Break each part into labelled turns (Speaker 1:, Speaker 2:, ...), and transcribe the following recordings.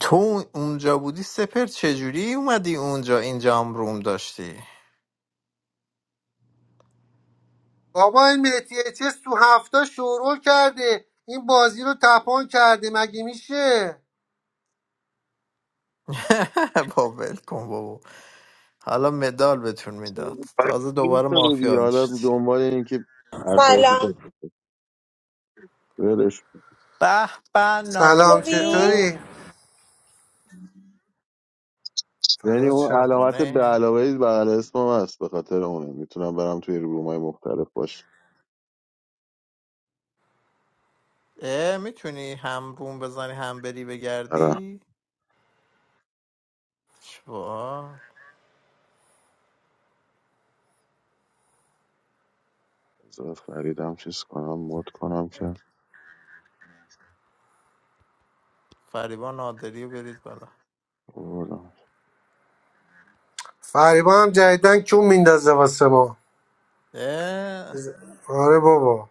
Speaker 1: تو اونجا بودی سپر چجوری اومدی اونجا اینجا هم روم داشتی
Speaker 2: بابا این مهدی چه تو هفته شورول کرده این بازی رو تپان کرده مگه میشه
Speaker 1: با ول کن بابا حالا مدال بهتون میداد تازه دوباره
Speaker 3: می‌کنی
Speaker 1: مافیا
Speaker 3: حالا
Speaker 1: میشید
Speaker 3: دنبال این که اعصابشو
Speaker 4: سلام
Speaker 3: تو ولش
Speaker 1: به به
Speaker 2: سلام
Speaker 1: نازی
Speaker 4: خوبی؟
Speaker 1: جون
Speaker 2: چطوری
Speaker 3: یعنی
Speaker 2: فدات
Speaker 3: اون
Speaker 2: شم
Speaker 3: علامت به
Speaker 1: خونه
Speaker 3: علاوه بغل اسمم هست به خاطر اونه میتونم برم توی رومای مختلف باش
Speaker 1: میتونی هم روم بزنی هم بری
Speaker 3: آره
Speaker 1: بگردی چوار
Speaker 3: بذار فریدم چیز کنم مود کنم که
Speaker 1: فریبا نادری رو برید بالا
Speaker 3: بردم
Speaker 2: فریبا هم جدیدن کیون میندازه واسه ما
Speaker 1: اه،
Speaker 2: ز- آره بابا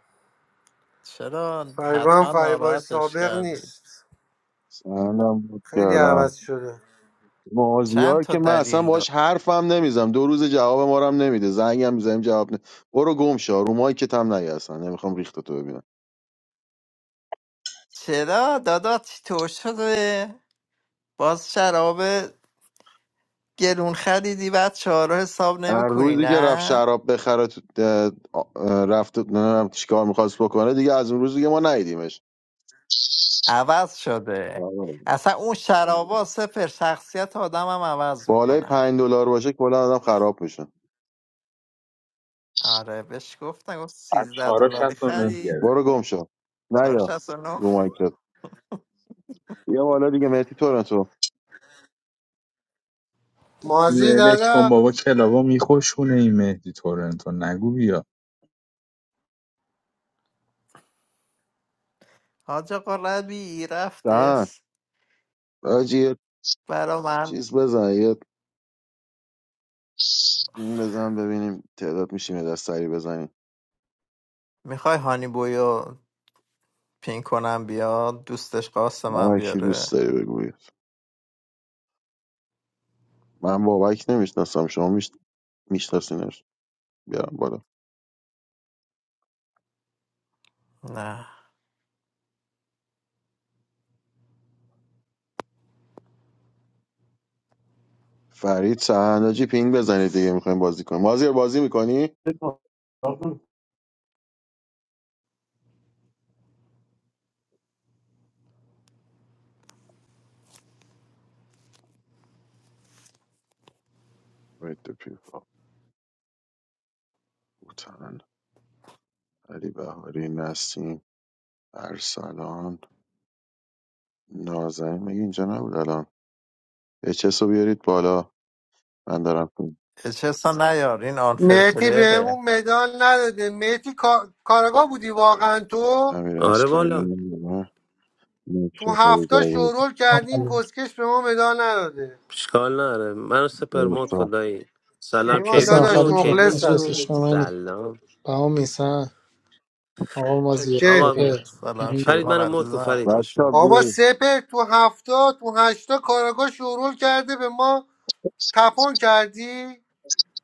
Speaker 1: چرا
Speaker 2: فریبا هم
Speaker 1: حتما
Speaker 2: فریبای
Speaker 1: ناراحتش
Speaker 2: سابق
Speaker 1: کردی
Speaker 2: نیست
Speaker 3: سندم مود
Speaker 2: خیلی عوض
Speaker 3: کردم
Speaker 2: شده
Speaker 1: چند
Speaker 3: مازیار
Speaker 1: تا
Speaker 3: که من اصلا
Speaker 1: دلیل دار
Speaker 3: باش حرفم نمیزم دو روز جواب ما رو هم نمیده زنگم میزنیم جواب نه برو گم شو رومای که تم نگه اصلا نمیخوام ریخت تو ببینم
Speaker 1: چرا داداش تو شده باز شراب گرون خریدی بعد چهارو حساب
Speaker 3: هر
Speaker 1: نمیکنی
Speaker 3: روزی که رفت
Speaker 1: نه
Speaker 3: شراب بخره تو اه، اه، رفت نمیدونم چیکار میخواست بکنه دیگه از اون روز دیگه ما ندیدیمش
Speaker 1: عوض شده
Speaker 3: آره.
Speaker 1: اصلا اون شرابا سپر شخصیت آدم هم عوض
Speaker 3: بالای
Speaker 1: میکنن
Speaker 3: پنج دلار باشه کلا آدم خراب میشه
Speaker 1: آره بهش گفتن گفت
Speaker 5: از
Speaker 1: 13
Speaker 5: چارا
Speaker 1: دلاری
Speaker 5: شست و نه
Speaker 1: خرید
Speaker 5: گرفت
Speaker 3: برو گم شو نیا
Speaker 1: 469
Speaker 3: رو مایکت یه بالا دیگه مهدی تورنتو
Speaker 2: مازی
Speaker 5: ولش کن
Speaker 2: دادا
Speaker 5: بابا کلاوا میخوشونه این مهدی تورنتو نگو بیا
Speaker 1: حاج آقا ربی
Speaker 3: دهن
Speaker 1: رفتس
Speaker 3: آجی یه
Speaker 1: برا من
Speaker 3: چیز بزن یه این بزن ببینیم تعداد میشیم یه دست سری بزنیم
Speaker 1: میخوای هانی بویو پین کنم بیاد دوستش قاسم هم
Speaker 3: من کی دوست
Speaker 1: بیاره
Speaker 3: داری بگوید من بابک نمیشناسم شما میشناسینش بیارم بالا
Speaker 1: نه
Speaker 3: فرید چهناجی پینگ بزنید دیگه میخوایم بازی کنیم مازیار بازی میکنی وید پیکا بوتن علی بهاری نسیم ارسلان نازنین میگه اینجا نبود الان اچس رو بیارید بالا من دارم پین.
Speaker 1: اچسا نیار این آنفر
Speaker 2: مهدی بهمون
Speaker 1: پلیره
Speaker 2: مدال نداده مهدی کا- کارگاه بودی واقعا تو
Speaker 3: امیر
Speaker 6: آره والا
Speaker 3: اصلانی
Speaker 2: تو
Speaker 3: مشتاق
Speaker 2: هفته
Speaker 3: داوود
Speaker 2: شورول کردی این
Speaker 7: عملو
Speaker 2: کسکش به ما مدال نداده
Speaker 6: اشکال نداره من سپر مود
Speaker 3: اوستا
Speaker 6: خدایی سلام
Speaker 2: کیوان
Speaker 6: کیوون
Speaker 7: حسن
Speaker 2: داداش
Speaker 6: جون
Speaker 7: فرید جون
Speaker 6: کیوون
Speaker 7: ایش
Speaker 2: مخلصم
Speaker 6: جون
Speaker 7: اسم منی
Speaker 6: سلام
Speaker 7: بهام میسن آقا مازیار
Speaker 6: آقا
Speaker 2: چکرتیم
Speaker 7: سپر
Speaker 1: سلام
Speaker 7: همین
Speaker 6: فرید
Speaker 1: شیوان
Speaker 6: منو مود کن
Speaker 1: عزیزم
Speaker 6: فرید
Speaker 1: خوش اومد.
Speaker 3: بچا
Speaker 2: بابا
Speaker 3: بیارید
Speaker 2: سپر تو هفته تو هشتا کاراگاه شورول کرده به ما تپون کردی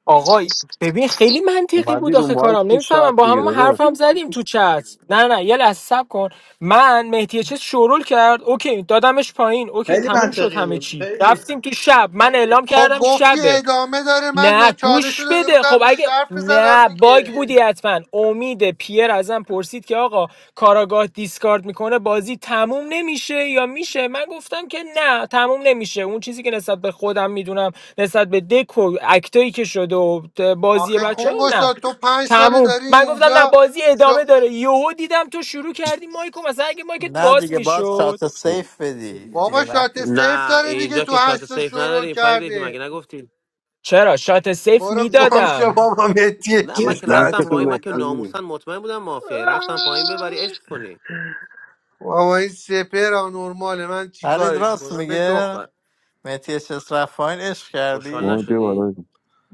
Speaker 8: آقای ببین خیلی منطقی
Speaker 3: اومدی
Speaker 8: بود
Speaker 3: رو
Speaker 8: آخه
Speaker 3: مایک
Speaker 8: کارم
Speaker 3: تو شب
Speaker 8: نمیفهمم با همه
Speaker 3: دیگه
Speaker 8: ما حرف
Speaker 3: داداش
Speaker 8: حرفم زدیم تو چت نه نه یه لحظه صبر کن من مهدی چه شورول کرد اوکی دادمش پایین اوکی
Speaker 9: خیلی
Speaker 8: تموم شد
Speaker 9: منطقی
Speaker 8: همه
Speaker 9: بود
Speaker 8: چی
Speaker 9: خیلی
Speaker 8: رفتیم تو شب من اعلام
Speaker 2: خب
Speaker 8: کردم
Speaker 2: گفتی
Speaker 8: شبه
Speaker 2: ادامه داره من نو-
Speaker 8: نه
Speaker 2: چالش رو
Speaker 8: گوش
Speaker 2: داده
Speaker 8: بده خب
Speaker 2: بودم بهش
Speaker 8: اگه
Speaker 2: حرف بزنم
Speaker 8: نه باگ
Speaker 2: دیگه
Speaker 8: بودی حتما امید پیر ازم پرسید که آقا کاراگاه دیسکارد میکنه بازی تموم نمیشه یا میشه من گفتم که نه تموم نمیشه اون چیزی که نسبت به خودم میدونم نسبت به دک و اکتایی که شده و بازی
Speaker 2: آخه
Speaker 8: بچه
Speaker 2: کونگو
Speaker 8: نه
Speaker 2: شاد تو پنج ساله
Speaker 8: تموم
Speaker 2: داری
Speaker 8: من گفتم نه
Speaker 2: اینجا
Speaker 8: بازی ادامه
Speaker 2: شو...
Speaker 8: داره یهو دیدم تو شروع کردی مایکو مثلا اگه مایکت
Speaker 1: نه
Speaker 8: باز
Speaker 1: دیگه باید
Speaker 8: میشد
Speaker 1: شات سیف بدی دیگه
Speaker 2: بابا شات
Speaker 1: وقتی
Speaker 2: سیف
Speaker 6: نه
Speaker 2: داره دیگه
Speaker 6: اینجا
Speaker 2: تو
Speaker 6: که شات
Speaker 2: هشتا
Speaker 6: سیف
Speaker 2: شورول
Speaker 6: نداریم فرید ایفی مگه
Speaker 2: کرده
Speaker 6: نگفتی
Speaker 8: چرا شات سیف
Speaker 2: برو گم شو
Speaker 8: میدادم
Speaker 2: بابا متی
Speaker 6: نه
Speaker 3: بهش
Speaker 6: من
Speaker 2: چیز
Speaker 6: که
Speaker 2: دهن
Speaker 3: نفت
Speaker 6: رفتم
Speaker 2: تو
Speaker 3: تو
Speaker 6: پایین من که
Speaker 3: گفتی
Speaker 2: گاییدم
Speaker 6: ناموسن مطمئن بودم مافیایی رفتم پایین ببری عشق کنی
Speaker 2: بابا این سپر آنورماله من
Speaker 1: فرید
Speaker 2: چیکارش
Speaker 1: راست
Speaker 2: کنم به تو
Speaker 6: ف...
Speaker 1: میگه مهدی چس رفاین عشق
Speaker 6: خوشحال
Speaker 1: کردی
Speaker 3: اومد بیا
Speaker 6: نشدی
Speaker 3: بالا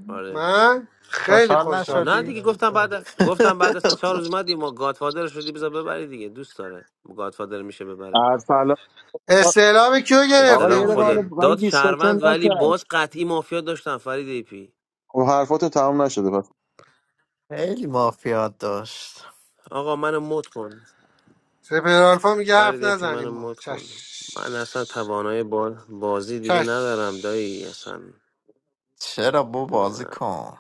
Speaker 6: آره
Speaker 2: من خیلی
Speaker 1: خوشحال
Speaker 6: خب
Speaker 2: خوشحال
Speaker 6: نه
Speaker 1: نشدی
Speaker 6: دیگه
Speaker 2: شدم
Speaker 6: گفتم بعد گفتم بعد از سه چهار روز اومدی ما گادفادر شدی بذار ببری دیگه دوست داره گادفادر میشه ببره
Speaker 3: ارسلان
Speaker 2: استعلام کیو
Speaker 3: آقا
Speaker 2: گرفته
Speaker 3: یه
Speaker 6: استلام
Speaker 3: دقیقه حالا
Speaker 2: بودی؟
Speaker 6: خودت
Speaker 3: من
Speaker 6: داد
Speaker 3: دیسکاشن
Speaker 6: شهروند ولی
Speaker 3: نکرد
Speaker 6: باز قطعی مافیا داشتم فرید ای پی
Speaker 3: خب حرفات تمام نشده
Speaker 1: خیلی مافیات داشت
Speaker 6: آقا منو مد کن
Speaker 2: سپر آلفا میگه حرف
Speaker 6: فرید ای پی منو
Speaker 2: نزنیم ما
Speaker 6: مد کن من اصلا
Speaker 2: چش
Speaker 6: توانای بال بازی دیگه
Speaker 2: چش
Speaker 6: ندارم دایی اصلا
Speaker 1: چرا بو بازی کن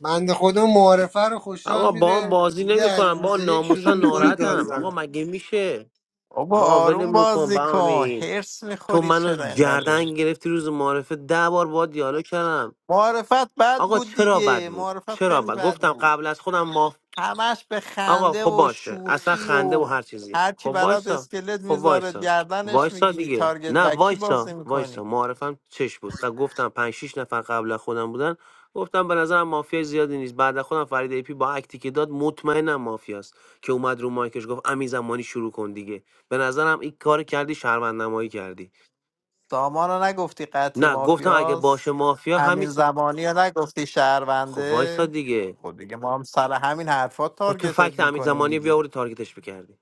Speaker 2: بند خدا معارفه رو خوشحال
Speaker 6: آقا با هم
Speaker 2: میده
Speaker 6: بازی
Speaker 2: دیگه از
Speaker 6: نمیکنم با
Speaker 2: روز یک شروع
Speaker 6: ناموسا
Speaker 2: میکنه داد
Speaker 6: ناراحتم آقا
Speaker 2: زدن
Speaker 6: مگه میشه
Speaker 1: بابا
Speaker 6: با ول
Speaker 1: آروم
Speaker 6: میکن
Speaker 1: بازی
Speaker 6: با
Speaker 1: کن هرس
Speaker 6: تو
Speaker 1: میخوری چرا
Speaker 6: منو
Speaker 1: اینقدر
Speaker 6: گردن گرفتی روز معرفه ده بار با دیالوگ کردم
Speaker 1: معرفت بد
Speaker 6: آقا
Speaker 1: بود
Speaker 6: چرا بد
Speaker 1: دیگه
Speaker 6: بود
Speaker 1: معرفت
Speaker 6: چرا
Speaker 1: خیلی
Speaker 6: بد؟
Speaker 1: بد
Speaker 6: گفتم
Speaker 1: بود
Speaker 6: قبل از خودم ماف
Speaker 1: همش به
Speaker 6: آقا
Speaker 1: خنده
Speaker 6: خب
Speaker 1: و
Speaker 6: باشه اصلا
Speaker 1: شوخی
Speaker 6: خنده و
Speaker 1: و
Speaker 6: هر چیزی
Speaker 1: هرچی
Speaker 6: خب
Speaker 1: برات
Speaker 6: وایسا
Speaker 1: اسکلت
Speaker 6: خب
Speaker 1: میذاره
Speaker 6: وایسا
Speaker 1: گردنش
Speaker 6: وایسا
Speaker 1: میگیری
Speaker 6: دیگه
Speaker 1: تارگت
Speaker 6: نه
Speaker 1: بکی
Speaker 6: وایسا
Speaker 1: بازی
Speaker 6: وایسا
Speaker 1: میکنی
Speaker 6: معرفم چش بود ق- گفتم پنج شیش نفر قبل از خودم بودن گفتم به نظرم مافیا زیادی نیست بعد از خودم فرید ایپی با اکتی که داد مطمئنم مافیاست که اومد رو مایکش گفت امی زمانی شروع کن دیگه به نظرم این کار کردی شرمند نمایی کردی
Speaker 1: سامان رو نگفتی قطعی
Speaker 6: نه گفتم اگه باشه
Speaker 1: مافیاس
Speaker 6: مافیا همین
Speaker 1: همین
Speaker 6: سا-
Speaker 1: زمانی رو نگفتی
Speaker 6: خب وایسا
Speaker 1: شهرونده
Speaker 6: دیگه
Speaker 1: خب دیگه ما هم سر همین حرفات
Speaker 6: خب تو
Speaker 1: تارگتت
Speaker 6: فکت امین
Speaker 1: میکنیم
Speaker 6: زمانی
Speaker 1: دیگه
Speaker 6: بیاوری تارگتش بکردی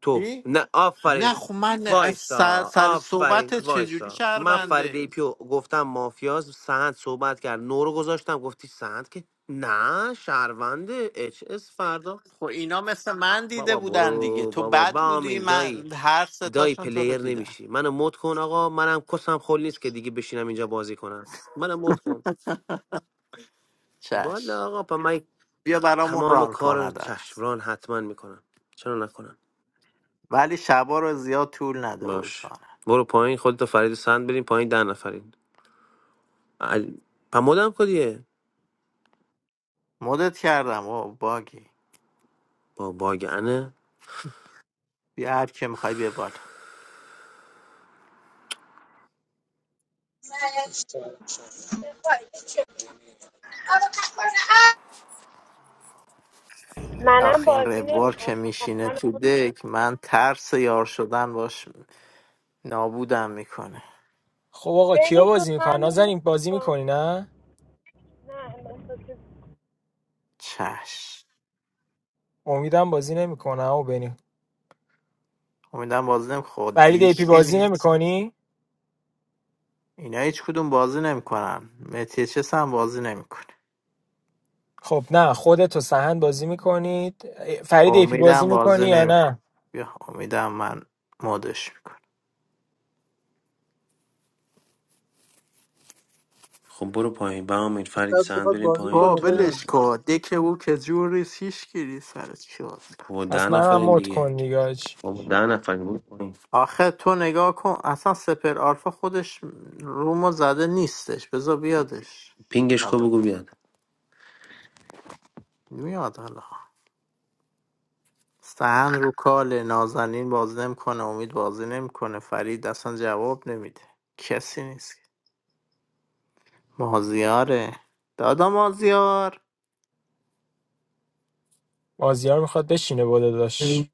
Speaker 6: تو
Speaker 1: چی؟
Speaker 6: نه آفرین
Speaker 1: نه خب من از سر,
Speaker 6: وایسا
Speaker 1: سر
Speaker 6: آفرین
Speaker 1: صحبت چجوری
Speaker 6: وایسا من فرید
Speaker 1: شهرونده
Speaker 6: پیو گفتم مافیاز سهند صحبت کرد نو رو گذاشتم گفتی سهند که نه شهرونده اچ اس فردا
Speaker 1: خب اینا مثل من دیده
Speaker 6: بابا
Speaker 1: بودن دیگه
Speaker 6: برو
Speaker 1: تو
Speaker 6: بابا
Speaker 1: بد بودی
Speaker 6: بامین دایی
Speaker 1: من هر
Speaker 6: دایی
Speaker 1: ستاشون تو رو
Speaker 6: پلیر
Speaker 1: دیدن
Speaker 6: نمیشی منو مد کن آقا منم کسم خول نیست که دیگه بشینم اینجا بازی کنم منم مد کن
Speaker 1: چشم
Speaker 6: والا آقا پا من
Speaker 1: بیا برامون
Speaker 6: تمام
Speaker 1: ران کن
Speaker 6: کار
Speaker 1: حداقل
Speaker 6: چشمران حتما میکنم چرا نکنم
Speaker 1: ولی شبا رو زیاد طول نده
Speaker 6: باش
Speaker 1: وجدانه
Speaker 6: برو پایین خودتو فرید و سند بریم پایین ده نفرین علی پا مودم کدیه
Speaker 1: مدت کردم و باگی
Speaker 6: با باگنه
Speaker 1: بیا هر که میخوای بیا بالا
Speaker 10: What? All the popcorn
Speaker 4: منم
Speaker 1: آخه این
Speaker 4: بازی
Speaker 1: روار
Speaker 4: نمیکنم
Speaker 1: که میشینه
Speaker 4: من
Speaker 1: تو دک من ترس یار شدن باش نابودم میکنه
Speaker 8: خب آقا کیا
Speaker 4: بنی جون
Speaker 8: بازی میکنن
Speaker 4: من رو لطف
Speaker 8: نازنین بازی
Speaker 4: کن.
Speaker 8: میکنی نه
Speaker 4: نه احساس-
Speaker 1: چش
Speaker 8: امیدم بازی نمیکنه او بریم
Speaker 1: امیدم بازی نمیخواد دیگه
Speaker 8: فرید ایپی
Speaker 1: هیچکی
Speaker 8: بازی
Speaker 1: نیست
Speaker 8: نمیکنی
Speaker 1: اینا هیچ کدوم بازی نمیکنن متیچس هم بازی نمیکنه
Speaker 8: خب نه خودت و سهند بازی میکنید فرید ایپی بازی
Speaker 1: امیدم بازی
Speaker 8: میکنی یا
Speaker 1: نمیکنه
Speaker 8: نه
Speaker 1: بیا امیدم من مدش میکنم
Speaker 6: خب برو پایین به امیر فرید
Speaker 11: شاید
Speaker 6: سند
Speaker 11: بخواد
Speaker 6: بریم
Speaker 11: بازی
Speaker 6: پایین
Speaker 1: با
Speaker 11: کنه
Speaker 6: تا بیاد
Speaker 11: ببین
Speaker 1: بلش
Speaker 6: بالا.
Speaker 1: کن دکه او که جوری سیش گیری سرت چی باز
Speaker 6: بابا ده
Speaker 8: پس منم
Speaker 6: نفرین
Speaker 8: مد
Speaker 6: دیگه
Speaker 8: کن دیگه حاج.
Speaker 6: بابا ده نفرین برو پایین
Speaker 1: آخه تو نگاه کن اصلا سپر آلفا خودش رومو زده نیستش بذار بیادش
Speaker 6: پینگش کو
Speaker 1: اول.
Speaker 6: بگو بیاد
Speaker 1: میاد حالا سهن رو کال نازنین باز نمیکنه امید بازی نمیکنه فرید اصلا جواب نمیده کسی نیست مازیاره دادا مازیار
Speaker 8: مازیار میخواد بشینه بالا داشت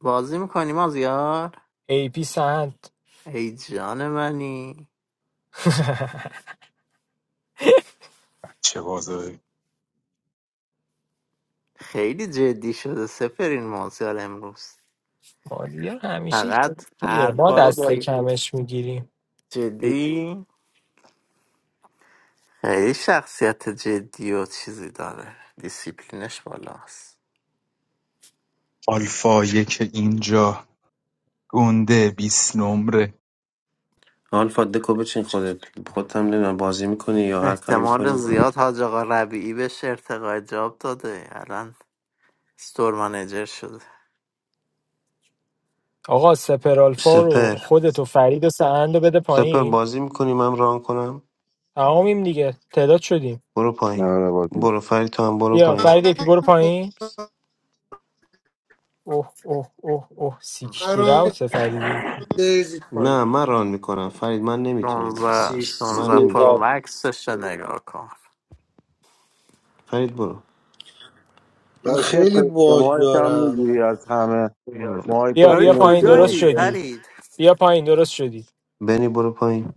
Speaker 1: بازی میکنی مازیار
Speaker 8: ایپی سهند
Speaker 1: ای جان منی
Speaker 5: چه بازه
Speaker 1: خیلی جدی شده سپر این مازیار امروز
Speaker 8: مازیار همیشه
Speaker 1: فقط
Speaker 8: جدیه ما
Speaker 1: حرفا رو
Speaker 8: دست
Speaker 1: با
Speaker 8: کمش میگیریم
Speaker 1: جدی خیلی شخصیت جدی و چیزی داره دیسیپلینش بالاست
Speaker 5: آلفا یک اینجا گنده بیست نمره
Speaker 6: آلفا دکو بچین خودت خودت هم نمیدونم بازی میکنی یا هر کاری
Speaker 1: احتمال
Speaker 6: میکنی
Speaker 1: زیاد حاج آقا ربیعی بهش ارتقای جاب داده الان ستور منیجر شده
Speaker 8: آقا سپرالفا رو
Speaker 6: سپر
Speaker 8: خودت و فرید و سهند رو بده
Speaker 6: سپر
Speaker 8: پایین
Speaker 6: بازی میکنی من ران کنم
Speaker 8: تمامیم دیگه تعداد شدیم
Speaker 6: برو پایین
Speaker 3: آره بازم
Speaker 6: برو فرید تو هم برو
Speaker 8: بیا
Speaker 6: پایین
Speaker 8: فرید ایپی برو پایین اوه اوه اوه اوه سیکتی
Speaker 2: قرار
Speaker 8: راوت فرید
Speaker 2: بریزید پایین
Speaker 6: نه من ران میکنم فرید من نمیتونم به
Speaker 1: 16
Speaker 6: خودم من
Speaker 1: 16
Speaker 2: سیشتیر
Speaker 1: پرو
Speaker 6: نمیتونم
Speaker 2: بابا
Speaker 1: مکسش رو نگاه کن
Speaker 6: فرید برو
Speaker 2: من
Speaker 3: داشتی
Speaker 2: خیلی
Speaker 3: تست
Speaker 2: باج
Speaker 3: مایک هم
Speaker 2: دارم
Speaker 3: میگیری از همه
Speaker 6: برو
Speaker 3: مایک
Speaker 8: بیا
Speaker 3: بسته
Speaker 8: بیا
Speaker 1: فرید
Speaker 8: پایین
Speaker 3: نمیشه
Speaker 8: درست
Speaker 1: کجایی
Speaker 3: باشه
Speaker 8: شدی
Speaker 1: فرید
Speaker 8: بیا پایین درست شدی
Speaker 6: بنی برو پایین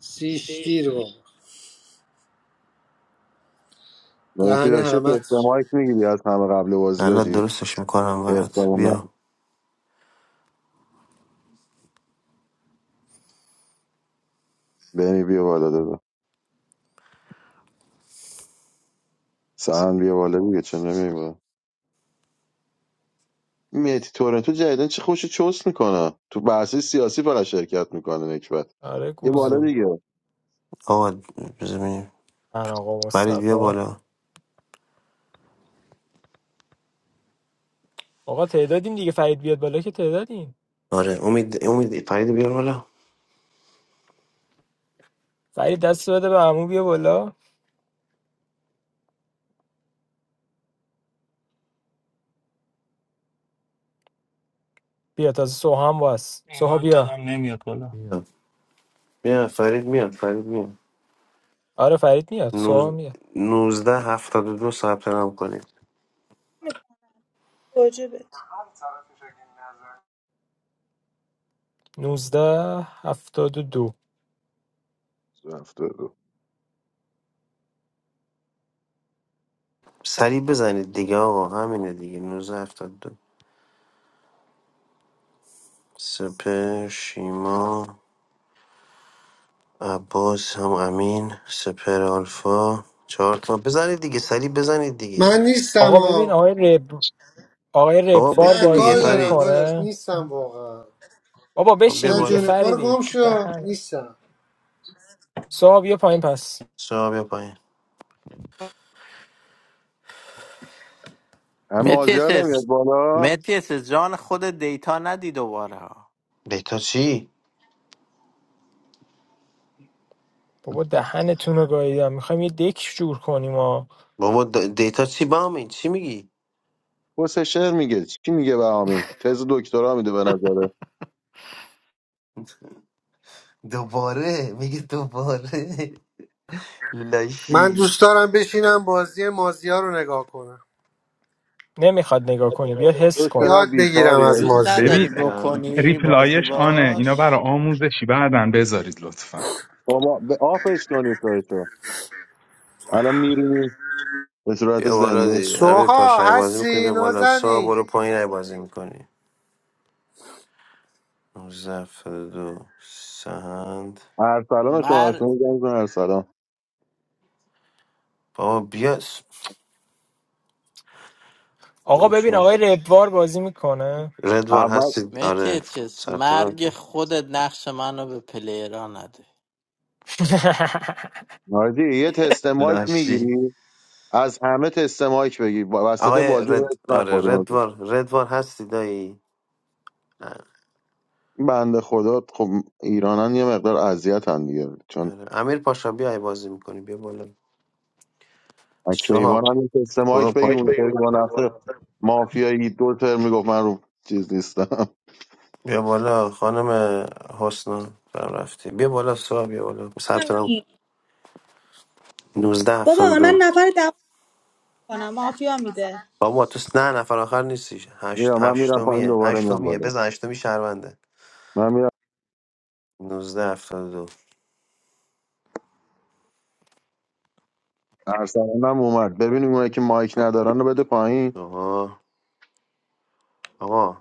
Speaker 2: سیشتیر بابا
Speaker 3: نمیشه
Speaker 2: دهن
Speaker 3: داشتی
Speaker 2: همه
Speaker 3: تست مایک میگیری از همه قبل بازی ها
Speaker 6: الان
Speaker 3: جی
Speaker 6: درستش میکنم برات
Speaker 3: احتمال نه.
Speaker 6: بیا
Speaker 3: بنی بیا بالا دادا سهن بیا بالا دیگه چه نمیگی بالا میتی تورنتو جدیدن چه خوش چست میکنه تو بحثی سیاسی فقط شرکت میکنه نکبت
Speaker 8: آره
Speaker 3: یه بالا
Speaker 8: گوزو
Speaker 3: دیگه
Speaker 6: آقا زمین
Speaker 8: من آقا
Speaker 6: فرید بیا
Speaker 8: مصطفی
Speaker 6: بالا
Speaker 8: آقا تعدادیم دیگه فرید بیاد بالا که تعدادیم
Speaker 6: آره امید امید فرید بیا بالا
Speaker 8: فرید دست بده به عمو بیا بالا بیا تازه سوها هم واس
Speaker 12: این
Speaker 8: سوها
Speaker 12: وایت
Speaker 8: بیا
Speaker 12: دادم نمیاد بالا
Speaker 6: بیا بیا فرید میاد فرید میاد
Speaker 8: آره فرید میاد سوها
Speaker 6: نوز...
Speaker 8: میاد
Speaker 6: نوزده هفتاد و دو ثبت نام کنید
Speaker 13: واجبه
Speaker 8: 19 دو
Speaker 3: رفته رو
Speaker 6: سریع بزنید دیگه آقا همینه دیگه نوزده هفتاد و دو سپر شیما عباس هم امین سپر آلفا چهار تا بزنید دیگه سریع بزنید دیگه
Speaker 2: من نیستم
Speaker 8: آقا ببین
Speaker 2: ها
Speaker 8: آقای رب آقای
Speaker 6: بابا
Speaker 8: ربوار
Speaker 2: نه
Speaker 6: بشین دیگه
Speaker 2: کار
Speaker 8: بازی
Speaker 2: دارم
Speaker 6: فرید
Speaker 2: داداش
Speaker 8: میکنه
Speaker 2: نیستم واقعا
Speaker 8: بابا
Speaker 6: خب بیا
Speaker 8: بشین
Speaker 2: نه
Speaker 8: دیگه
Speaker 2: جونه
Speaker 6: بالا
Speaker 2: بار
Speaker 8: فریدی
Speaker 2: گم
Speaker 8: پی
Speaker 2: شو
Speaker 8: دهن
Speaker 2: نیستم
Speaker 8: سوها بیا پایین پس
Speaker 6: سا بیا پایین
Speaker 3: اما مازیار نمیاد
Speaker 1: متیسس
Speaker 3: بالا
Speaker 1: متیسس جان خود دیتا ندی دوباره
Speaker 6: بهتا چی؟
Speaker 8: بابا دهنتون رو گاییدم میخوایم یه دک جور کنیم و
Speaker 6: بابا د- دیتا چی بامین چی میگی
Speaker 3: حسین شعر میگه چی میگه به آمین تز دکترا میده به نظره
Speaker 6: دوباره میگه دوباره
Speaker 2: من
Speaker 6: لاشی
Speaker 2: دوست دارم بشینم بازی مازیا رو نگاه کنم
Speaker 8: نمیخواد نگاه کنی بیا حس
Speaker 3: تو
Speaker 8: کن
Speaker 3: چرا
Speaker 2: یاد بگیرم
Speaker 3: بیکاری
Speaker 2: از
Speaker 1: دوست
Speaker 3: آجی
Speaker 2: مازیا
Speaker 5: ببین
Speaker 1: نداری
Speaker 6: به امیر پاشا
Speaker 1: بکنی
Speaker 6: بگو.
Speaker 1: بازی
Speaker 5: ریپلایش آنه اینا
Speaker 1: باش
Speaker 5: برای آموزشی بعدن بذارید لطفا
Speaker 3: بابا به آفش کنید سایتو الان میرینی به صورت
Speaker 6: بیا بالا
Speaker 3: زنده
Speaker 6: دی امیر پاشا
Speaker 2: سوها
Speaker 6: ای بازی میکنی
Speaker 2: هستی
Speaker 6: بیا بالا سا
Speaker 2: نازنی
Speaker 6: برو پایین ای بازی میکنی 19 دو سهند
Speaker 3: ارسلان رو شما
Speaker 1: مر
Speaker 3: شما زنگ کن ارسلان
Speaker 6: بابا بیا س-
Speaker 8: آقا
Speaker 6: دو
Speaker 8: ببین
Speaker 6: چهار
Speaker 8: آقای ربوار بازی میکنه
Speaker 6: ردوار
Speaker 3: اول
Speaker 6: هستی آره
Speaker 1: مهدی چیز
Speaker 6: ثبت نام
Speaker 1: مرگ
Speaker 6: کرد
Speaker 1: خودت نقش منو به پلیرا نده
Speaker 3: نازی یه تست مایک
Speaker 6: لاشی
Speaker 3: میگیری از همه تست مایک بگی با وسط
Speaker 6: آقای
Speaker 3: بازی رو
Speaker 6: رد
Speaker 3: حس
Speaker 6: آره
Speaker 3: نخوریم آجی.
Speaker 6: ردوار ردوار هستی دایی نه
Speaker 3: بنده خدا خب ایرانن یه مقدار اذیت هم دیگه چون
Speaker 6: آره. امیر پاشا بیا ای بازی میکنی بیا بالا
Speaker 3: از کیوان
Speaker 6: سهاب
Speaker 3: هم یه تست
Speaker 6: برو
Speaker 3: مایک بگی اون سری با نفسه
Speaker 6: پایین
Speaker 3: مافیایی دو تر میگفت من رو چیز نیستم
Speaker 6: بیا بالا خانم حسنا سلام رفتی بیا بالا سا بیا بالا ثبت نام
Speaker 13: کنیم.
Speaker 6: 19
Speaker 13: بابا من
Speaker 6: دو
Speaker 13: نفر دعوا کنم مافیا میده
Speaker 6: بابا تو س- نه نفر آخر نیستی هشت
Speaker 3: میرم من میرم پایین
Speaker 6: هشتمیه
Speaker 3: دوباره میام
Speaker 6: هشتمیه
Speaker 3: بالا
Speaker 6: بزن هشتمی شهرونده
Speaker 3: من میرم
Speaker 6: 19 72
Speaker 3: ارسلانم اومد ببینیم اونایی که مایک ندارن رو بده پایین
Speaker 6: آها آقا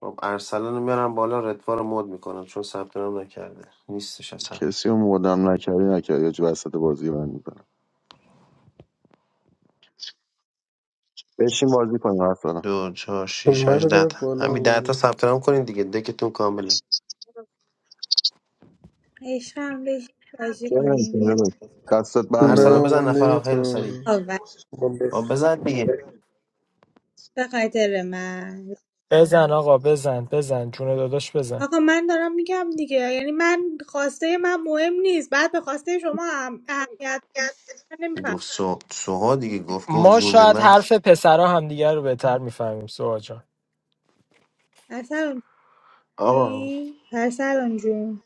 Speaker 6: خب ارسلان رو میارم بالا ردوا رو مود میکنم چون ثبت نام نکرده نیستش اصلا
Speaker 3: کسی رو مردم نکردی نکردی یا جو وسط بازی من میزنم بشین بازی کنیم حرف دارم
Speaker 6: دو چهار
Speaker 14: My
Speaker 6: شیش هشت ده تا
Speaker 14: mother-in-law.
Speaker 6: همین ده تا ثبت نام کنین دیگه دکتون کامله
Speaker 13: هم بشین بازی
Speaker 3: چرا
Speaker 13: کنیم
Speaker 3: نمی‌تونی
Speaker 13: یه
Speaker 3: بگو؟ دستت بنده
Speaker 6: ارسلان
Speaker 14: Now,
Speaker 6: بزن
Speaker 14: when they
Speaker 6: نفر آخر
Speaker 14: meet,
Speaker 6: خیلی سری
Speaker 13: کاور
Speaker 14: Bombay.
Speaker 6: بابا بزن دیگه
Speaker 13: به خاطر من
Speaker 8: بزن آقا بزن بزن جون داداش بزن
Speaker 13: آقا من دارم میگم دیگه یعنی من خواسته من مهم نیست بعد به خواسته شما هم اهمیت بده من نمیفهم
Speaker 6: گفت سو سوها دیگه گفت گفت
Speaker 8: ما
Speaker 6: جون
Speaker 8: شاید
Speaker 6: من
Speaker 8: حرف پسرا همدیگه رو بهتر میفهمیم سوها جان
Speaker 13: ارسلان
Speaker 6: آقا
Speaker 13: جونی ارسلان جون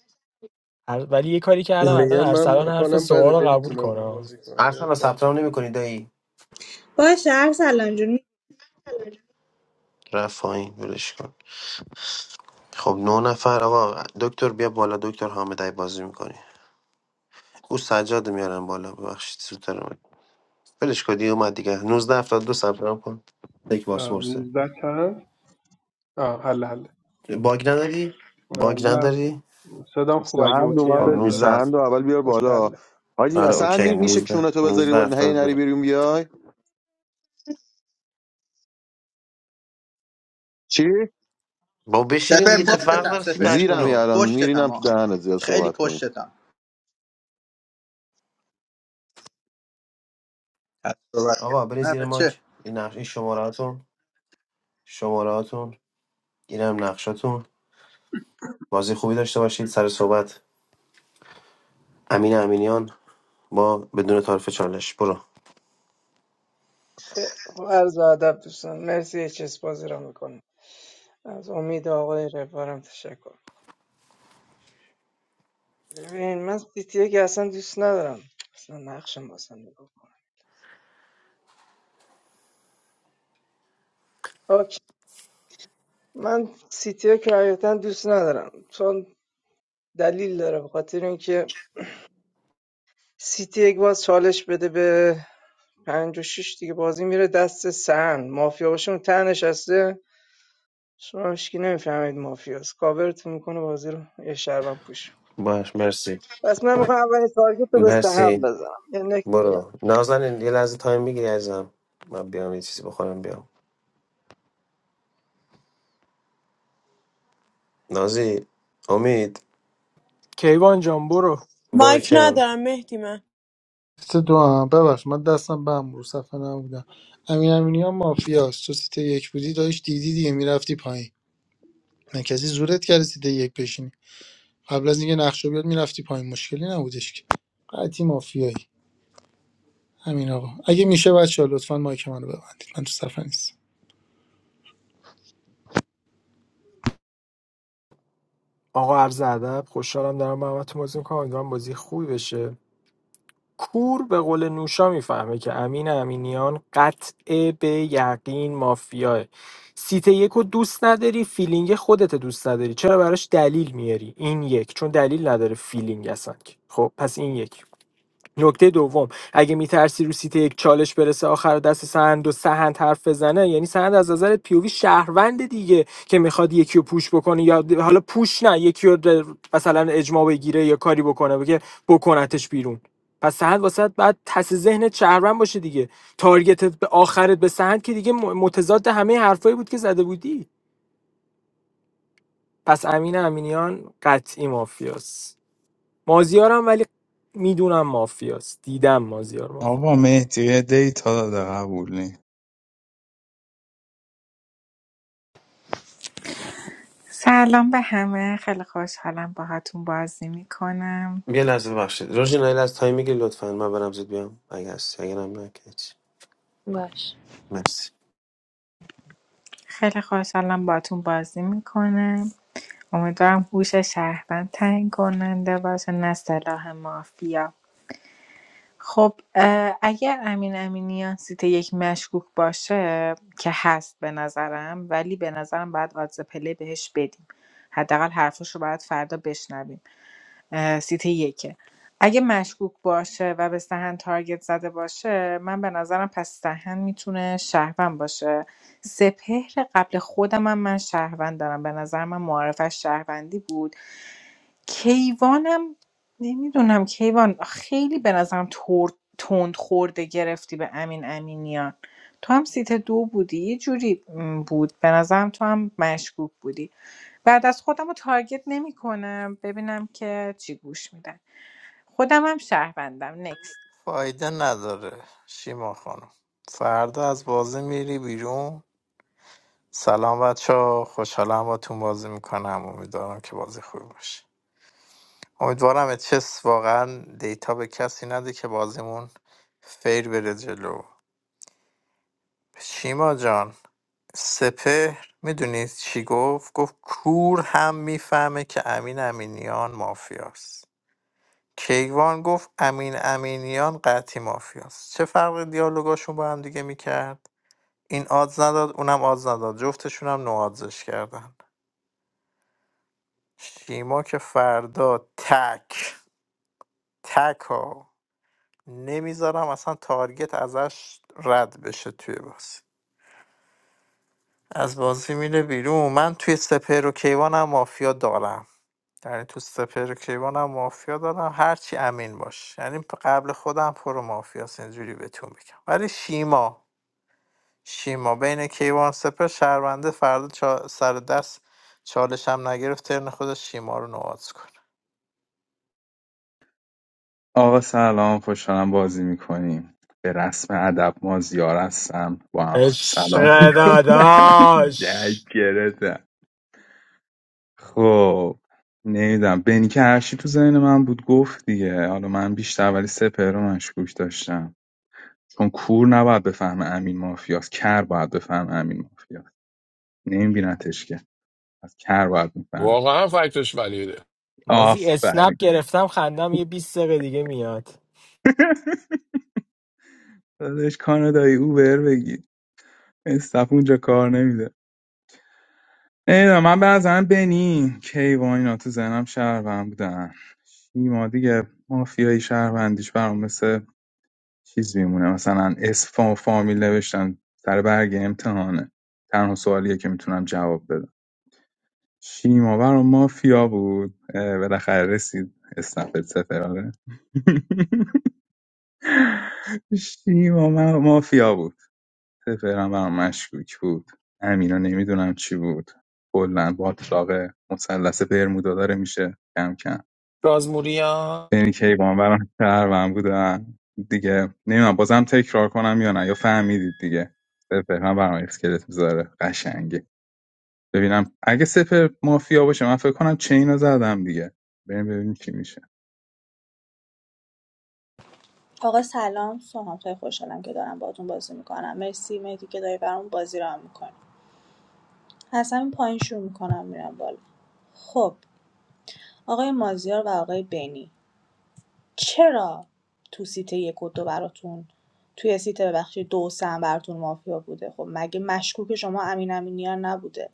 Speaker 8: هر- ولی یه کاری کردم
Speaker 14: Me
Speaker 8: الان
Speaker 14: and my
Speaker 8: ارسلان حرف
Speaker 14: husband are
Speaker 8: سوها
Speaker 14: the
Speaker 8: رو
Speaker 14: only
Speaker 8: قبول
Speaker 14: ones
Speaker 8: کنه
Speaker 14: who go to the
Speaker 6: ارسلا ثبت
Speaker 14: mosque.
Speaker 6: نام نمی‌کنی دایی
Speaker 13: باشه ارسلان جون
Speaker 6: رفت پایین ولش کن خب نه نفر آقا دکتر بیا بالا دکتر حامد اگه بازی میکنی او سجاد رو میارن بالا ببخشید سوتر اومد ولش کن دیگه اومد دیگه نوزده هفتاد دو ثبت نام کن یک پاسپورته
Speaker 15: 19 چند آه حله حله
Speaker 6: باگ نداری
Speaker 15: آه،
Speaker 6: باگ
Speaker 15: نه
Speaker 6: نداری
Speaker 15: صدام خوب اگه
Speaker 3: سهند
Speaker 15: اوکی
Speaker 6: خب
Speaker 15: از
Speaker 3: اومده دی
Speaker 15: نظر
Speaker 6: 19
Speaker 3: سهند رو اول بیار
Speaker 15: اوکی
Speaker 3: بالا
Speaker 15: حله
Speaker 3: حاجی
Speaker 6: آره
Speaker 3: سهند
Speaker 6: اوکی
Speaker 3: می... میشه کونتو بذاری
Speaker 6: 19
Speaker 3: بالا هی نری
Speaker 6: دو
Speaker 3: بیرون بیای چی
Speaker 6: با بشینین
Speaker 9: سپر
Speaker 6: دیگه چه فرق
Speaker 9: پشتتم
Speaker 6: داره
Speaker 9: سپر
Speaker 3: زیرمی
Speaker 6: 389
Speaker 3: الان میرینم
Speaker 9: پشتتم
Speaker 3: تو
Speaker 9: آقا
Speaker 3: دهنت زیاد
Speaker 9: خیلی
Speaker 3: صحبت کنی
Speaker 9: پشتتم از صحبت کرد
Speaker 6: آقا برین
Speaker 9: نه
Speaker 6: زیر
Speaker 9: بچه
Speaker 6: ماک این نقش این شمارهاتون شمارهاتون اینم نقشاتون بازی خوبی داشته باشید سر صحبت امین امینیان با بدون تعارف چالش برو
Speaker 11: خیلی خوب. عرض ادب دوستان مرسی اچس بازی را میکنم از امید آقای رفارم تشکر ببین من سیتی که اصلا دوست ندارم اصلا نقشم اصلا نگاه کنم اوکی. من سیتی که حقیقتا دوست ندارم چون دلیل داره به خاطر اینکه سیتی یک باز چالش بده به پنج و شیش دیگه بازی میره دست سهن مافیا باشه اون ته نشسته شما هیچکی نمیفهمید مافیاست کاورتون میکنه بازی رو یه شربم پوش
Speaker 6: باش مرسی
Speaker 11: پس من میخوام اولین تارگت رو به سهم
Speaker 6: مرسی
Speaker 11: بزنم یه نکته بدم.
Speaker 6: برو نازنین یه لحظه تایم میگیری ازم من بیام یه چیزی بخورم بیام نازی امید
Speaker 8: کیوان جان برو
Speaker 6: برو
Speaker 4: مایک
Speaker 6: کیون
Speaker 4: ندارم مهدی من
Speaker 7: سیت دو هم ببخش من دستم به هم رو صفحه نبودم امین امینی هم مافیاست تو سیت یک بودی داشت دیدی دیگه میرفتی پایین من کسی زورت کرده سیت یک بشینی قبل از اینکه نقشه بیاد میرفتی پایین مشکلی نبودش که قطعی مافیایی همین آقا اگه میشه بچه لطفا مایک منو ببندید من تو صفحه نیستم
Speaker 8: آقا عرض ادب خوشحالم دارم با همتون بازی میکنم امیدوارم بازی خوبی بشه کور به قول نوشا میفهمه که امین امینیان قطع به یقین مافیاه سیت یک رو دوست نداری فیلینگ خودت دوست نداری چرا براش دلیل میاری این یک چون دلیل نداره فیلینگ اصلا که. خب پس این یک نکته دوم اگه میترسی رو سیت یک چالش برسه آخر دست سهند و سهند حرف بزنه یعنی سهند از نظر پیوی شهروند دیگه که میخواد یکی رو پوش بکنه یا د- حالا پوش نه یکی رو در- مثلا اجماع بگیره یا کاری بکنه بگه بکنتش بیرون پس سهند واسه بعد پس ذهن شهروند باشه دیگه تارگتت به آخرت به سهند که دیگه م- متضاد همه حرفایی بود که زده بودی پس امین امینیان قطعی مافیاست مازیارم ولی میدونم مافیاست دیدم مازیار مافیاست
Speaker 5: آقا مهدی یه دیتا داده قبولی
Speaker 16: سلام به همه خیلی خوشحالم باهاتون بازی میکنم
Speaker 6: یه لحظه ببخشید روژینا یه لحظه تایم میگیری لطفا من برم زود بیام اگه هستی اگرم نه که هیچ.
Speaker 17: باش
Speaker 6: مرسی
Speaker 16: خیلی خوشحالم باهاتون بازی میکنم امیدوارم هوش شهروند تعیین کننده باشه نه سلاح مافیا خب اه، اگر امین امینیان سیت یک مشکوک باشه که هست به نظرم ولی به نظرم باید آدز پلی بهش بدیم حداقل حرفش رو باید فردا بشنویم اه، سیتی یکه اگه مشکوک باشه و به سهن تارگت زده باشه من به نظرم پس سهن میتونه شهروند باشه سپهر قبل خودم هم من شهروند دارم به نظر من معارفش شهروندی بود کیوانم نمیدونم کیوان خیلی به نظرم تر- تند خورده گرفتی به امین امینیان تو هم سیت دو بودی یه جوری م، بود به نظرم تو هم مشکوک بودی بعد از خودم رو تارگت نمیکنم ببینم که چی گوش میدن خودم هم شهروندم نکست
Speaker 1: فایده نداره شیما خانم فردا از بازی میری بیرون سلام بچه ها خوشحالم با تون بازی میکنم امیدوارم که بازی خوبی باشه امیدوارم چس واقعا دیتا به کسی نده که بازیمون فیر بره جلو شیما جان سپهر میدونید چی گفت گفت کور هم میفهمه که امین امینیان مافیاست کیوان گفت امین امینیان قطعی مافیاست چه فرق دیالوگاشون با هم دیگه میکرد این آدز نداد اونم آدز نداد جفتشون هم نوادزش کردن شیما که فردا تک تک ها نمیذارم اصلا تارگت ازش رد بشه توی بازی از بازی میره بیرون من توی سپر و کیوانم مافیا دارم یعنی تو سپر و کیوانم مافیا دارم هرچی امین باش یعنی قبل خودم پرو مافیاست اینجوری بهتون بگم ولی شیما شیما بین کیوان سپر شهرونده فردا چا... سر دست چالش هم نگرفت ترن خودش شیما رو نواز کن
Speaker 5: آقا سلام خوشحالم بازی میکنیم به رسم ادب ما زیار هستم با همتون
Speaker 8: عشق
Speaker 5: سلام
Speaker 8: داداش
Speaker 5: درک گرفتم خب نمیدونم بنی کفشی تو ذهن من بود گفت دیگه حالا من بیشتر ولی سپر رو مشکوک داشتم چون کور نباید بفهمه امین مافیاست کر باید بفهمه امین مافیاست نمیبینتش که از کر باید میفهمه
Speaker 18: واقعا فکتش ولیده
Speaker 8: مازی
Speaker 5: آفرین
Speaker 8: اسنپ گرفتم خندم یه بیست دقیقه دیگه میاد
Speaker 5: داداش کانادایی اوبر بگیر استف اونجا کار نمیده نمیدونم من به نظرم بنی کیوان اینا تو ذهنم شهروند بودن شیما دیگه مافیایی شهروندیش برام مثل چیز میمونه مثلا اسم فا- فامیل نوشتن سر برگ امتحانه تنها سوالیه که میتونم جواب بدم شیماور و مافیا بود اه، بالاخره رسید اسنپ سفراره شیماور و مافیا بود سفرم برام مشکوک بود امینا نمیدونم چی بود کلا باطلاق مثلث برمودا داره میشه کم کم
Speaker 18: رازموریان
Speaker 5: یعنی کیوان برام شهروند بودن دیگه نمیدونم بازم تکرار کنم یا نه یا فهمیدید دیگه سپر من برام اسکلت میذاره قشنگه ببینم اگه سپر مافیا باشه من فکر کنم چین رو زدم دیگه بریم ببینیم چی میشه
Speaker 13: آقا سلام سلام خیلی خوشحالم که دارم باهاتون بازی میکنم مرسی مهدی که داری برام بازی رو هم میکنی حسن پایین شروع میکنم میرم بالا خب آقای مازیار و آقای بینی چرا تو سیت یک و دو براتون توی سیت ببخشید دو و سه هم براتون مافیا بوده خب مگه مشکوک شما امین امینیان نبوده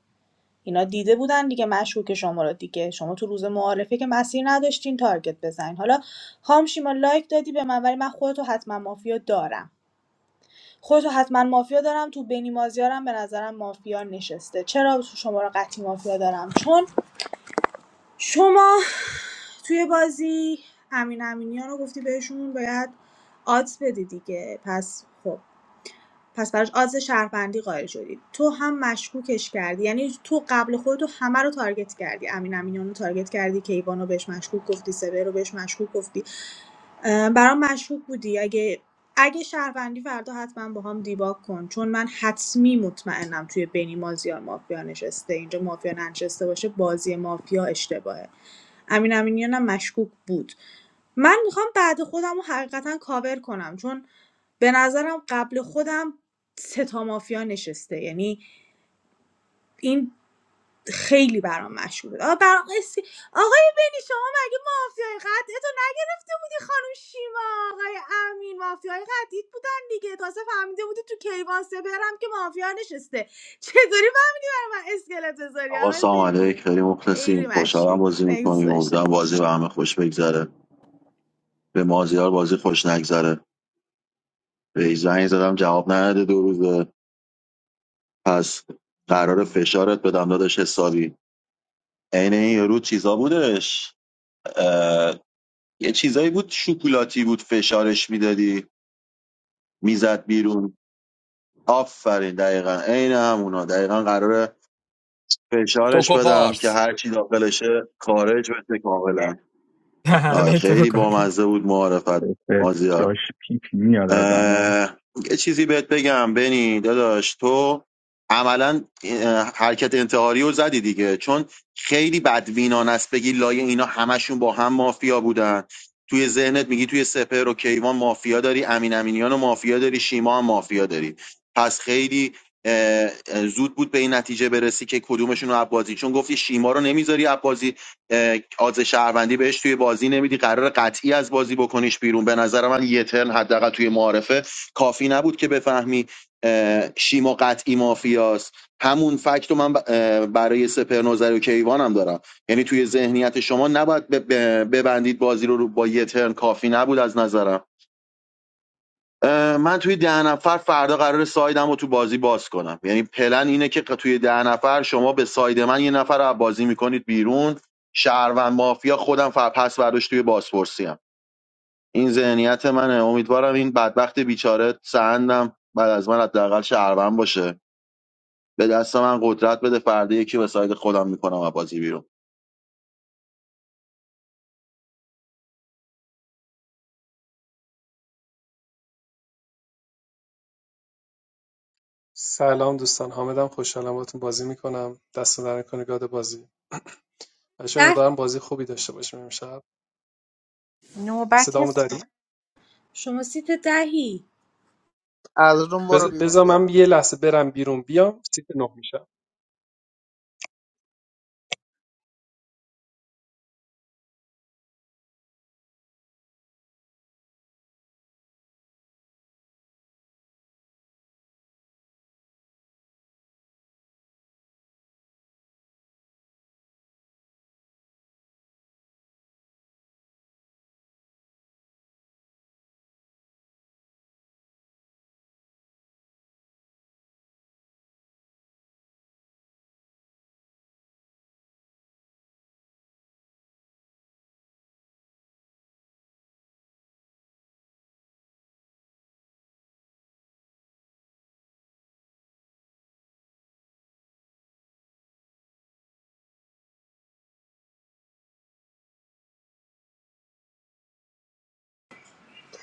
Speaker 13: اینا دیده بودن دیگه مشکوک شما رو دیگه شما تو روز معارفه که مسیر نداشتین تارگت بزنین حالا خام شیما لایک دادی به من ولی من خودتو حتما مافیا دارم خودتو حتما مافیا دارم تو بنی مازیارم به نظرم مافیا نشسته چرا شما رو قطعی مافیا دارم چون شما توی بازی امین امینی رو گفتی بهشون باید آت بدی دیگه پس خب پس براش آدز شهروندی قائل شدی تو هم مشکوکش کردی یعنی تو قبل خودتو همه رو تارگت کردی امین امینیان رو تارگت کردی کیوان رو بهش مشکوک گفتی سبه رو بهش مشکوک گفتی اه، برام مشکوک بودی اگه اگه شهروندی فردا حتما با هم دیباک کن چون من حتمی مطمئنم توی بینی مازیار مافیا نشسته اینجا مافیا ننشسته باشه بازی مافیا اشتباهه امین امینیانم مشکوک بود من میخوام بعد خودم رو حقیقتا کاور کنم چون به نظرم قبل خودم سه تا مافیا نشسته یعنی این خیلی برام مشهوره آقا برام قصه- آقای بنی شما مگه مافیای قطعتو نگرفته بودی خانم شیما آقای امین مافیای قطعیت بودن دیگه تازه فهمیده بودی تو کیواسه برم که مافیا نشسته چطوری فهمیدی برای من اسکلت بذاری
Speaker 3: آقا
Speaker 13: آقای
Speaker 3: سلام علیک
Speaker 13: بنی
Speaker 3: خیلی
Speaker 13: خیلی
Speaker 3: مخلصیم خوشحالم
Speaker 13: مشکوکی
Speaker 3: بازی
Speaker 13: نکس
Speaker 3: میکنیم
Speaker 13: باشه
Speaker 3: امیدوارم بازی به همه خوش بگذره به مازیار بازی خوش نگذره به ایزنگ زدم جواب نداده دو روزه پس قرار فشارت بدم داداش حسابی عین این یارو چیزا بودش اه، یه چیزایی بود شکلاتی بود فشارش میدادی میزد بیرون آفرین دقیقا عین همونا دقیقا قراره فشارش بدم که
Speaker 18: چوکوپارس
Speaker 3: هر چی داخلشه خارج بشه کاملا آه،
Speaker 8: دهنه تو
Speaker 3: خیلی بامزه
Speaker 8: گاییدم
Speaker 3: بود معرفت
Speaker 5: سپر
Speaker 3: مازیار
Speaker 5: جاش پیپی میاد از اما
Speaker 3: اه، یه چیزی بهت بگم بنی داداش تو عملا اه، حرکت انتحاری رو زدی دیگه چون خیلی بدوینان است بگی لای اینا همشون با هم مافیا بودن توی ذهنت میگی توی سپهر و کیوان مافیا داری امین امینیان و مافیا داری شیما هم مافیا داری پس خیلی اه، اه، زود بود به این نتیجه برسی که کدومشون رو عبازی چون گفتی شیما رو نمیذاری عبازی اه، آز شهروندی بهش توی بازی نمیدی قرار قطعی از بازی بکنیش بیرون به نظر من یه ترن حداقل توی معارفه کافی نبود که بفهمی اه، شیما قطعی مافیاست همون فکت رو من برای سپر نظری و کیوان هم دارم یعنی توی ذهنیت شما نباید ب- ببندید بازی رو رو با یه ترن کافی نبود از نظرم من توی ده نفر فردا قرار سایدم رو تو بازی باز کنم یعنی پلن اینه که توی ده نفر شما به ساید من یه نفر رو بازی میکنید بیرون شهروند مافیا خودم فر پس برداشت توی بازپرسی هم این ذهنیت منه امیدوارم این بدبخت بیچاره سندم بعد از من حداقل شهروند باشه به دست من قدرت بده فردا یکی به ساید خودم میکنم از بازی بیرون
Speaker 15: سلام دوستان حامدم خوشحالم باتون بازی میکنم دست در کنه گاد بازی بچه
Speaker 13: ده
Speaker 15: امیدوارم بازی خوبی داشته باشیم امشب
Speaker 16: نوبت
Speaker 15: صدامو داری؟
Speaker 13: شما سیت دهی
Speaker 9: از روم برو
Speaker 15: بز-
Speaker 9: بیرون
Speaker 15: بذار
Speaker 9: بیا
Speaker 15: من یه لحظه برم بیرون بیام سیت نه میشم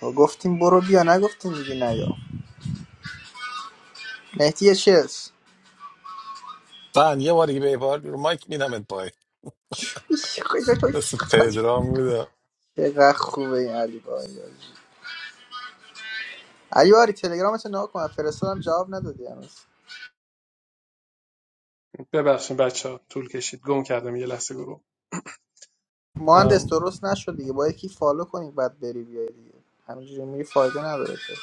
Speaker 9: خب، گفتیم برو بیا نگفتیم دیگه نیا مهدی چیز
Speaker 18: فن یه بار دیگه به بار رو مایک میدمت پای دست
Speaker 9: چقدر
Speaker 18: پدرام بوده
Speaker 9: خوبه این علی باری علی باری تلگرامت رو نگاه کن فرستادم جواب ندادی هنوز
Speaker 15: ببخشید بچه ها طول کشید گم کردم یه لحظه گروه
Speaker 9: مهندس
Speaker 15: ام،
Speaker 9: درست نشد دیگه با یکی فالو کنی بعد بری بیای دیگه همینجوری میری فایده نداره که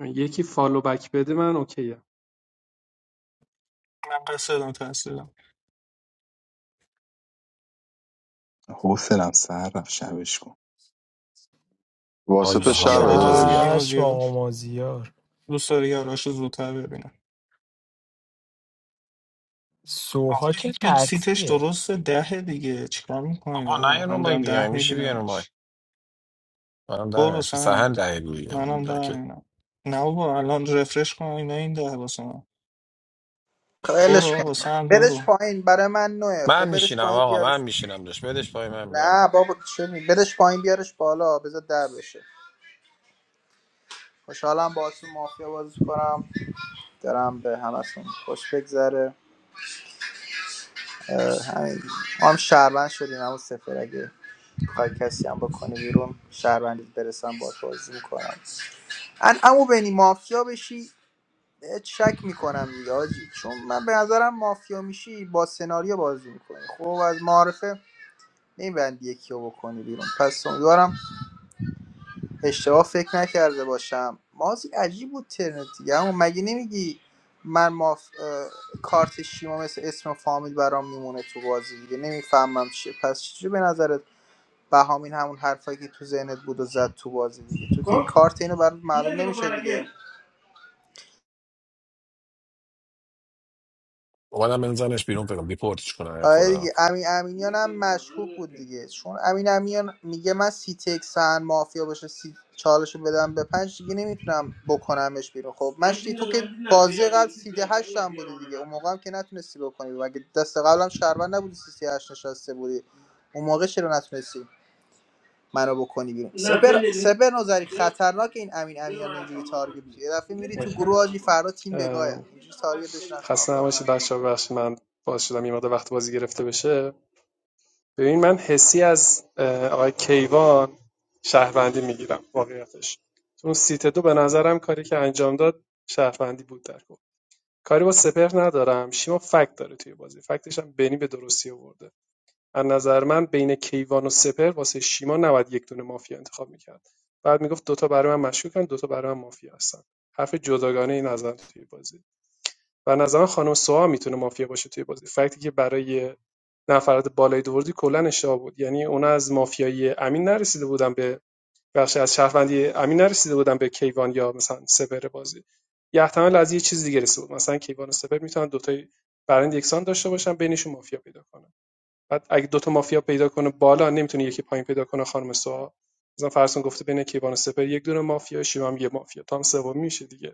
Speaker 15: یکی فالو بک بده من اوکیه
Speaker 12: من قصد دادم تحصیلم
Speaker 5: حوصلم سر رفت شبش کن
Speaker 3: واسه
Speaker 18: آی به
Speaker 3: تو
Speaker 12: دوست داری
Speaker 3: شب
Speaker 18: حالت
Speaker 12: یاراتو
Speaker 18: مازی
Speaker 3: داداش
Speaker 12: ببینی
Speaker 18: ها
Speaker 8: چشم
Speaker 12: مازیار
Speaker 8: آقا مازیار
Speaker 12: دوست داری یاراشو زودتر ببینم آخه
Speaker 8: سوها
Speaker 12: این
Speaker 8: که
Speaker 12: که سیتش
Speaker 8: قطعیه
Speaker 12: درسته دهه دیگه چیکار میکنید
Speaker 18: آبا نه
Speaker 12: آقا
Speaker 18: این رو
Speaker 12: من
Speaker 18: مایک
Speaker 12: دارم
Speaker 18: دیگه
Speaker 12: ده
Speaker 18: میشه بیان رو مایک
Speaker 12: میبینمش
Speaker 18: منم در
Speaker 12: برو
Speaker 18: نمیشه سهن
Speaker 12: سند
Speaker 18: دهی روی
Speaker 12: منم
Speaker 18: اونجا
Speaker 12: ده
Speaker 18: که
Speaker 12: میبینم نه بابا الان رفرش کن اینا این ده واسه من برو
Speaker 9: خیلیش
Speaker 12: آقا
Speaker 9: کن
Speaker 12: سند
Speaker 9: بدش
Speaker 12: برو
Speaker 9: پایین برای من نوه
Speaker 18: من
Speaker 9: خب بدش
Speaker 18: میشینم
Speaker 9: پایین
Speaker 18: آقا
Speaker 9: بیار
Speaker 18: من میشینم داشت بدش پای من میام
Speaker 9: نه بابا چه می بدش پایین بیارش بالا بذار در بشه خوشحالم با تو مافیا بازی کنم دارم به همتون خوش بگذره اه، همین ما هم شهروند شدیم همون سفر اگه بخوای کسی هم بکنه بیرون شهروندیت برسم با بازی میکنم ان اما بینی مافیا بشی بهت شک میکنم دیگه حاجی. چون من به نظرم مافیا میشی با سناریو بازی میکنی خب از معارفه نمیبندی یکی رو بکنی بیرون پس امیدوارم اشتباه فکر نکرده باشم مازی عجیب بود ترنت دیگه اما مگه نمیگی من ما کارت شیما مثل اسم و فامیل برام میمونه تو بازی دیگه نمیفهمم چیه پس چجوری به نظرت بهامین همون حرفایی که تو ذهنت بود و زد تو بازی دیگه تو که کارت اینو برات معلوم نمیشه دیگه
Speaker 18: اومدم بنزنش بیرون فکرم بیپورتش کنه ای
Speaker 9: آره
Speaker 18: خدا
Speaker 9: دیگه امین امینیان هم مشکوک بود دیگه چون امین امینیان میگه من سی تک سهن مافیا باشه سی چالشو بدم به پنج دیگه نمیتونم بکنمش بیرون خب من شدی تو که بازی قبل سی ده هشت هم بودی دیگه اون موقع هم که نتونستی بکنی مگه دست قبلم شهروند نبودی سی سی هشت نشسته بودی اون موقع چرا نتونستی منو بکنی بیرون سپر سپر نظری خطرناک این امین امینیان اینجوری تارگت میشه یه دفعه میری تو
Speaker 15: اوکی
Speaker 9: گروه آجی فردا تیم بگاه
Speaker 15: ام،
Speaker 9: اینجوری تارگتش نکن
Speaker 15: خسته نباشید
Speaker 9: آفرین.
Speaker 15: بچه ها ببخشید من باز شدم یه مقدار وقت بازی گرفته بشه ببین من حسی از اه، آقای کیوان شهروندی میگیرم واقعیتش تو اون سیت دو به نظرم کاری که انجام داد شهروندی بود در کل کاری با سپر ندارم شیما فکت داره توی بازی فکتش هم بنی به درستی آورده از نظر من بین کیوان و سپر واسه شیما نباید یک دونه مافیا انتخاب میکرد بعد میگفت دوتا برای من مشکوکن دوتا برای من مافیا هستن حرف جداگانه این نظر توی بازی و نظرم خانم سوها میتونه مافیا باشه توی بازی فکتی که برای نفرات بالای دوردی کلا اشتباه بود یعنی اونا از مافیایی امین نرسیده بودن به بخش از شهروندی امین نرسیده بودن به کیوان یا مثلا سپر بازی یه احتمال از یه چیز دیگه رسیده بود مثلا کیوان و سپر میتونن دوتای برند یکسان داشته باشن بینشون مافیا پیدا کنن بعد اگه دوتا مافیا پیدا کنه بالا نمیتونه یکی پایین پیدا کنه خانم سوها مثلا فرسون گفته بین کیوان و سپر یک دونه مافیا شیوام یه مافیا تا سومی میشه دیگه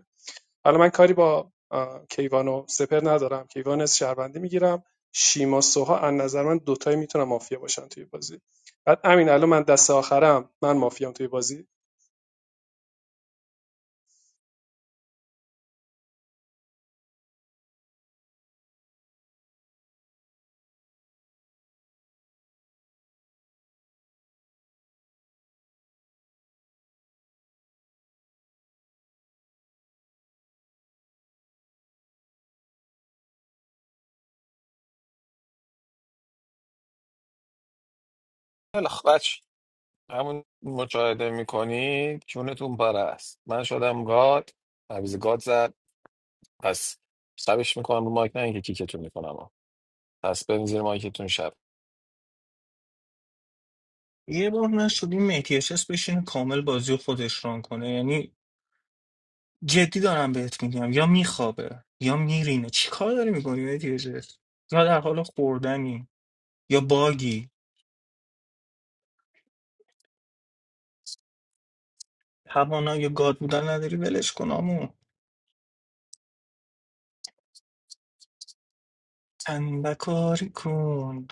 Speaker 15: حالا من کاری با آه، کیوان و سپر ندارم کیوان از شهروندی میگیرم شیما سوها از نظر من دوتایی میتونن مافیا باشن توی بازی بعد امین الان من دست آخرم من مافیام توی بازی
Speaker 18: خیلی خب، بچه همون مشاهده میکنید چونتون پره است من شدم گاد عویز گاد زد. پس شبش میکنم رو مایک نه اینکه کیکتون میکنم ها. پس بریم زیر مایکتون شب
Speaker 12: یه بار نشد این MTHS بشینه کامل بازی رو خودش ران کنه یعنی جدی دارم بهت میگم یا میخوابه یا میرینه چی کار داری میکنی مهدی حجت؟ یا در حال خوردنی یا باگی توانا یا گاد بودن نداری ولش کن آمو تنبه کاری کن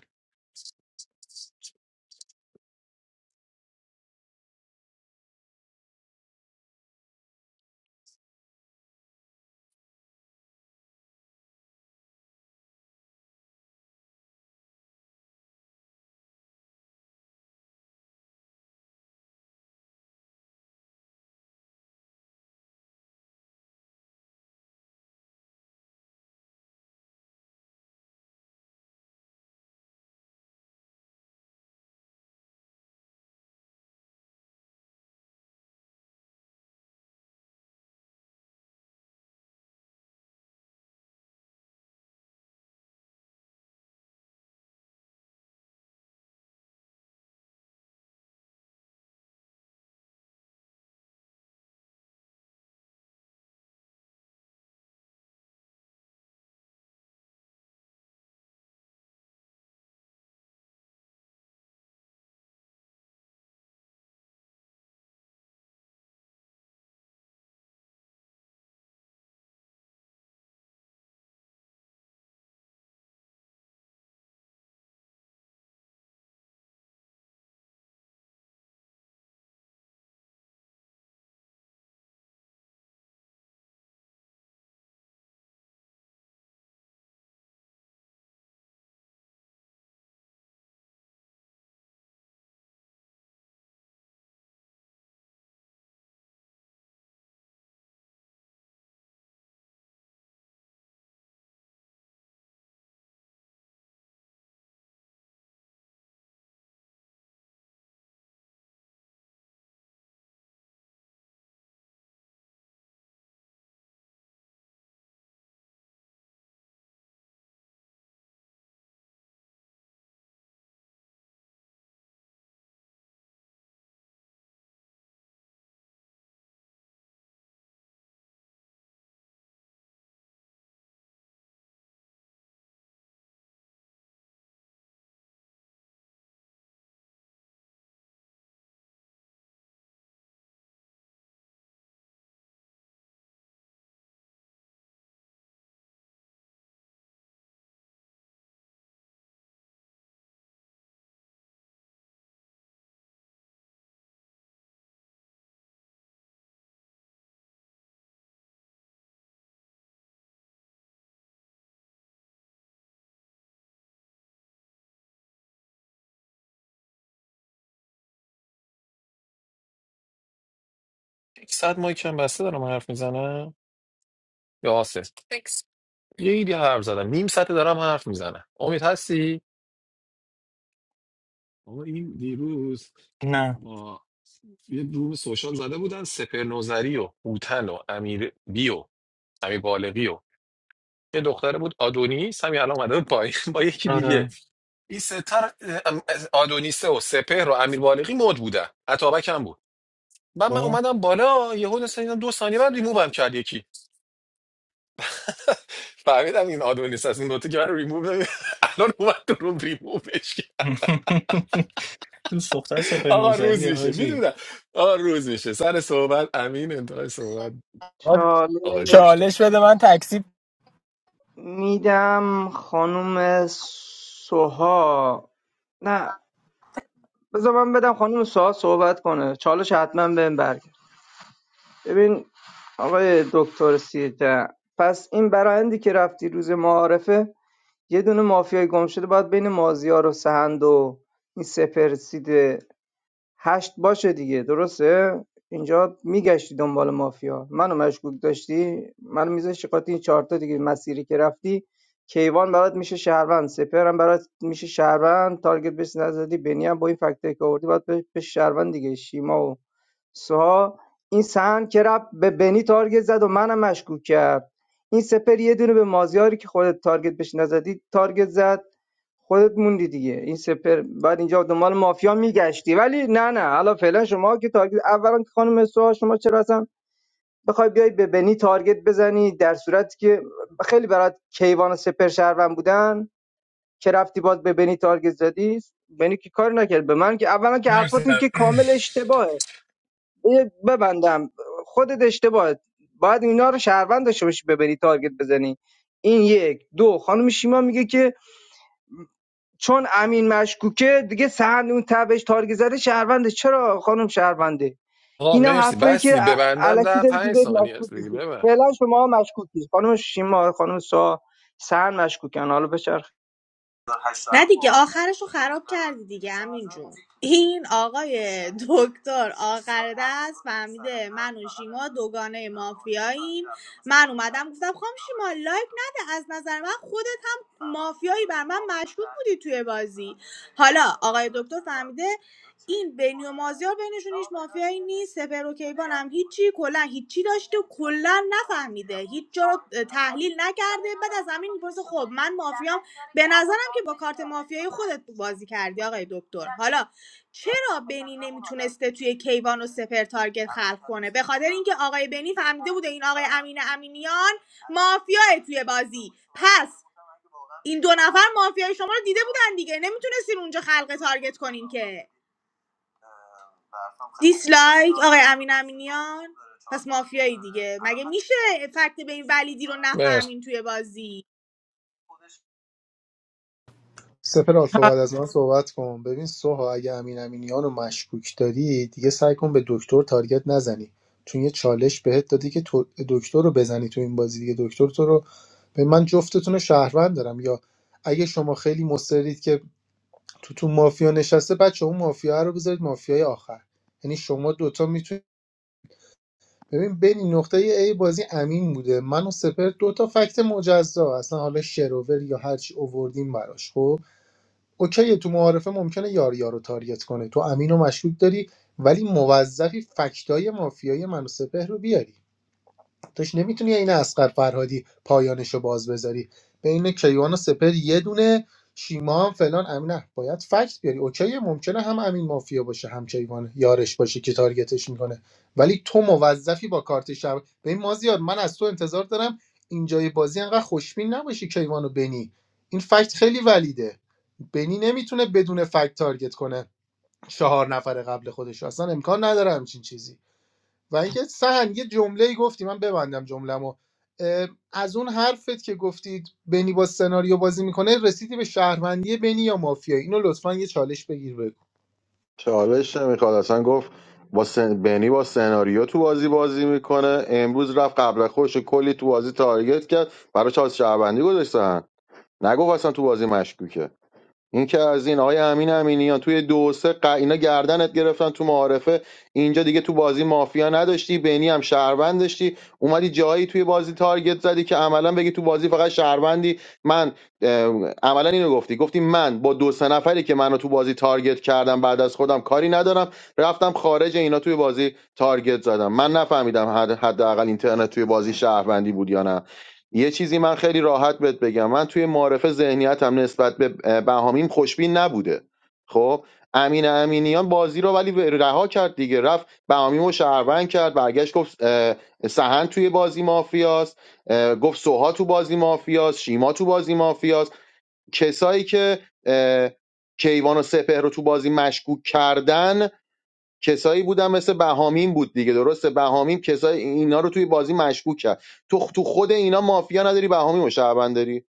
Speaker 18: یک ساعت مایک هم بسته دارم حرف میزنم یا آسه Thanks. یه ایدی حرف زدم نیم ساعت دارم حرف میزنم امید هستی؟ آقا این دیروز
Speaker 12: نه
Speaker 18: با یه روم سوشال زده بودن سپر نوزری و هوتن و امیر بیو امیر بالقی و یه دختره بود آدونیس همین الان اومده بود پایین با یکی دیگه
Speaker 12: آره
Speaker 18: این ستر آدونیسه و سپهر و امیر بالغی مد بودن عطابک هم بود بعد من
Speaker 12: خب.
Speaker 18: اومدم بالا یهو مثلا اینا دو ثانیه بعد ریمووم کرد یکی فهمیدم این آدونیس از این نوته که من ریموو نمی- الان اومد تو روم ریمووش کرد.
Speaker 12: دوست دختر سپر
Speaker 18: آقا
Speaker 12: نوزری
Speaker 18: روز میشه
Speaker 12: حاجی
Speaker 18: میدونم آقا روز میشه سر صحبت امین انتهای صحبت
Speaker 8: آه،
Speaker 18: آقای
Speaker 11: چالش
Speaker 18: دکتر
Speaker 8: چالش بده من تکسی
Speaker 11: میدم خانم سوها نه بذار من بدم خانم سوها صحبت کنه چالش حتما بهم برگرد ببین آقای دکتر سیرجه پس این برایندی که رفتی روز معارفه یه دونه مافیای گم شده باید بین مازیار و سهند و این سپرسیده هشت باشه دیگه درسته اینجا میگشتی دنبال مافیا منو مشکوک داشتی منو میذاشتی قاطی این چهارتا دیگه مسیری که رفتی کیوان برات میشه شهروند سپر هم برات میشه شهروند تارگت بهش نزدی بنی هم با این فکتایی که آوردی باید به شهروند دیگه شیما و سوها این سهن که رفت به بنی تارگت زد و منم مشکوک کرد این سپر یه دونه به مازیاری که خودت تارگت بهش نزدی تارگت زد خودت موندی دیگه این سپر بعد اینجا دنبال مافیا میگشتی ولی نه نه حالا فعلا شما که تارگت اولا که خانم سوها شما چرا اصلا بخوای بیای به بنی تارگت بزنی در صورتی که خیلی برات کیوان و سپر شهروند بودن که رفتی باز به بنی تارگت زدی بنی که کار نکرد به من که اولا که حرفاتون که
Speaker 18: مرسی
Speaker 11: کامل اشتباهه یه ببندم خودت اشتباهه باید اینا رو شهروند داشته باشی به بنی تارگت بزنی این یک دو خانم شیما میگه که چون امین مشکوکه دیگه سهند اون تبش تارگت زده شهرونده چرا خانم شهرونده
Speaker 18: آقا
Speaker 11: اینا
Speaker 18: مرسی
Speaker 11: حرفایی که
Speaker 18: بستی
Speaker 11: ا-
Speaker 18: ببندم
Speaker 11: الکی
Speaker 18: در
Speaker 11: داری تو
Speaker 18: پنج
Speaker 11: ذهن
Speaker 18: ثانیه
Speaker 11: مشکوک
Speaker 18: است دیگه
Speaker 11: نیستی
Speaker 18: ببند
Speaker 11: فعلا شما مشکوک نیست خانم شیما خانم سا سهند مشکوکن حالا بچرخ
Speaker 13: نه دیگه آخرشو خراب کردی دیگه امین جون این آقای دکتر آخر دست فهمیده من و شیما دوگانه مافیاییم من اومدم گفتم خام شیما لایک نده از نظر من خودت هم مافیایی بر من مشکوک بودی توی بازی حالا آقای دکتر فهمیده این بنی و مازیار بینشون هیچ مافیایی نیست سپر و کیوان هم هیچی کلا هیچی داشته و کلا نفهمیده هیچ جا رو تحلیل نکرده بعد از همین میپرسه خب من مافیام به نظرم که با کارت مافیایی خودت بازی کردی آقای دکتر حالا چرا بنی نمیتونسته توی کیوان و سپر تارگت خلق کنه به خاطر اینکه آقای بنی فهمیده بوده این آقای امین امینیان مافیای توی بازی پس این دو نفر مافیای شما رو دیده بودن دیگه نمیتونستین اونجا خلق تارگت کنین که دیسلایک آقای امین امینیان پس مافیایی دیگه مگه میشه فکت به این ولیدی رو
Speaker 18: مرسی
Speaker 13: نفهمین توی بازی
Speaker 7: سپر آلفا بعد از من صحبت کن ببین سوها اگه امین امینیان رو مشکوک داری دیگه سعی کن به دکتر تارگت نزنی چون یه چالش بهت دادی که تو- دکتر رو بزنی تو این بازی دیگه دکتر تو رو به من جفتتون رو شهروند دارم یا اگه شما خیلی مصرید که تو تو مافیا نشسته بچه اون مافیا رو بذارید مافیای آخر یعنی شما دوتا میتونید ببین بین نقطه ای بازی امین بوده من و سپر دوتا فکت مجزا اصلا حالا شروور یا هرچی اووردیم براش خب اوکی تو معارفه ممکنه یاریا رو تاریت کنه تو امین و مشکوک داری ولی موظفی فکتای مافیایی منو سپهر رو بیاری توش نمیتونی این اسقر فرهادی پایانش رو باز بذاری بین کیوان و سپهر یه دونه شیما هم فلان امین نه باید فکت بیاری اوکی ممکنه هم امین مافیا باشه هم کیوان یارش باشه که تارگتش میکنه ولی تو موظفی با کارت شب به این مازیار من از تو انتظار دارم اینجای بازی انقدر خوشبین نباشی کیوانو و بنی این فکت خیلی ولیده بنی نمیتونه بدون فکت تارگت کنه چهار نفر قبل خودش رو. اصلا امکان نداره همچین چیزی و اینکه سهن یه جمله گفتی من ببندم جمله‌مو از اون حرفت که گفتید بنی با سناریو بازی میکنه رسیدی به شهروندی بنی یا مافیایی اینو لطفا یه چالش بگیر بگو
Speaker 3: چالش نمیخواد اصلا گفت با سن... بنی با سناریو تو بازی بازی میکنه امروز رفت قبل خوش کلی تو بازی تارگت کرد برای چالش شهروندی گذاشتن نگفت اصلا تو بازی مشکوکه این که از این آقای امین امینیان توی دو و سه ق... اینا گردنت گرفتن تو معارفه اینجا دیگه تو بازی مافیا نداشتی بینی هم شهروند داشتی اومدی جایی توی بازی تارگت زدی که عملا بگی تو بازی فقط شهروندی من اه، عملا اینو گفتی گفتی من با دو سه نفری که منو تو بازی تارگت کردم بعد از خودم کاری ندارم رفتم خارج اینا توی بازی تارگت زدم من نفهمیدم حد- حداقل اینترنت توی بازی شهروندی بود یا نه یه چیزی من خیلی راحت بهت بگم من توی معارفه ذهنیتم نسبت به بهامیم خوشبین نبوده خب امین امینیان بازی رو ولی رها کرد دیگه رفت بهامیم رو شهروند کرد برگشت گفت اه، سهند توی بازی مافیاست اه، گفت سوها تو بازی مافیاست شیما تو بازی مافیاست کسایی که اه، کیوان و سپهر رو تو بازی مشکوک کردن کسایی بودن مثل بهامین بود دیگه درسته بهامین کسایی اینا رو توی بازی مشکوک کرد تو تو خود اینا مافیا نداری بهامین و شهروند داری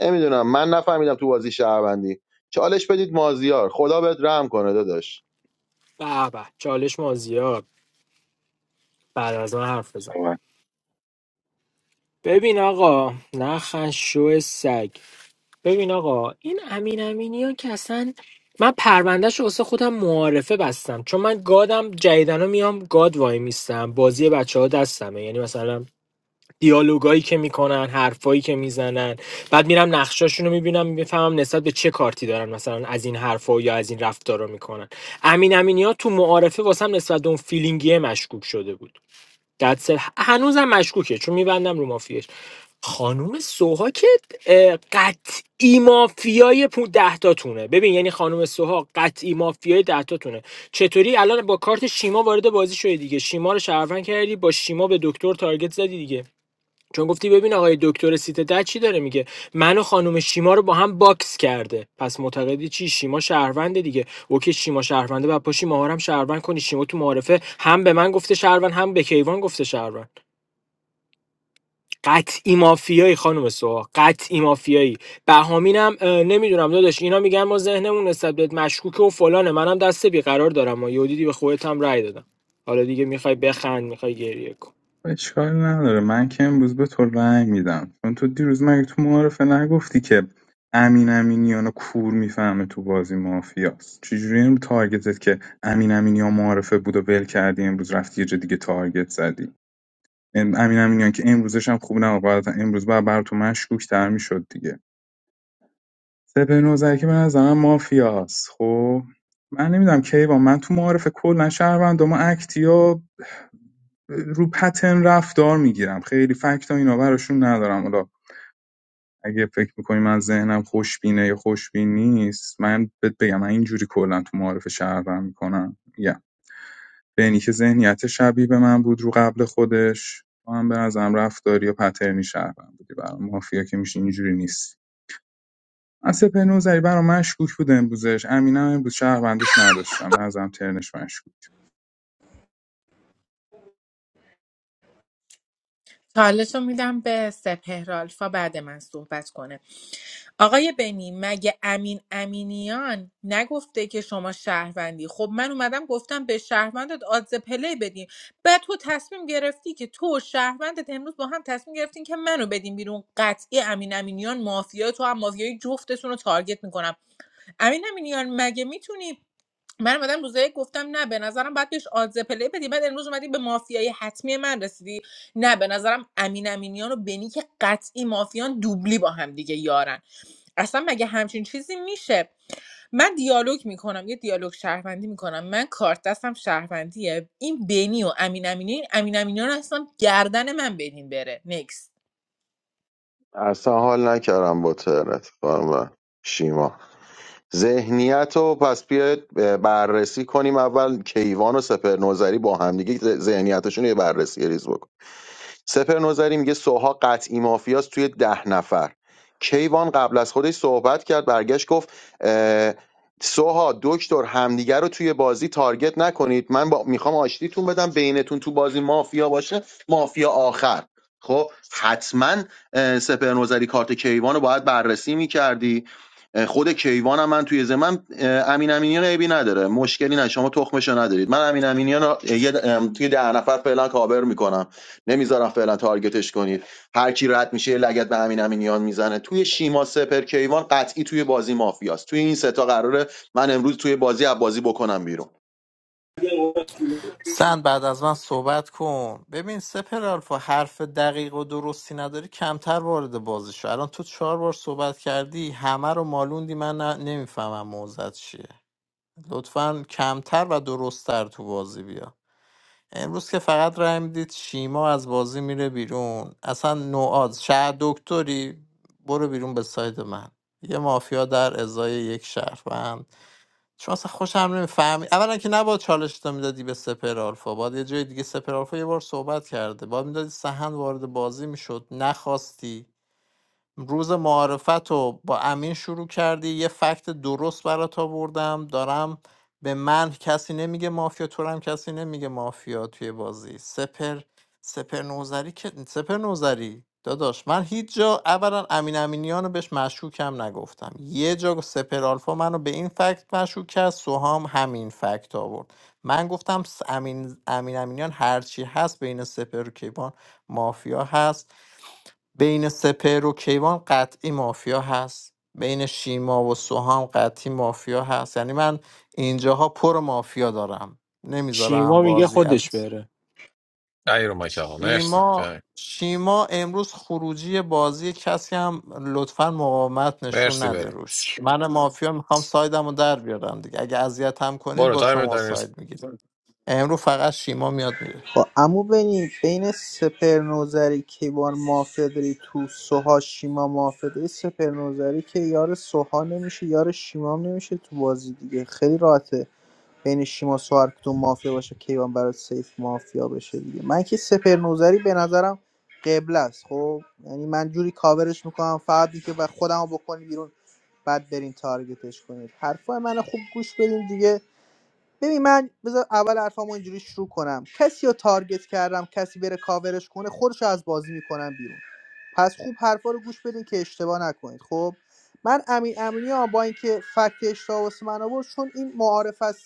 Speaker 3: نمیدونم من نفهمیدم تو بازی شهروندی چالش بدید مازیار خدا بهت رحم کنه داداش
Speaker 8: به به چالش مازیار بعد از من حرف بزن ببین آقا نخن شو سگ ببین آقا این امین امینی ها که اصلا من پروندهش رو واسه خودم معارفه بستم چون من گادم جدیدن میام گاد وای میستم بازی بچه ها دستمه یعنی مثلا دیالوگایی که میکنن حرفایی که میزنن بعد میرم نقشاشون رو میبینم میفهمم نسبت به چه کارتی دارن مثلا از این حرفا یا از این رفتار رو میکنن امین امینی تو معارفه واسم نسبت به اون فیلینگیه مشکوک شده بود گدسل هنوزم مشکوکه چون میبندم رو مافیاش خانوم سوها که اه، قطعی مافیای پو دهتاتونه ببین یعنی خانوم سوها قطعی مافیای دهتاتونه چطوری الان با کارت شیما وارد بازی شدی دیگه شیما رو شهروند کردی با شیما به دکتر تارگت زدی دیگه چون گفتی ببین آقای دکتر سیت ده چی داره میگه من و خانم شیما رو با هم باکس کرده پس معتقدی چی شیما شهرونده دیگه اوکی شیما شهرونده بعد پاشی ماهارم شهروند کنی شیما تو معارفه هم به من گفته شهروند هم به کیوان گفته شهروند قطعی مافیایی خانم سوها قطعی مافیایی بهامینم اه، نمیدونم داداش اینا میگن ما ذهنمون نسبت بهت مشکوکه و فلانه منم دست بیقرار دارم و یودیدی به خودت هم رأی دادم حالا دیگه میخوای بخند میخوای گریه کن
Speaker 5: اشکال نداره من که امروز به تو رأی میدم چون تو دیروز مگه تو معارفه نگفتی که امین امینیان رو کور میفهمه تو بازی مافیاست چجوری این تارگتت که امین امینیان معارفه بود و ول کردی امروز رفتی یه جا دیگه تارگت زدی ام- امین امینیان که امروزش هم خوب نبود بعد امروز بعد بر تو مشکوک تر میشد دیگه سپه نوزر که به نظرم مافیاست خب من نمیدونم کیوان من تو معارف کلا شهروندام و اکتیا رو پترن رفتار میگیرم خیلی فکت و اینا براشون ندارم حالا اگه فکر میکنی من ذهنم خوشبینه یا خوشبین نیست من بهت بگم من اینجوری کلا تو معارف شهرم میکنم یا بینی که ذهنیت شبیه به من بود رو قبل خودش تو هم به نظرم رفتاری یا پترنی شهرم بودی برام مافیا که میشه اینجوری نیست من سپه نوزری برام مشکوک بود امروزش امینم امروز شهروندش نداشتم به نظرم ترنش مشکوک
Speaker 16: چالش رو میدم به سپهر آلفا بعد من صحبت کنه آقای بنی مگه امین امینیان نگفته که شما شهروندی خب من اومدم گفتم به شهروندت آدز پلی بدیم بعد تو تصمیم گرفتی که تو و شهروندت امروز با هم تصمیم گرفتین که منو بدیم بیرون قطعی امین امینیان مافیا تو هم مافیای جفتتون رو تارگت میکنم امین امینیان مگه میتونی من اومدم روزایی گفتم نه به نظرم باید بهش آدز پلی بدی بعد امروز اومدی به مافیای حتمی من رسیدی نه به نظرم امین امینیان و بنی که قطعی مافیان دوبلی با هم دیگه یارن اصلا مگه همچین چیزی میشه من دیالوگ میکنم یه دیالوگ شهروندی میکنم من کارت دستم شهروندیه این بنی و امین امینی امین امینیان اصلا گردن من بدین بره نکس
Speaker 3: اصلا حال نکردم با تهرت خانم شیما ذهنیت رو پس بیاید بررسی کنیم اول کیوان و سپر نوذری با هم دیگه ذهنیتشون رو یه بررسی ریز بکنیم. سپر نظری میگه سوها قطعی مافیاست توی ده نفر کیوان قبل از خودش صحبت کرد برگشت گفت اه، سوها دکتر همدیگر رو توی بازی تارگت نکنید من با... میخوام آشتیتون بدم بینتون تو بازی مافیا باشه مافیا آخر خب حتما اه، سپر نظری کارت کیوان رو باید بررسی میکردی خود کیوان هم من توی زمم امین امینیان عیبی نداره مشکلی نه شما تخمشو ندارید من امین امینیان رو یه د- ام، توی ده نفر فعلا کاور میکنم نمیذارم فعلا تارگتش کنید هر کی رد میشه یه لگد به همین امینیان میزنه توی شیما سپر کیوان قطعی توی بازی مافیاست توی این سه تا قراره من امروز توی بازی از بازی بکنم بیرون
Speaker 1: سند بعد از من صحبت کن ببین سپر آلفا حرف دقیق و درستی نداری کمتر وارد بازی شو الان تو چهار بار صحبت کردی همه رو مالوندی من نمیفهمم موزت چیه لطفا کمتر و درستتر تو بازی بیا امروز که فقط رای میدید شیما از بازی میره بیرون اصلا نوآز شهر دکتری برو بیرون به ساید من یه مافیا در ازای یک شهروند چون اصلا خوشم نمیفهمی اولا که نباید چالش تو میدادی به سپر آلفا باید یه جای دیگه سپر آلفا یه بار صحبت کرده باید میدادی سهند وارد بازی میشد نخواستی روز معارفت رو با امین شروع کردی یه فکت درست برات آوردم دارم به من کسی نمیگه مافیا تو رو هم کسی نمیگه مافیا توی بازی سپر سپر نوزری که سپر نوزری داداش من هیچ جا اولا امین امینیان رو بهش مشکوکم نگفتم یه جا سپر آلفا منو به این فکت مشکوک کرد سوهام همین فکت آورد من گفتم س- امین امین امینیان هرچی هست بین سپر و کیوان مافیا هست بین سپهر و کیوان قطعی مافیا هست بین شیما و سوهام قطعی مافیا هست یعنی من اینجاها پر مافیا دارم
Speaker 8: شیما
Speaker 1: نمیذارم
Speaker 8: میگه
Speaker 1: بازی
Speaker 8: خودش
Speaker 1: از
Speaker 8: بره
Speaker 18: ای رو مایک آقا مرسی
Speaker 1: شیما
Speaker 18: ببند.
Speaker 1: شیما امروز خروجی بازی کسی هم لطفا مقاومت نشون
Speaker 18: مرسی
Speaker 1: نده
Speaker 18: بریم
Speaker 1: روش من مافیا میخوام سایدم رو در بیارم دیگه اگه اذیت هم کنید
Speaker 18: برو
Speaker 1: با
Speaker 18: تایم
Speaker 1: شما
Speaker 18: داری
Speaker 1: ساید میگیرم امروز فقط شیما میاد میره
Speaker 9: خب عمو بنی بین سپر نوذری کیوان مافیا داری تو سوها شیما مافیا داری سپر نوذری که یار سوها نمیشه یار شیمام نمیشه تو بازی دیگه خیلی راحته بین شیما سوها هر کدوم مافیا باشه کیوان برای سیف مافیا بشه دیگه من که سپر نوذری به نظرم قبل است خب یعنی من جوری کاورش میکنم فقط دیگه و خودمو بکنی بیرون بعد برین تارگتش کنید حرفای من خوب گوش بدین دیگه ببین من بذار اول حرفامو اینجوری شروع کنم کسی رو تارگت کردم کسی بره کاورش کنه خودش از بازی میکنم بیرون پس خوب حرفا رو گوش بدین که اشتباه نکنید خب من امین امینی ها با اینکه فکت اشتباه واسه من آورد چون این معارف از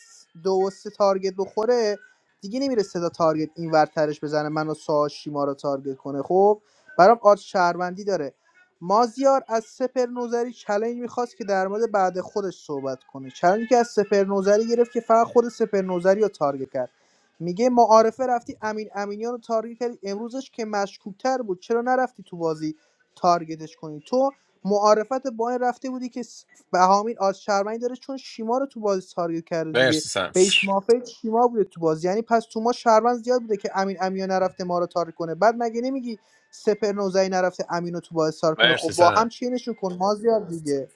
Speaker 9: دو و سه تارگت بخوره دیگه نمیره صدا تارگت این ورترش بزنه منو سا شیما رو تارگت کنه خب برام آرت شهروندی داره مازیار از سپر نوزری چلنج میخواست که در مورد بعد خودش صحبت کنه چلنجی که از سپر نوزری گرفت که فقط خود سپر نوزری رو تارگت کرد میگه معارفه رفتی امین امینیان رو تارگت کردی امروزش که مشکوکتر بود چرا نرفتی تو بازی تارگتش کنی تو معارفت با این رفته بودی که س- بهامین آز شرمنی داره چون شیما رو تو بازی تارگت کرده دیگه
Speaker 18: مرسی سن
Speaker 9: بیس مافیا شیما بوده تو بازی یعنی پس تو ما شرمن زیاد بوده که امین امینیان نرفته ما رو تارگت کنه بعد مگه نمیگی سپر نوزایی نرفته امینو تو با استار کنه خب
Speaker 18: مرسی
Speaker 9: با
Speaker 18: سن
Speaker 9: هم چینشون کن مازیار دیگه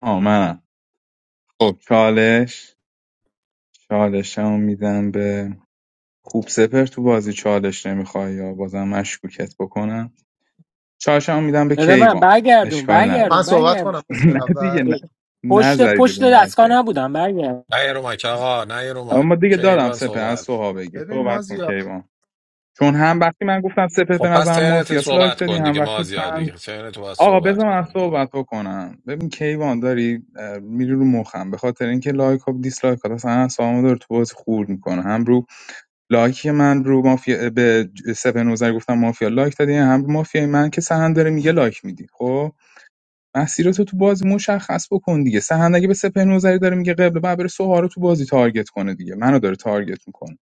Speaker 5: آه منم خب چالش چالشمو میدم به کوبسپر تو بازی چالش نمیخوای یا بازم مشکوکت بکنم چالشمو میدم به
Speaker 8: بده من
Speaker 5: کیوان
Speaker 8: برگردون
Speaker 5: اشکال نداره
Speaker 7: من
Speaker 8: برگردون
Speaker 7: صحبت
Speaker 8: برگردون
Speaker 7: کنم
Speaker 5: نه
Speaker 7: مازیار
Speaker 5: دیگه
Speaker 7: اول
Speaker 5: نه
Speaker 8: پشت
Speaker 5: نذارید
Speaker 8: پشت
Speaker 5: رو
Speaker 8: دستگاه
Speaker 5: مایکه
Speaker 8: نبودم برگردون
Speaker 18: نه یه رو مایک آقا نه یه رو مایک
Speaker 5: اما دیگه دادم
Speaker 18: کیوان
Speaker 5: سپر از
Speaker 18: صحبت
Speaker 5: سوها بگیر
Speaker 7: ببین
Speaker 5: صحبت کن
Speaker 7: مازیار
Speaker 5: کیوان چون هم وقتی من گفتم سپر به
Speaker 18: خب پس
Speaker 5: نظرم
Speaker 18: ترنت
Speaker 5: مافیاس لایک
Speaker 18: صحبت
Speaker 5: دادی
Speaker 18: کن
Speaker 5: هم
Speaker 18: دیگه ما
Speaker 5: وقتی
Speaker 18: زیاد
Speaker 5: سن
Speaker 18: دیگه ترنت باید
Speaker 5: آقا
Speaker 18: صحبت
Speaker 5: بذار من
Speaker 18: کنی
Speaker 5: صحبت بکنم ببین کیوان داری اه، میری رو مخم به خاطر اینکه لایک و دیسلایک ها اصلا سامو داره تو بازی خورد میکنه هم رو لایک من رو مافیا به سپهر گفتم مافیا لایک دادی هم رو مافیای من که سهند داره میگه لایک میدی خب مسیرتو تو بازی مشخص بکن دیگه سهند اگه به سپهر داره میگه قبل بعد بره سوها رو تو بازی تارگت کنه دیگه منو داره تارگت میکنه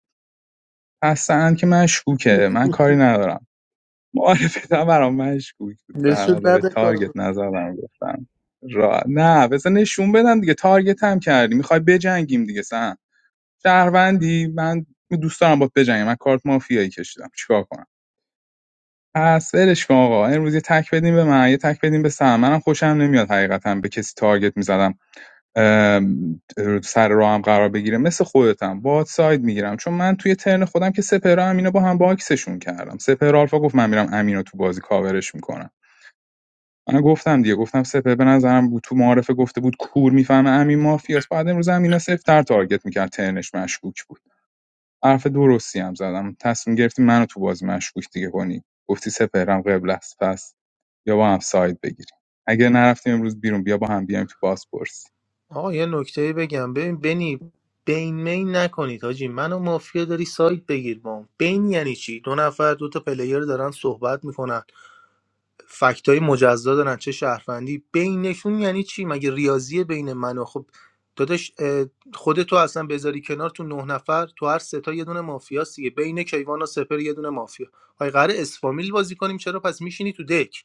Speaker 5: پس سهند که مشکوکه من کاری ندارم معارفتم برام مشکوک بود سهند
Speaker 9: نشون
Speaker 5: حالا به
Speaker 9: نده کار
Speaker 5: تارگت
Speaker 9: رو.
Speaker 5: نزدم گفتم را نه بزن نشون بدم دیگه تارگت هم کردی میخوای بجنگیم دیگه سهند شهروندی من دوست دارم باهات بجنگم من کارت مافیایی کشیدم چیکار کنم پس ولش کن آقا امروز یه تک بدیم به من یه تک بدیم به سم منم خوشم نمیاد حقیقتا به کسی تارگت میزدم سر راه هم قرار بگیره مثل خودتم باد ساید میگیرم چون من توی ترن خودم که سپهر امینو با هم باکسشون کردم سپهر آلفا گفت من میرم امینو تو بازی کاورش میکنم من گفتم دیگه گفتم سپه به نظرم بود تو معارفه گفته بود کور میفهمه امین مافیاس بعد امروز امینو سفتر تارگت میکرد ترنش مشکوک بود حرف درستی هم زدم تصمیم گرفتی منو تو بازی مشکوک دیگه کنی گفتی سپهرم قبل است پس یا با هم ساید بگیریم اگر نرفتیم امروز بیرون بیا با هم بیایم تو بازپرسی
Speaker 7: آقا یه نکته بگم ببین بنی بین مین نکنید حاجی منو مافیا داری سایت بگیر با هم. بین یعنی چی دو نفر دو تا پلیر دارن صحبت میکنن فکتای مجزا دارن چه شهروندی بینشون یعنی چی مگه ریاضی بین من و خب داداش اه، خودتو اصلا بذاری کنار تو نه نفر تو هر سه تا یه دونه مافیاست دیگه بین کیوان و سپر یه دونه مافیا آی قراره اسفامیل بازی کنیم چرا پس میشینی تو دک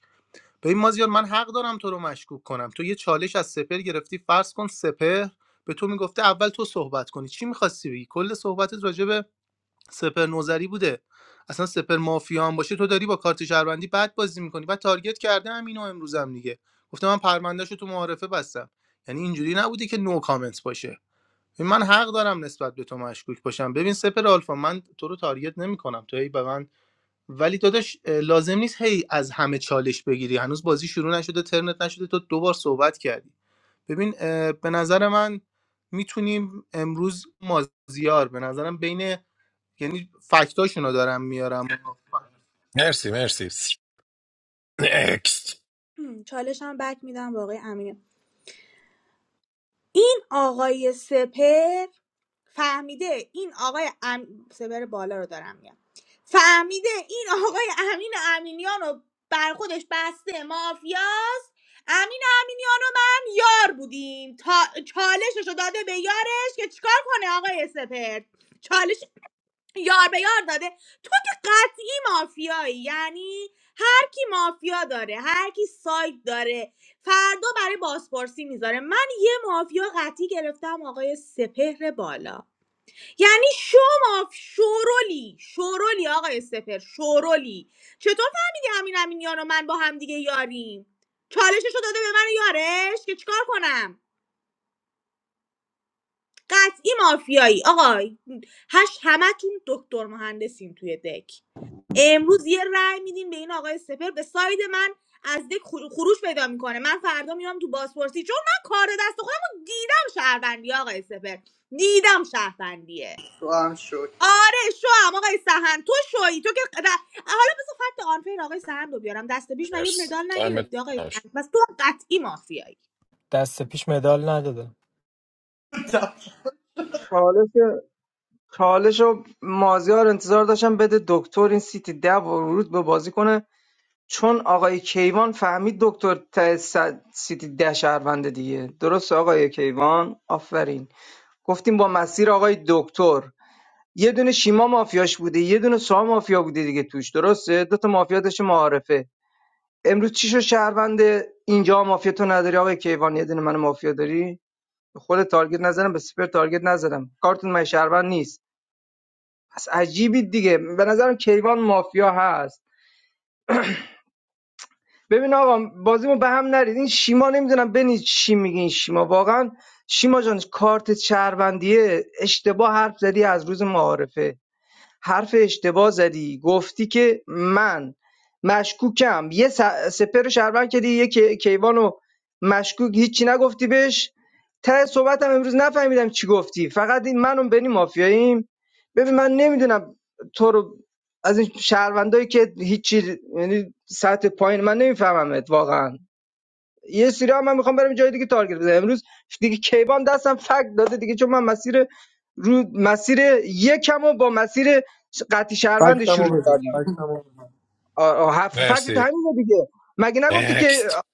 Speaker 7: ببین مازیار من حق دارم تو رو مشکوک کنم تو یه چالش از سپر گرفتی فرض کن سپر به تو میگفته اول تو صحبت کنی چی میخواستی بگی کل صحبتت راجع به سپر نوزری بوده اصلا سپر مافیا هم باشه تو داری با کارت شهروندی بد بازی میکنی و تارگت کرده هم اینو امروزم دیگه گفته من پروندهشو تو معارفه بستم یعنی اینجوری نبوده که نو کامنت باشه ببین، من حق دارم نسبت به تو مشکوک باشم ببین سپر آلفا من تو رو تارگت نمیکنم تو هی به من ولی داداش اه، لازم نیست هی از همه چالش بگیری هنوز بازی شروع نشده ترنت نشده تو دوبار صحبت کردی ببین اه، به نظر من میتونیم امروز مازیار به نظرم بین یعنی فکتاشونو دارم میارم
Speaker 18: مرسی مرسی نکست
Speaker 13: هم، چالش هم بک میدم به آقای امین این آقای سپر فهمیده این آقای ام... سپر بالا رو دارم میگم فهمیده این آقای امین امینیان رو بر خودش بسته مافیاست امین امینیان و من یار بودیم تا چالشش رو داده به یارش که چیکار کنه آقای سپر چالش یار به یار داده تو که قطعی مافیایی یعنی هر کی مافیا داره هر کی سایت داره فردا برای بازپرسی میذاره من یه مافیا قطعی گرفتم آقای سپهر بالا یعنی شو ماف شورولی شورولی آقای سپهر شورولی چطور فهمیدی همین امینیان و من با هم دیگه یاریم چالشش رو داده به من و یارش که چیکار کنم قطعی مافیایی آقای هش همتون دکتر مهندسین توی دک امروز یه رأی میدین به این آقای سپر به ساید من از دک خر- خروج پیدا میکنه من فردا میام تو بازپرسی چون من کار دست خودم دیدم شهروندی آقای سپر دیدم شهروندیه
Speaker 9: تو هم شد
Speaker 13: آره شو هم آقای سهند تو شویی تو که ر- حالا بذار فکت آنفیر آقای سهند رو بیارم دست پیش مگه
Speaker 18: مرسی
Speaker 13: مدال
Speaker 18: تایم
Speaker 13: نگرفتی آقای
Speaker 18: تموم شد.
Speaker 13: سهند بس تو قطعی مافیایی
Speaker 8: دست پیش مدال نداده
Speaker 11: چالش چالش و مازیار انتظار داشتم بده دکتر این سیتی ده ورود به بازی کنه چون آقای کیوان فهمید دکتر ته صد- سیتی ده شهرونده دیگه درست آقای کیوان آفرین گفتیم با مسیر آقای دکتر یه دونه شیما مافیاش بوده یه دونه سام مافیا بوده دیگه توش درسته دو تا مافیا داشته معارفه امروز چی شو شهروند اینجا مافیا تو نداری آقای کیوان یه دونه من مافیا داری به خود تارگت نزدم به سپر تارگت نزدم کارتون من شهروند نیست پس عجیبی دیگه به نظرم کیوان مافیا هست ببین آقا بازیمو به هم نرید این شیما نمیدونم بنی چی میگه این شیما واقعا شیما جان کارت شهروندیه اشتباه حرف زدی از روز معارفه حرف اشتباه زدی گفتی که من مشکوکم یه س- سپر رو شهروند کردی یه کیوانو مشکوک هیچی نگفتی بهش ته صحبتم امروز نفهمیدم چی گفتی فقط این منو بنی مافیاییم ببین من نمیدونم تو رو از این شهروندایی که هیچی یعنی سطح پایین من نمیفهممت واقعا یه سری هم من میخوام برم جای دیگه تارگت بزنم امروز دیگه کیوان دستم فک داده دیگه چون من مسیر رو مسیر یکم و با مسیر قطی شهروند
Speaker 7: فکتمو
Speaker 11: شروع
Speaker 7: بده
Speaker 11: کردم
Speaker 7: فکتمو بده.
Speaker 11: آه، آه، هف- فکت
Speaker 18: مرسی
Speaker 11: همینه دیگه مگه نگفتی که آه،
Speaker 18: نکست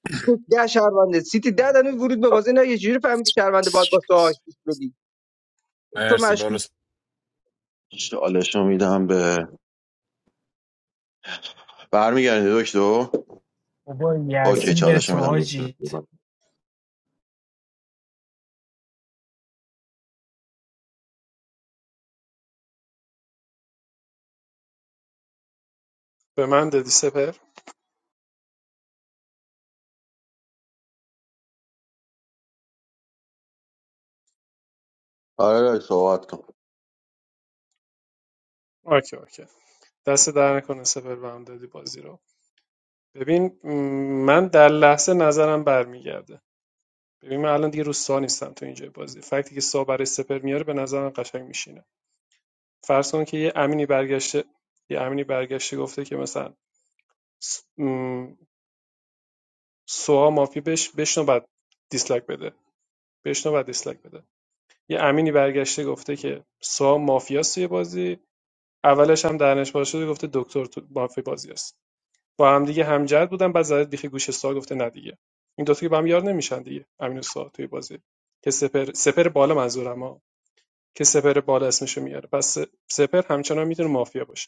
Speaker 11: ده شهرونده سیتی ده دنو ورود به بازی نه یه جوری فهمیدی شهرونده باید با تو آشتیش بدی تو
Speaker 18: مرسی برو
Speaker 11: مشکوک
Speaker 3: چالشو میدم به برمیگردی دکتر
Speaker 8: بابا
Speaker 3: اوکی
Speaker 8: یزید
Speaker 3: چالشو
Speaker 8: تو
Speaker 3: میدم دکتر
Speaker 8: حاجی
Speaker 15: به من دادی سپر
Speaker 3: آره دایی، صحبت کن
Speaker 15: اوکی اوکی دست در نکنه سپر به هم دادی بازی رو ببین من در لحظه نظرم برمیگرده ببین من الان دیگه روستا نیستم تو اینجای بازی فکتی که سا برای سپر میاره به نظرم قشنگ میشینه فرض کن که یه امینی برگشته یه امینی برگشته گفته که مثلا سوها مافی بش بشنو بعد دیسلایک بده بشنو بعد دیسلایک بده یه امینی برگشته گفته که سوها مافیاست توی بازی اولش هم درنش باز شده گفته دکتر تو مافی بازی است با هم دیگه همجد بودن بعد زده دیخ گوش سوها گفته نه دیگه این دوتا که با هم یار نمیشن دیگه امین و سوها توی بازی که سپر سپر بالا منظورم ها که سپر بالا اسمشو میاره پس سپر همچنان میتونه مافیا باشه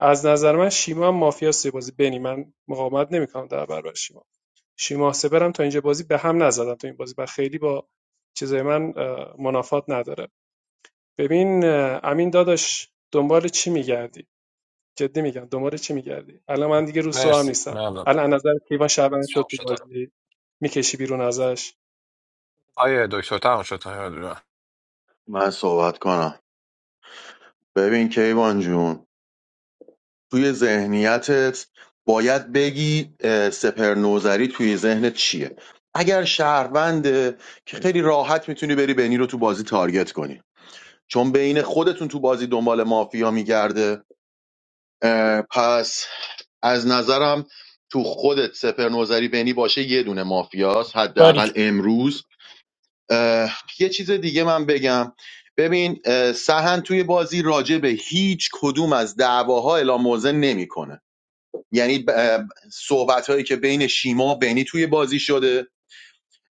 Speaker 15: از نظر من شیما هم مافیاست یه بازی بنی من مقاومت نمیکنم در برابر شیما شیما سپرم تا اینجا بازی به هم نزدن تو این بازی و خیلی با چیزای من منافات نداره ببین امین داداش دنبال چی میگردی جدی میگم دنبال چی میگردی الان من دیگه روسو هم
Speaker 18: مرسی
Speaker 15: نیستم
Speaker 18: ممنون
Speaker 15: الان از نظر کیوان شعبان شد
Speaker 18: تموم
Speaker 15: تو
Speaker 18: شد آره.
Speaker 15: بازی میکشی بیرون ازش
Speaker 18: آیه دکتر تمام شد تایم.
Speaker 3: من صحبت کنم ببین کیوان جون توی ذهنیتت باید بگی سپر نوزری توی ذهنت چیه اگر شهرونده که خیلی راحت میتونی بری بنی رو تو بازی تارگت کنی چون بین خودتون تو بازی دنبال مافیا میگرده پس از نظرم تو خودت سپر نوزری بنی باشه یه دونه مافیاست
Speaker 8: ساری
Speaker 3: حداقل امروز یه چیز دیگه من بگم ببین اه، سهن توی بازی راجع به هیچ کدوم از دعواها اعلام موضع نمیکنه یعنی صحبت که بین شیما و بینی توی بازی شده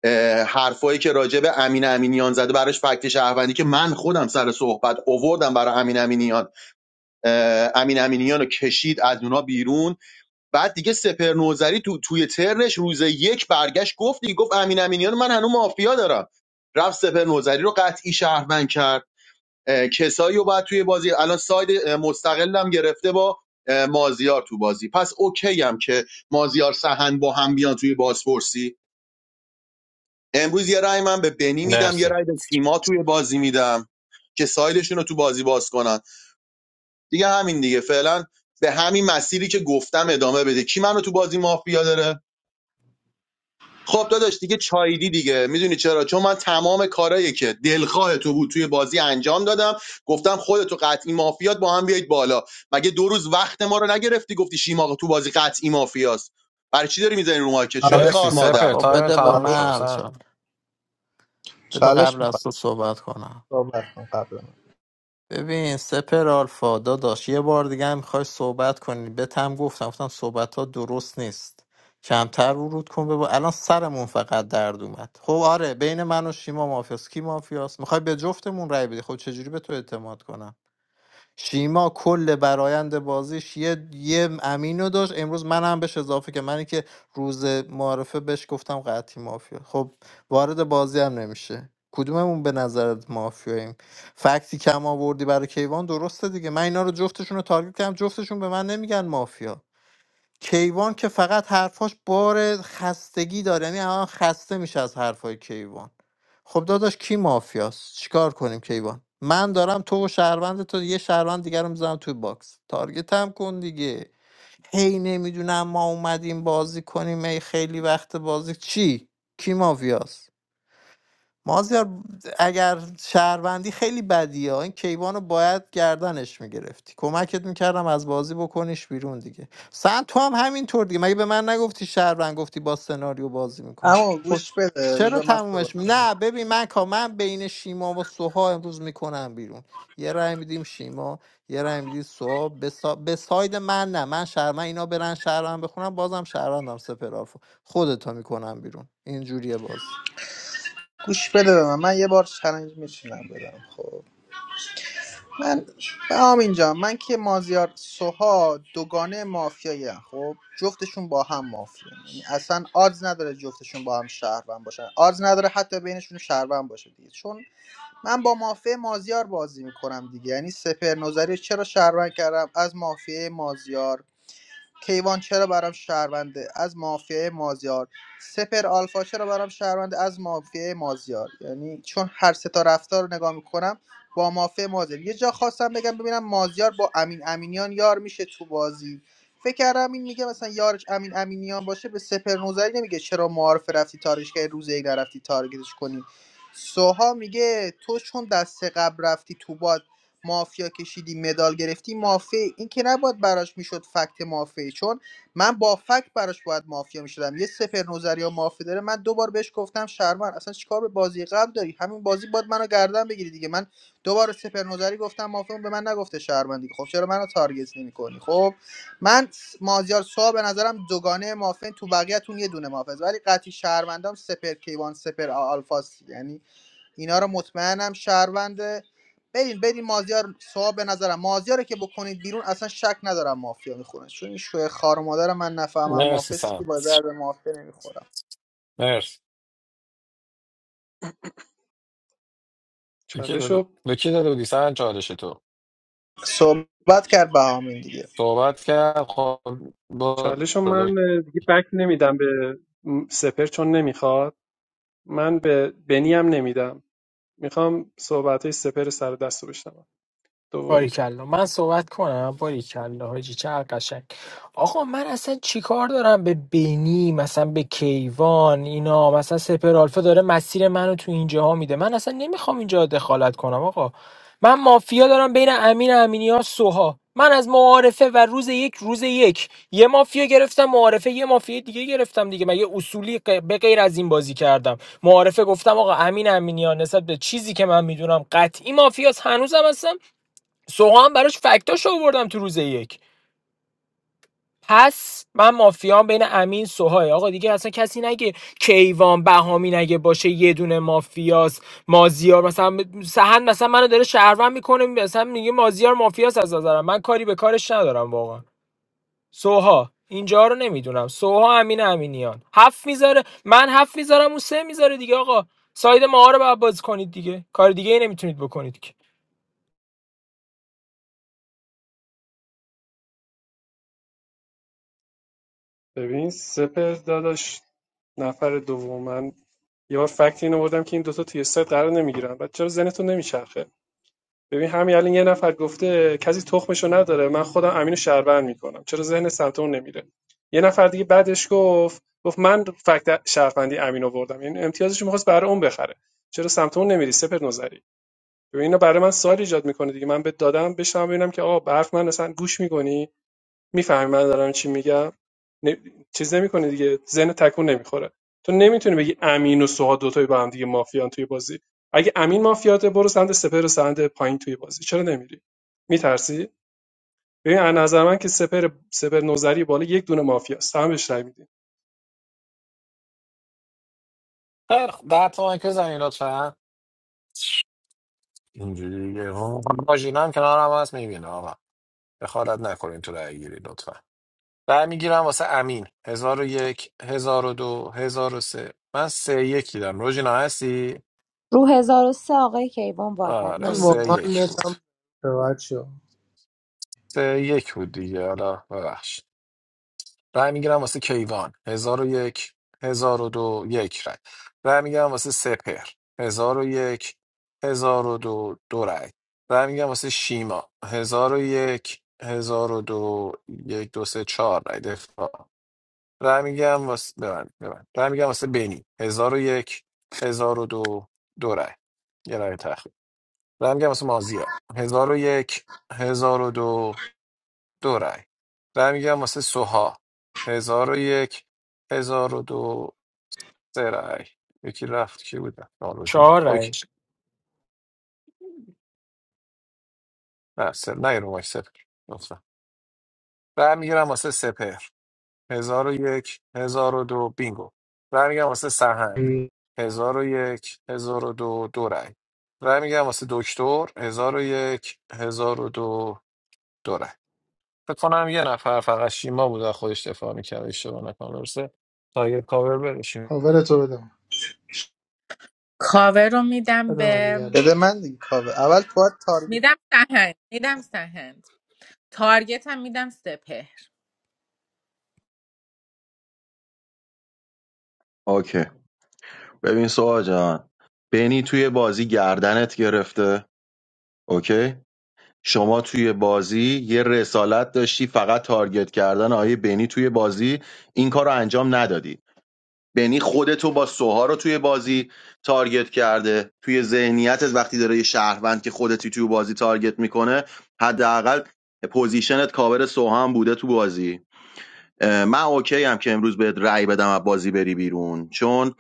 Speaker 3: اه، حرفایی که راجع به امین امینیان زده براش فکت شهروندی که من خودم سر صحبت اووردم برای امین امینیان اه، امین امینیان رو کشید از اونا بیرون بعد دیگه سپر نوزری تو توی ترنش روز یک برگشت گفت دیگه گفت امین امینیان من هنوز مافیا دارم رفت سپر نوزری رو قطعی شهروند کرد اه، کسایی رو باید توی بازی الان ساید مستقلم گرفته با مازیار تو بازی پس اوکی هم که مازیار سهند با هم بیان توی بازپرسی امروز یه رای من به بنی میدم یه
Speaker 18: مرسی
Speaker 3: رای به تیما توی بازی میدم که سایدشون رو تو بازی باز کنن دیگه همین دیگه فعلا به همین مسیری که گفتم ادامه بده کی منو تو بازی مافیا داره خب داداش دیگه چایدی دیگه میدونی چرا چون من تمام کارایی که دلخواه تو بود توی بازی انجام دادم گفتم خودتو قطعی مافیات با هم بیایید بالا مگه دو روز وقت ما رو نگرفتی گفتی شیما تو بازی قطعی مافیاست برای چی داری میزنی رو مارکت شوی
Speaker 18: مرسی
Speaker 9: چالش
Speaker 3: خار
Speaker 9: میخواد
Speaker 18: سپر
Speaker 3: مادر
Speaker 1: خب
Speaker 18: تایم
Speaker 1: بده به
Speaker 18: تمام شد
Speaker 9: چالش
Speaker 1: من
Speaker 18: سن
Speaker 1: چون بده
Speaker 9: چالش
Speaker 1: قبل
Speaker 9: میخواد
Speaker 1: از تو صحبت کنم
Speaker 9: صحبت کن قبل من
Speaker 1: ببین سپر آلفا داداش یه بار دیگه هم میخوای صحبت کنی بهت هم گفتم گفتم صحبت ها درست نیست کمتر ورود کن ببا الان سرمون فقط درد اومد خب آره بین من و شیما مافیاس کی مافیاس میخوای به جفتمون رای بدی خب چجوری به تو اعتماد کنم شیما کل برایند بازیش یه یه امینو داشت امروز منم بهش اضافه که منی که روز معارفه بهش گفتم قطعی مافیا خب وارد بازی هم نمیشه کدوممون به نظرت مافیاییم فکتی کم آوردی برای کیوان درسته دیگه من اینا رو جفتشون رو تارگت کردم جفتشون به من نمیگن مافیا کیوان که فقط حرفاش بار خستگی داره یعنی الان خسته میشه از حرفای کیوان خب داداش کی مافیاست چیکار کنیم کیوان من دارم تو و شهروند تو یه شهروند دیگر رو میزنم توی باکس تارگت هم کن دیگه هی نمیدونم ما اومدیم بازی کنیم ای خیلی وقت بازی چی کی مافیاست مازیار اگر شهروندی خیلی بدیه این کیوان رو باید گردنش میگرفتی کمکت میکردم از بازی بکنیش بیرون دیگه سن تو هم همینطور دیگه مگه به من نگفتی شهروند گفتی با سناریو بازی میکنی
Speaker 9: اما
Speaker 1: خب
Speaker 9: گوش بده
Speaker 1: چرا
Speaker 9: بذار من صحبت
Speaker 1: تمومش می-
Speaker 9: کنم.
Speaker 1: نه ببین من کا من بین شیما و سوها امروز میکنم بیرون یه رای میدیم شیما یه رای میدیم سوها به, سا... به ساید من نه من شهر من اینا برن شهروند بخونم بازم شهروندم سپرالفو خودتا میکنم بیرون اینجوریه بازی
Speaker 9: گوش بده به من من یه بار چالش میچینم بدم خب من هم اینجا من که مازیار سوها دوگانه مافیایی خب جفتشون با هم مافیا یعنی اصلا آدز نداره جفتشون با هم شهروند باشن آدز نداره حتی بینشون شهروند باشه دیگه چون من با مافیا مازیار بازی میکنم دیگه یعنی سپر نظری رو چرا شهروند کردم از مافیا مازیار کیوان چرا برام شهرونده از مافیای مازیار سپر آلفا چرا برام شهرونده از مافیای مازیار یعنی چون هر سه تا رفتار رو نگاه میکنم با مافیای مازیار یه جا خواستم بگم ببینم مازیار با امین امینیان یار میشه تو بازی فکر کردم این میگه مثلا یارش امین امینیان باشه به سپر نوزری نمیگه چرا معارف رفتی تارش که روزی ای نرفتی تارگتش کنی سوها میگه تو چون دست قبل رفتی تو با مافیا کشیدی مدال گرفتی مافی این که نباید براش میشد فکت مافی چون من با فکت براش باید مافیا میشدم یه سپر نظری یا مافی داره من دوبار بار بهش گفتم شرمن اصلا چیکار به بازی قبل داری همین بازی باید منو گردن بگیری دیگه من دوباره سپر نظری گفتم مافی اون به من نگفته شرمن دیگه خب چرا منو تارگت نمیکنی خب من س- مازیار سوا به نظرم دوگانه مافین تو بقیه‌تون یه دونه مافز ولی قطعی شهروندام سپر کیوان سپر آلفاس یعنی اینا رو مطمئنم شهرونده برین برین مازیار صاحب به نظرم مازیار که بکنید بیرون اصلا شک ندارم مافیا میخونه چون این شوه خار مادر من نفهمم
Speaker 18: مرسی
Speaker 9: مافیا سی
Speaker 18: سن
Speaker 9: با درد مافیا نمیخورم
Speaker 18: مرسی به کی داده
Speaker 15: چالشو
Speaker 18: به کی داده بودی سن چالش تو
Speaker 9: صحبت کرد بهامین دیگه
Speaker 18: صحبت کرد خب برو
Speaker 15: چالشو من اه، دیگه بک نمیدم به م، سپر چون نمیخواد من به بنی هم نمیدم میخوام صحبت های سپر سر دست رو بشنوم دومی رو
Speaker 8: باریکلا من صحبت کنم باریکلا حاجی چقدر قشنگ آقا من اصلا چیکار دارم به بینی مثلا به کیوان اینا مثلا سپرالفا داره مسیر منو تو اینجاها میده من اصلا نمیخوام اینجا دخالت کنم آقا من مافیا دارم بین امین امینی ها سوها من از معارفه و روز یک روز یک یه مافیا گرفتم معارفه یه مافیا دیگه گرفتم دیگه مگه اصولی غ- به غیر از این بازی کردم معارفه گفتم آقا امین امینیان نسبت به چیزی که من میدونم قطعی مافیاس هنوزم هستم سوها هم براش فکتاشو آوردم تو روز یک پس من مافیام بین امین سوهای آقا دیگه اصلا کسی نگه کیوان بهامی نگه باشه یه دونه مافیاس مازیار مثلا سهند مثلا منو داره شهروند میکنه مثلا میگه مازیار مافیاس از نظرم من کاری به کارش ندارم واقعا سوها اینجا رو نمیدونم سوها امین امینیان هفت میذاره من هفت میذارم اون سه میذاره دیگه آقا ساید ما رو باید باز کنید دیگه کار دیگه ای نمیتونید بکنید که
Speaker 15: ببین سپر داداش نفر دوم من یه بار فکت اینو بردم که این دوتا توی سایت قرار نمیگیرن بعد چرا ذهنتون نمیچرخه ببین همین الان یه نفر گفته کسی تخمشو نداره من خودم امینو شهروند میکنم چرا ذهن سمت اون نمیره یه نفر دیگه بعدش گفت گفت من فکت شهروندی امینو آوردم یعنی امتیازش میخواست برای اون بخره چرا سمت اون نمیری سپر نظری ببین اینا برای من سوال ایجاد میکنه دیگه من بهت دادم بشم ببینم که آقا برف من اصلا گوش میکنی میفهمی من دارم چی میگم نه... چیز نمیکنه دیگه ذهن تکون نمیخوره تو نمیتونی بگی امین و سوها دوتایی با هم دیگه مافیان توی بازی اگه امین مافیاته برو سمت سپر و سمت پایین توی بازی چرا نمیری میترسی ببین از نظر من که سپر سپر نوزری بالا یک دونه مافیاست هم بهش رای میدی
Speaker 18: دکتر ده تومن که زنی لطفا اینجوری دیگه ها. ماژینا هم کنار هم هست میبینه آقا بخارت نکنین تو رای گیری لطفا رای میگیرم واسه امین هزار و یک هزار و دو هزار و سه من سه یک دیدم روژینا هستی؟
Speaker 17: رو 1003 آقای کیوان واکد
Speaker 18: آره
Speaker 7: من
Speaker 18: سه
Speaker 17: نمیدونم
Speaker 7: واقعا
Speaker 18: یک بود
Speaker 7: نتم به بچه
Speaker 18: سه یک بود دیگه حالا ببخش رای میگیرم واسه کیوان هزار و یک هزار و دو یک رای رای میگیرم واسه سپر هزار و یک هزار و دو دو رای رای میگیرم واسه شیما هزار و یک هزار و دو یک دو سه چهار رای دفاع رای میگیرم واسه ببند ببند رای میگیرم واسه بنی هزار و یک هزار و دو دو رای یه رای تخریب رای میگیرم واسه مازیا هزار و یک هزار و دو دو رای رای میگم واسه سوها هزار و یک هزار و دو سه رای یکی رفت کی بود نالوجی نبود
Speaker 8: چهار رای
Speaker 18: اوکی نه سر نه رو ماش سپر لطفا رای میگیرم واسه سپر هزار و یک هزار و دو بینگو رای میگم واسه سهند هزار و یک هزار و دو دو رای رای میگم واسه دکتر هزار و یک هزار و دو دو رای فکر کنم یه نفر فقط شیما بود از خودش دفاع میکرد اشتباه نکنم درسته تایر کاور برشیم
Speaker 7: کاور تو بدم
Speaker 16: کاور رو میدم
Speaker 7: بدم علی
Speaker 16: به
Speaker 7: گره
Speaker 9: بده من دیگه کاوه اول تو باید تارگت
Speaker 16: میدم سهند میدم سهند تارگت هم میدم سپهر
Speaker 3: اوکی ببین سوها جان بنی توی بازی گردنت گرفته اوکی شما توی بازی یه رسالت داشتی فقط تارگت کردن آیه بنی توی بازی این کار رو انجام ندادی بنی خودتو با سوها رو توی بازی تارگت کرده توی ذهنیتت وقتی داره یه شهروند که خودتی توی بازی تارگت میکنه حداقل پوزیشنت کاور سوها هم بوده تو بازی اه، من اوکی هم که امروز بهت رأی بدم از بازی بری بیرون چون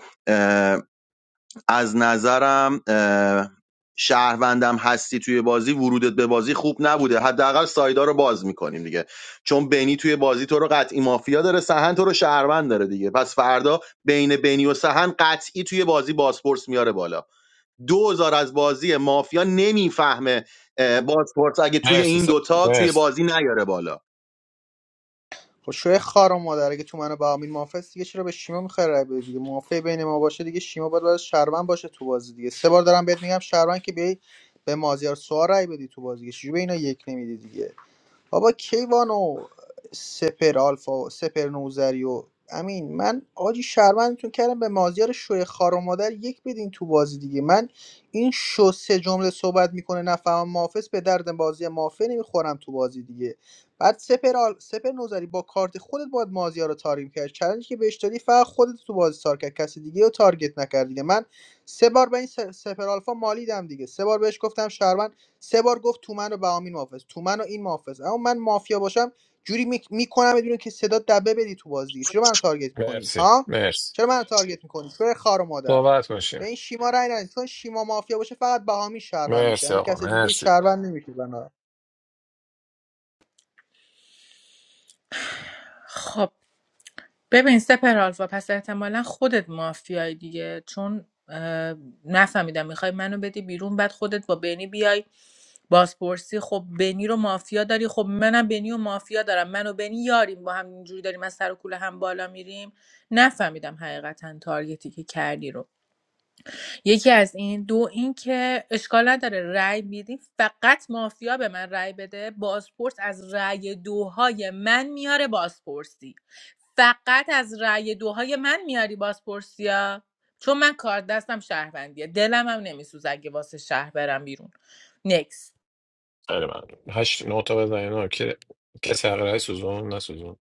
Speaker 3: از نظرم اه، شهروندم هستی توی بازی ورودت به بازی خوب نبوده حداقل سایدا رو باز میکنیم دیگه چون بنی توی بازی تو رو قطعی مافیا داره سهن تو رو شهروند داره دیگه پس فردا بین بینی و سهن قطعی توی بازی بازپرس میاره بالا دوزار از بازی مافیا نمیفهمه اه، بازپرس اگه توی
Speaker 18: مرسی
Speaker 3: این
Speaker 18: سا.
Speaker 3: دوتا توی
Speaker 18: مرسی
Speaker 3: بازی نیاره بالا
Speaker 9: خب شوه خار مادر اگه تو من و بهامین مافیا دیگه چرا به شیما میخوای رای بدی دیگه مافیا بین ما باشه دیگه شیما باید باید شهروند باشه تو بازی دیگه سه بار دارم بهت میگم شهروند که بیای به مازیار سوار رای بدی تو بازی دیگه. چجوری به اینا یک نمیدی دیگه بابا کیوان و سپر آلفا و سپر نوزری و امین من آجی شرمندتون کردم به مازیار شوی خار و مادر یک بدین تو بازی دیگه من این شو سه جمله صحبت میکنه نفهمم محافظ به درد بازی مافه نمیخورم تو بازی دیگه بعد سپر, آل... سپر نوزری با کارت خودت باید مازیار رو تاریم کرد چلنجی که بهش دادی فقط خودت تو بازی تار کرد کسی دیگه رو تارگت نکرد دیگه من سه بار به این س- سپر آلفا مالیدم دیگه سه بار بهش گفتم شهروند سه بار گفت تومن و بهامین محافظ تومن و این محافظ اما من مافیا باشم جوری میک- میکنم بدون که صدا دبه بدی تو بازی دیگه چرا منو تارگت کنی
Speaker 18: مرسی
Speaker 9: ها
Speaker 18: مرسی
Speaker 9: چرا منو تارگت میکنی شوی خار و مادر
Speaker 18: صحبت
Speaker 9: به
Speaker 18: باشه
Speaker 9: این شیما رای ندید چون شیما مافیا باشه فقط بهامین شهروند میشه
Speaker 18: مرسی
Speaker 9: یعنی
Speaker 18: آقا
Speaker 9: کس دیگه
Speaker 18: مرسی
Speaker 9: شهروند نمیشه بنا
Speaker 16: خب ببین سپر آلفا پس احتمالا خودت مافیای دیگه چون اه، نفهمیدم میخوای منو بدی بیرون بعد خودت با بنی بیای بازپرسی خب بنی رو مافیا داری خب منم بنی و مافیا دارم من و بنی یاریم با هم اینجوری داریم از سر و کوله هم بالا میریم نفهمیدم حقیقتا تارگتی که کردی رو یکی از این دو اینکه اشکال نداره رأی میدی فقط مافیا به من رأی بده بازپرس از رأی دوهای من میاره بازپرسی فقط از رأی دوهای من میاری بازپرسی ها چون من کار دستم شهروندیه دلم هم نمیسوز اگه واسه شهر برم بیرون نکس
Speaker 18: خیلی ممنون هشت نوتا بزنین آقا که کسی حق رأی سوزون نسوزون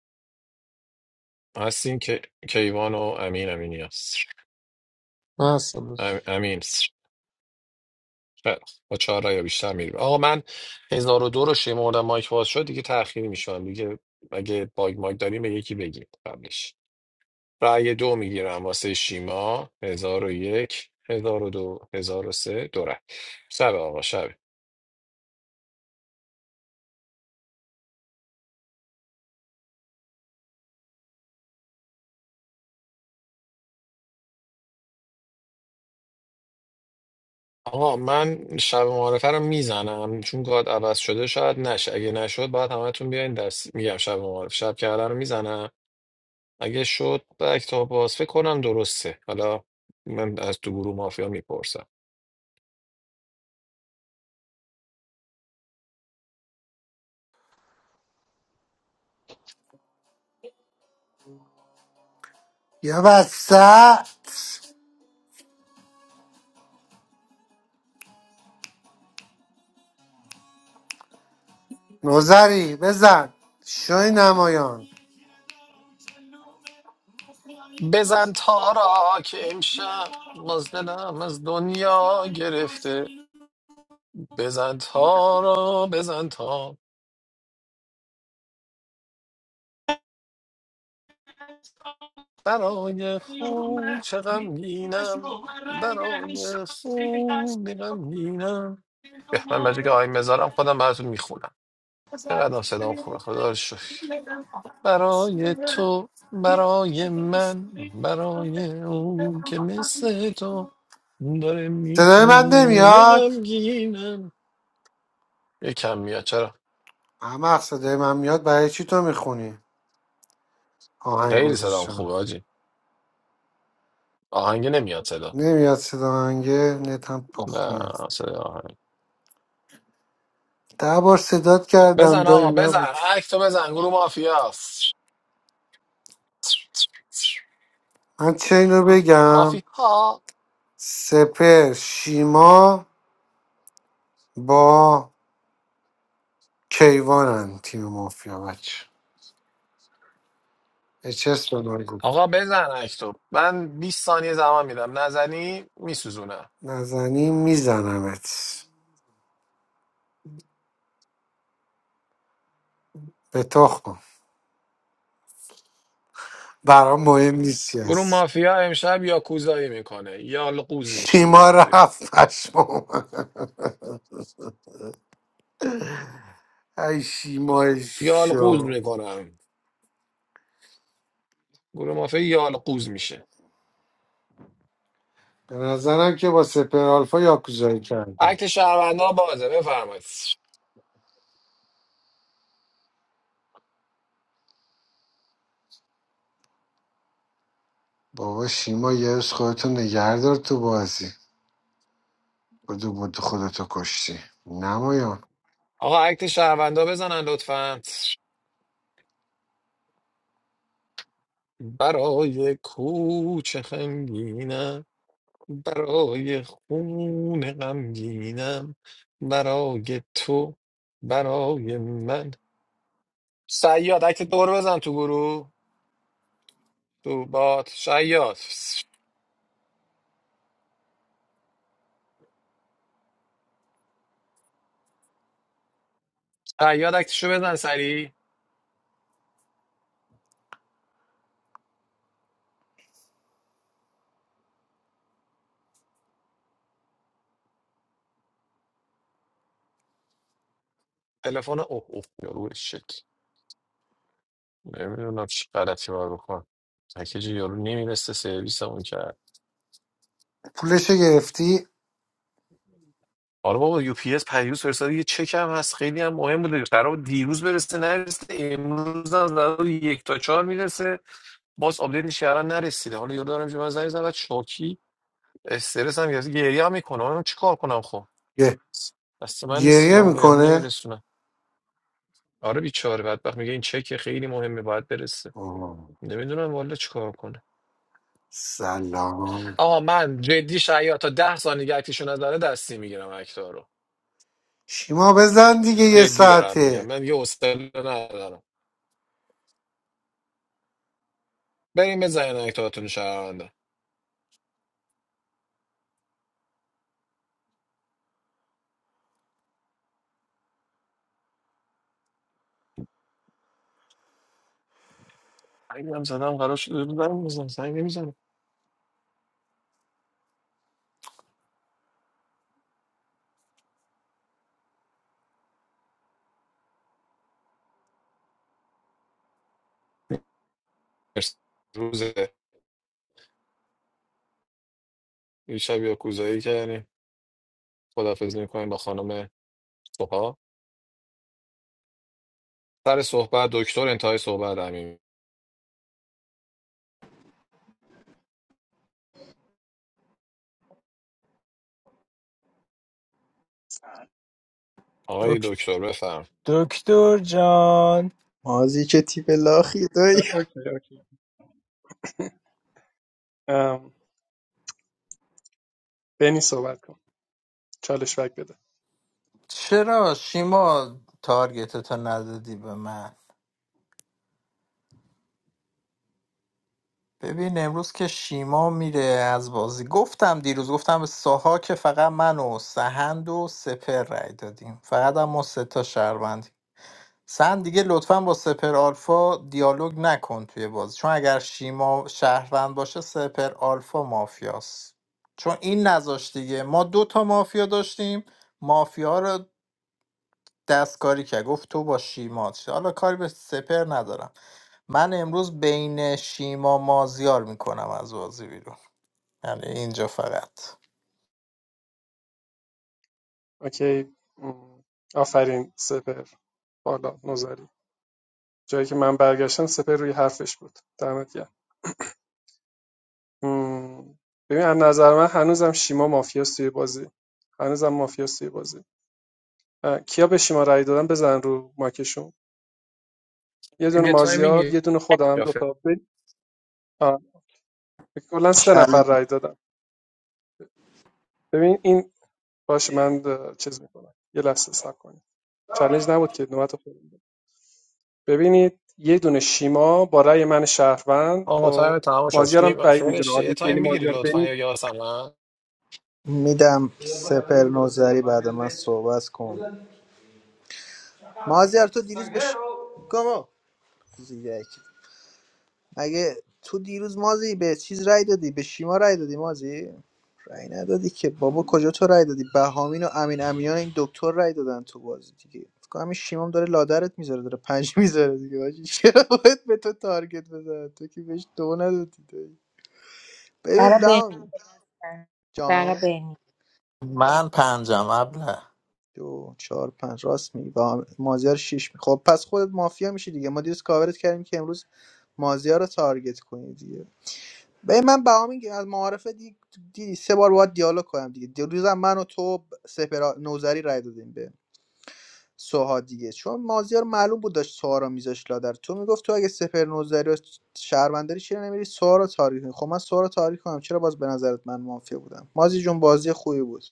Speaker 18: هستین که کیوان و امین امینی هست
Speaker 7: من هستم داداش.
Speaker 18: ام- امین است. خیلی خوب. با چهار رأی یا بیشتر میریم آقا من هزار و دو رو شمردم مایک باز شد دیگه تأخیر میشم دیگه اگه باگ مایک داریم به یکی بگیم قبلش رأی دو میگیرم واسه شیما هزار و یک هزار و دو هزار و سه دو رأی. شب آقا شب آقا من شب معارفه رو میزنم چون گاد عوض شده شاید نشه اگه نشد باید همتون بیاین دست میگم شب معارفه شب کردن رو میزنم اگه شد بک تا باز فکر کنم درسته حالا من از تو گروه مافیا میپرسم
Speaker 2: یا بسته نوزری بزن شوی نمایان
Speaker 18: بزن تارا که امشب باز دلم از دنیا گرفته بزن تارا بزن تا برای خون چه غمگینم برای خون غمگینم به من مجید آهنگ بذارم خودم براتون میخونم چقدر صدا خوبه خدا رو شکر برای تو برای من برای اون که مثل تو داره
Speaker 2: صدای من
Speaker 18: میخونه
Speaker 2: نمیاد
Speaker 18: غمگینم یکم میاد چرا
Speaker 2: اما صدای من میاد برای چی تو میخونی آهنگ
Speaker 18: خیلی صدام
Speaker 2: گذاشتم
Speaker 18: خوبه آجی آهنگ نمیاد صدا
Speaker 2: نمیاد صدا آهنگه نتم
Speaker 18: نه
Speaker 2: تخمیه
Speaker 18: صدا آهنگ
Speaker 2: ده بار صدات کردم
Speaker 18: بزن
Speaker 2: داری
Speaker 18: آقا
Speaker 2: نبود
Speaker 18: بزن اکتو بزن گروه مافیا
Speaker 2: من چه اینو بگم
Speaker 18: مافی ها
Speaker 2: سپر شیما با کیوانن تیم مافیا بچه اچس به من گفت
Speaker 18: آقا بزن اکتو من 20 ثانیه زمان میدم نزنی میسوزونم
Speaker 2: نزنی میزنمت به تخم برام مهم نیستی
Speaker 18: گروه
Speaker 2: هست
Speaker 18: مافیا امشب یا کوزایی میکنه یا القوز میشه گروه
Speaker 2: شیما
Speaker 18: مافیا
Speaker 2: رفت پشمام ای شیما
Speaker 18: یا القوز
Speaker 2: شو
Speaker 18: میکنم گروه مافیا یا القوز میشه
Speaker 2: به نظرم که با سپر آلفا یاکوزایی کردی
Speaker 18: اکت شهروندا بازه بفرمایید
Speaker 2: بابا شیما یه روز خودتو نگهدار تو بازی بدو بدو خودتو کشتی نمایان
Speaker 18: آقا اکت شهروندا بزنن لطفا برای کوچه خنگینم برای خون غمگینم برای تو برای من شیاد اکت دور بزن تو گروه تو بات شیاد شیاد اکتشو بزن سری تلفن اوه اوه یارو شک نمیدونم چی غلطی باید بکن اکت یارو نمیرسه سرویس اون
Speaker 2: پولشو گرفتی؟
Speaker 18: آره بابا یو پی اس پیروز فرستاد یه چک هم هست خیلی هم مهم بوده قرار بود دیروز برسه نرسیده امروز هم قرار بود یک تا چهار میرسه باز آپدیتش کردن نرسیده حالا یاد دارم که من زنگ زدم شوکی استرس هم گرفته گریه هم میکنه من چیکار کنم خب
Speaker 2: گه-
Speaker 18: دست من نیست که
Speaker 2: گریه
Speaker 18: اون یارو
Speaker 2: میکنه؟
Speaker 18: نمیرسونه آره بیچاره بدبخت میگه این چک خیلی مهمه باید برسه
Speaker 2: اوه،
Speaker 18: نمیدونم والا چیکار کنه
Speaker 2: سلام
Speaker 18: آها من جدی شاید تا ده ثانیه اکتیشو نزنه دستی میگیرم اکتا رو
Speaker 2: شیما بزن دیگه یه
Speaker 18: جدی دارم
Speaker 2: ساعته
Speaker 18: میگم من یه حوصله ندارم بریم بزنین اکتاتون شهروندا سنگ هم زدم قرار شد روز برم بزنم سنگ نمیزنم روز شب یا کوزایی کردیم خدافزی میکنیم با خانم سوها سر صحبت دکتر انتهای صحبت امین آقای
Speaker 8: دک-
Speaker 18: دکتر بفرم
Speaker 8: دکتر جان
Speaker 9: مازی چه تیپ لاخی دایی
Speaker 15: اوکی اوکی ام، بنی صحبت کن چالش بک بده
Speaker 1: چرا شیما تارگتتو ندادی به من ببین امروز که شیما میره از بازی گفتم دیروز گفتم به ساها که فقط من و سهند و سپر رای دادیم فقط هم ما سه تا شهروندیم سهند دیگه لطفا با سپر آلفا دیالوگ نکن توی بازی چون اگر شیما شهروند باشه سپر آلفا مافیاست چون این نذاشت دیگه ما دو تا مافیا داشتیم مافیا رو دستکاری که گفت تو با شیما چه- حالا کاری به سپر ندارم من امروز بین شیما مازیار میکنم از بازی بیرون یعنی اینجا فقط
Speaker 15: اوکی ام، آفرین سپر بالا نوزری جایی که من برگشتم سپر روی حرفش بود دمت گرم. مم. ببین از نظر من هنوزم شیما مافیاست توی بازی هنوزم مافیاست توی بازی اه، کیا به شیما رأی دادن بزن رو ماکشون یه دونه
Speaker 18: یه تایم
Speaker 15: مازیار
Speaker 18: میگیری
Speaker 15: یه دونه خودم
Speaker 18: یا
Speaker 15: دو
Speaker 18: فر-
Speaker 15: تا ب- آه، کلا سه نفر
Speaker 9: چلنج
Speaker 15: رأی دادن ببین این باشه من اه، چیز میکنم یه لحظه صبر کنید چالش نبود که نوبت خودم بود. ببینید یه دونه شیما با رأی من شهروند
Speaker 18: آقا
Speaker 15: خب
Speaker 18: تایم تمام
Speaker 15: مازیارم
Speaker 18: شاشکی
Speaker 15: بعید میدونه
Speaker 18: فرش یه
Speaker 15: حالی
Speaker 18: تایم
Speaker 15: یعنی
Speaker 18: میگیری
Speaker 15: مازیار بنی
Speaker 18: لطفا یا یاسمن
Speaker 9: میدم سپر نوزری بعد من صحبت کن مازیار تو دیروز بش گمو اگه تو دیروز مازی به چیز رای دادی به شیما رای دادی مازی رای ندادی که بابا کجا تو رای دادی بهامین و امین امینیان این دکتر رای دادن تو بازی دیگه فکر کنم این شیمام داره لادرت میذاره داره پنج میذاره دیگه حاجی چرا باید به تو تارگت بزنه تو که بهش دو ندادی داری
Speaker 16: برا
Speaker 9: ببین
Speaker 16: بنیامین
Speaker 9: بهام
Speaker 16: برای
Speaker 9: جان
Speaker 16: بنیامین.
Speaker 1: من پنجم ابله
Speaker 9: دو چهار پنج راست میگی بهام مازیار شیش می خب پس خودت مافیا میشی دیگه ما دیروز کاورت کردیم که امروز مازیار رو تارگت کنی دیگه به من بها میگه از معارفه دی... دیدی سه بار باید دیالوگ کنم دیگه دیروزم من و تو ب- سپر نوزری رای دادیم به سوها دیگه چون مازیار معلوم بود داشت سوها رو میذاش لادر تو میگفت تو اگه سپر نوزری و شهرمنداری چرا نمیری سوها رو تاریخ کنی؟ خب من سوها رو تاریخ کنم چرا باز به نظرت من مافیا بودم مازی جون بازی خوبی بود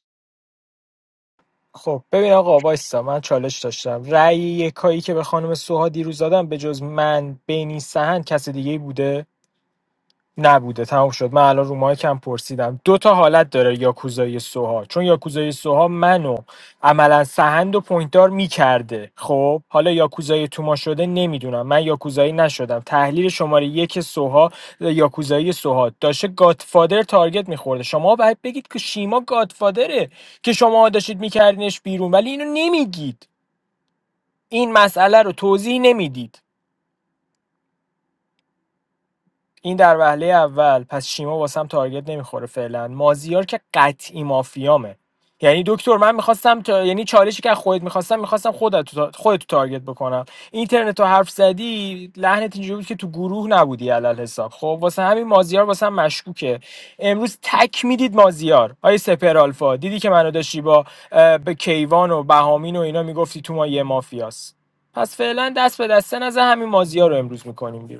Speaker 8: خب ببین آقا وایسا من چالش داشتم رأی یکایی که به خانم سوها دیروز دادم به جز من بینی سهن کس دیگه ای بوده نبوده تموم شد من الان رو مایکم پرسیدم دو تا حالت داره یاکوزای سوها چون یاکوزای سوها منو عملا سهند و پوینتدار میکرده خب حالا یاکوزای توما شده نمیدونم من یاکوزایی نشدم تحلیل شماره یک سوها یاکوزایی سوها داشته گادفادر تارگت میخورده شما باید بگید که شیما گادفادره که شما داشتید میکردینش بیرون ولی اینو نمیگید این مسئله رو توضیح نمیدید این در وهله اول پس شیما واسم تارگت نمیخوره فعلا مازیار که قطعی مافیامه یعنی دکتر من میخواستم تا... یعنی چالشی که از خودت میخواستم میخواستم خودت تو... خودت تو تارگت بکنم اینترنت رو حرف زدی لحنت اینجوری بود که تو گروه نبودی علل حساب خب واسه همین مازیار واسه هم مشکوکه امروز تک میدید مازیار آیه سپر آلفا دیدی که منو داشتی با اه، به کیوان و بهامین و اینا میگفتی تو ما یه مافیاست پس فعلا دست به دسته نزن همین مازیار رو امروز میکنیم بیرون.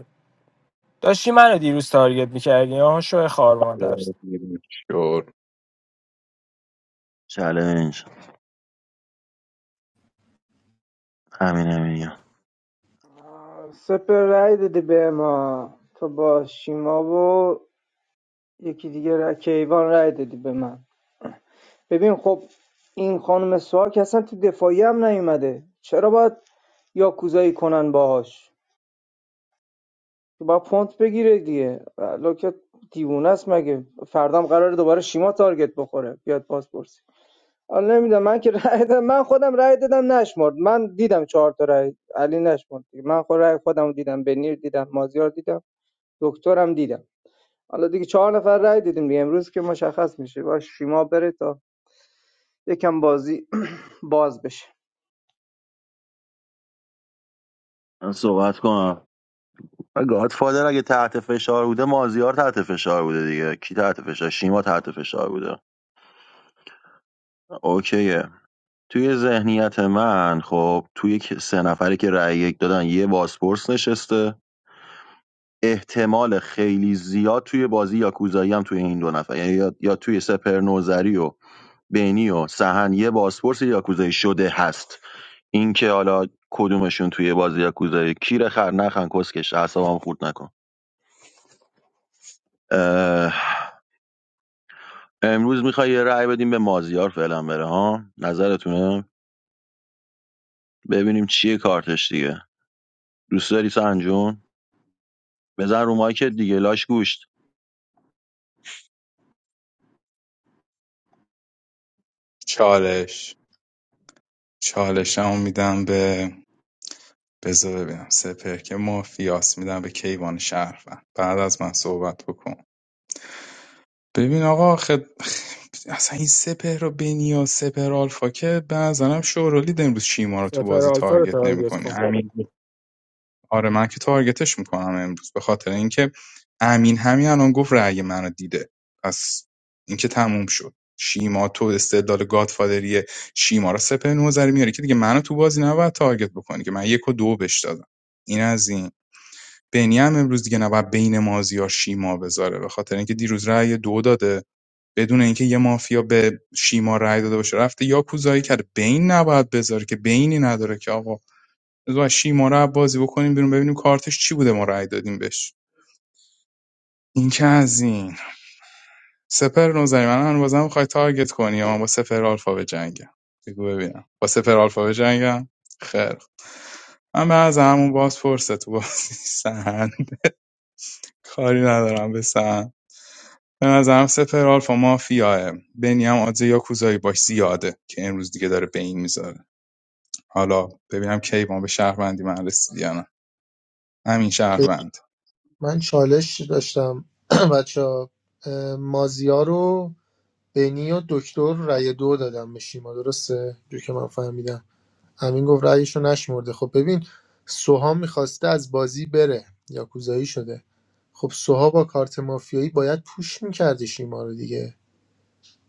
Speaker 8: داشتی منو دیروز تارگت میکردی ها شو خار مادر
Speaker 5: شور
Speaker 3: چلنج همین همین
Speaker 11: سپر رای دادی به ما تو با شیما و یکی دیگه را... کیوان رای دادی به من ببین خب این خانم سوهاک اصلا تو دفاعی هم نیومده چرا باید یاکوزایی کنن باهاش با پونت بگیره دیگه لوکت دیوونه است مگه فردام قراره دوباره شیما تارگت بخوره بیاد پاسپورت حالا نمیدونم من که رأی دادم من خودم رأی دادم نشمرد من دیدم چهار تا رأی علی نشمرد دیگه. من خود رأی خودم دیدم بنیر دیدم مازیار دیدم دکترم دیدم حالا دیگه چهار نفر رأی دیدیم دیگه امروز که مشخص میشه با شیما بره تا یکم بازی باز بشه
Speaker 3: من صحبت کنم و گادفادر اگه تحت فشار بوده مازیار تحت فشار بوده دیگه کی تحت فشار شیما تحت فشار بوده اوکیه توی ذهنیت من خب توی که- سه نفری که رأی یک دادن یه بازپرس نشسته احتمال خیلی زیاد توی بازی یاکوزایی هم توی این دو نفر یعنی یا, یا توی سپر نوزری و بینی و سهن یه بازپرس یاکوزایی شده هست اینکه حالا کدومشون توی بازی یاکوزایی کیره خر نخن کسکش اعصابم خورد نکن اه... امروز میخوای یه رأی بدیم به مازیار فعلا بره ها نظرتونه ببینیم چیه کارتش دیگه دوست داری سنجون بزن رو مایکت دیگه لاش گوشت
Speaker 5: چالش چالش هم میدم به بذار ببینم سپر که مافیاس میدم به کیوان شهروند بعد از من صحبت بکن ببین آقا خد... اصلا این سپهر و بنی و سپر آلفا که به نظرم شورالی امروز شیما رو تو
Speaker 8: سپر
Speaker 5: بازی
Speaker 8: آلفا رو
Speaker 5: تارگت
Speaker 8: تارگت کن
Speaker 5: نمیکنی آره من که تارگتش میکنم امروز به خاطر اینکه امین همین الان گفت رأی منو دیده پس اینکه تموم شد شیما تو استدلال گادفادری شیما رو سپه نوزری میاری که دیگه منو تو بازی نباید تارگت بکنی که من یک و دو بش دادم این از این بنی هم امروز دیگه نباید بین مازیار شیما بذاره به خاطر اینکه دیروز رأی دو داده بدون اینکه یه مافیا به شیما رأی داده باشه رفته یا کوزایی کرده بین نباید بذاره که بینی نداره که آقا بذار از شیما رو بازی بکنیم بیرون ببینیم کارتش چی بوده ما رأی دادیم بهش این که از این سپر نوزری من هم بازم میخوای تارگت کنی یا من با سپر آلفا به جنگم بگو ببینم با سپر آلفا به جنگم خیر من به از همون باز فرصت تو بازی سن کاری ندارم به سن به نظرم سپر آلفا مافیاه بنی هم آدزه یا کوزایی باش زیاده که امروز دیگه داره به میذاره حالا ببینم کی ما به شهروندی من رسید یا نه همین شهروند
Speaker 7: من چالش داشتم بچه مازیا رو بینی و دکتر رأی دو دادم به شیما درسته جو که من فهمیدم همین گفت رأیش رو نشمرده خب ببین سوها میخواسته از بازی بره یاکوزایی شده خب سوها با کارت مافیایی باید پوش میکرده شیما رو دیگه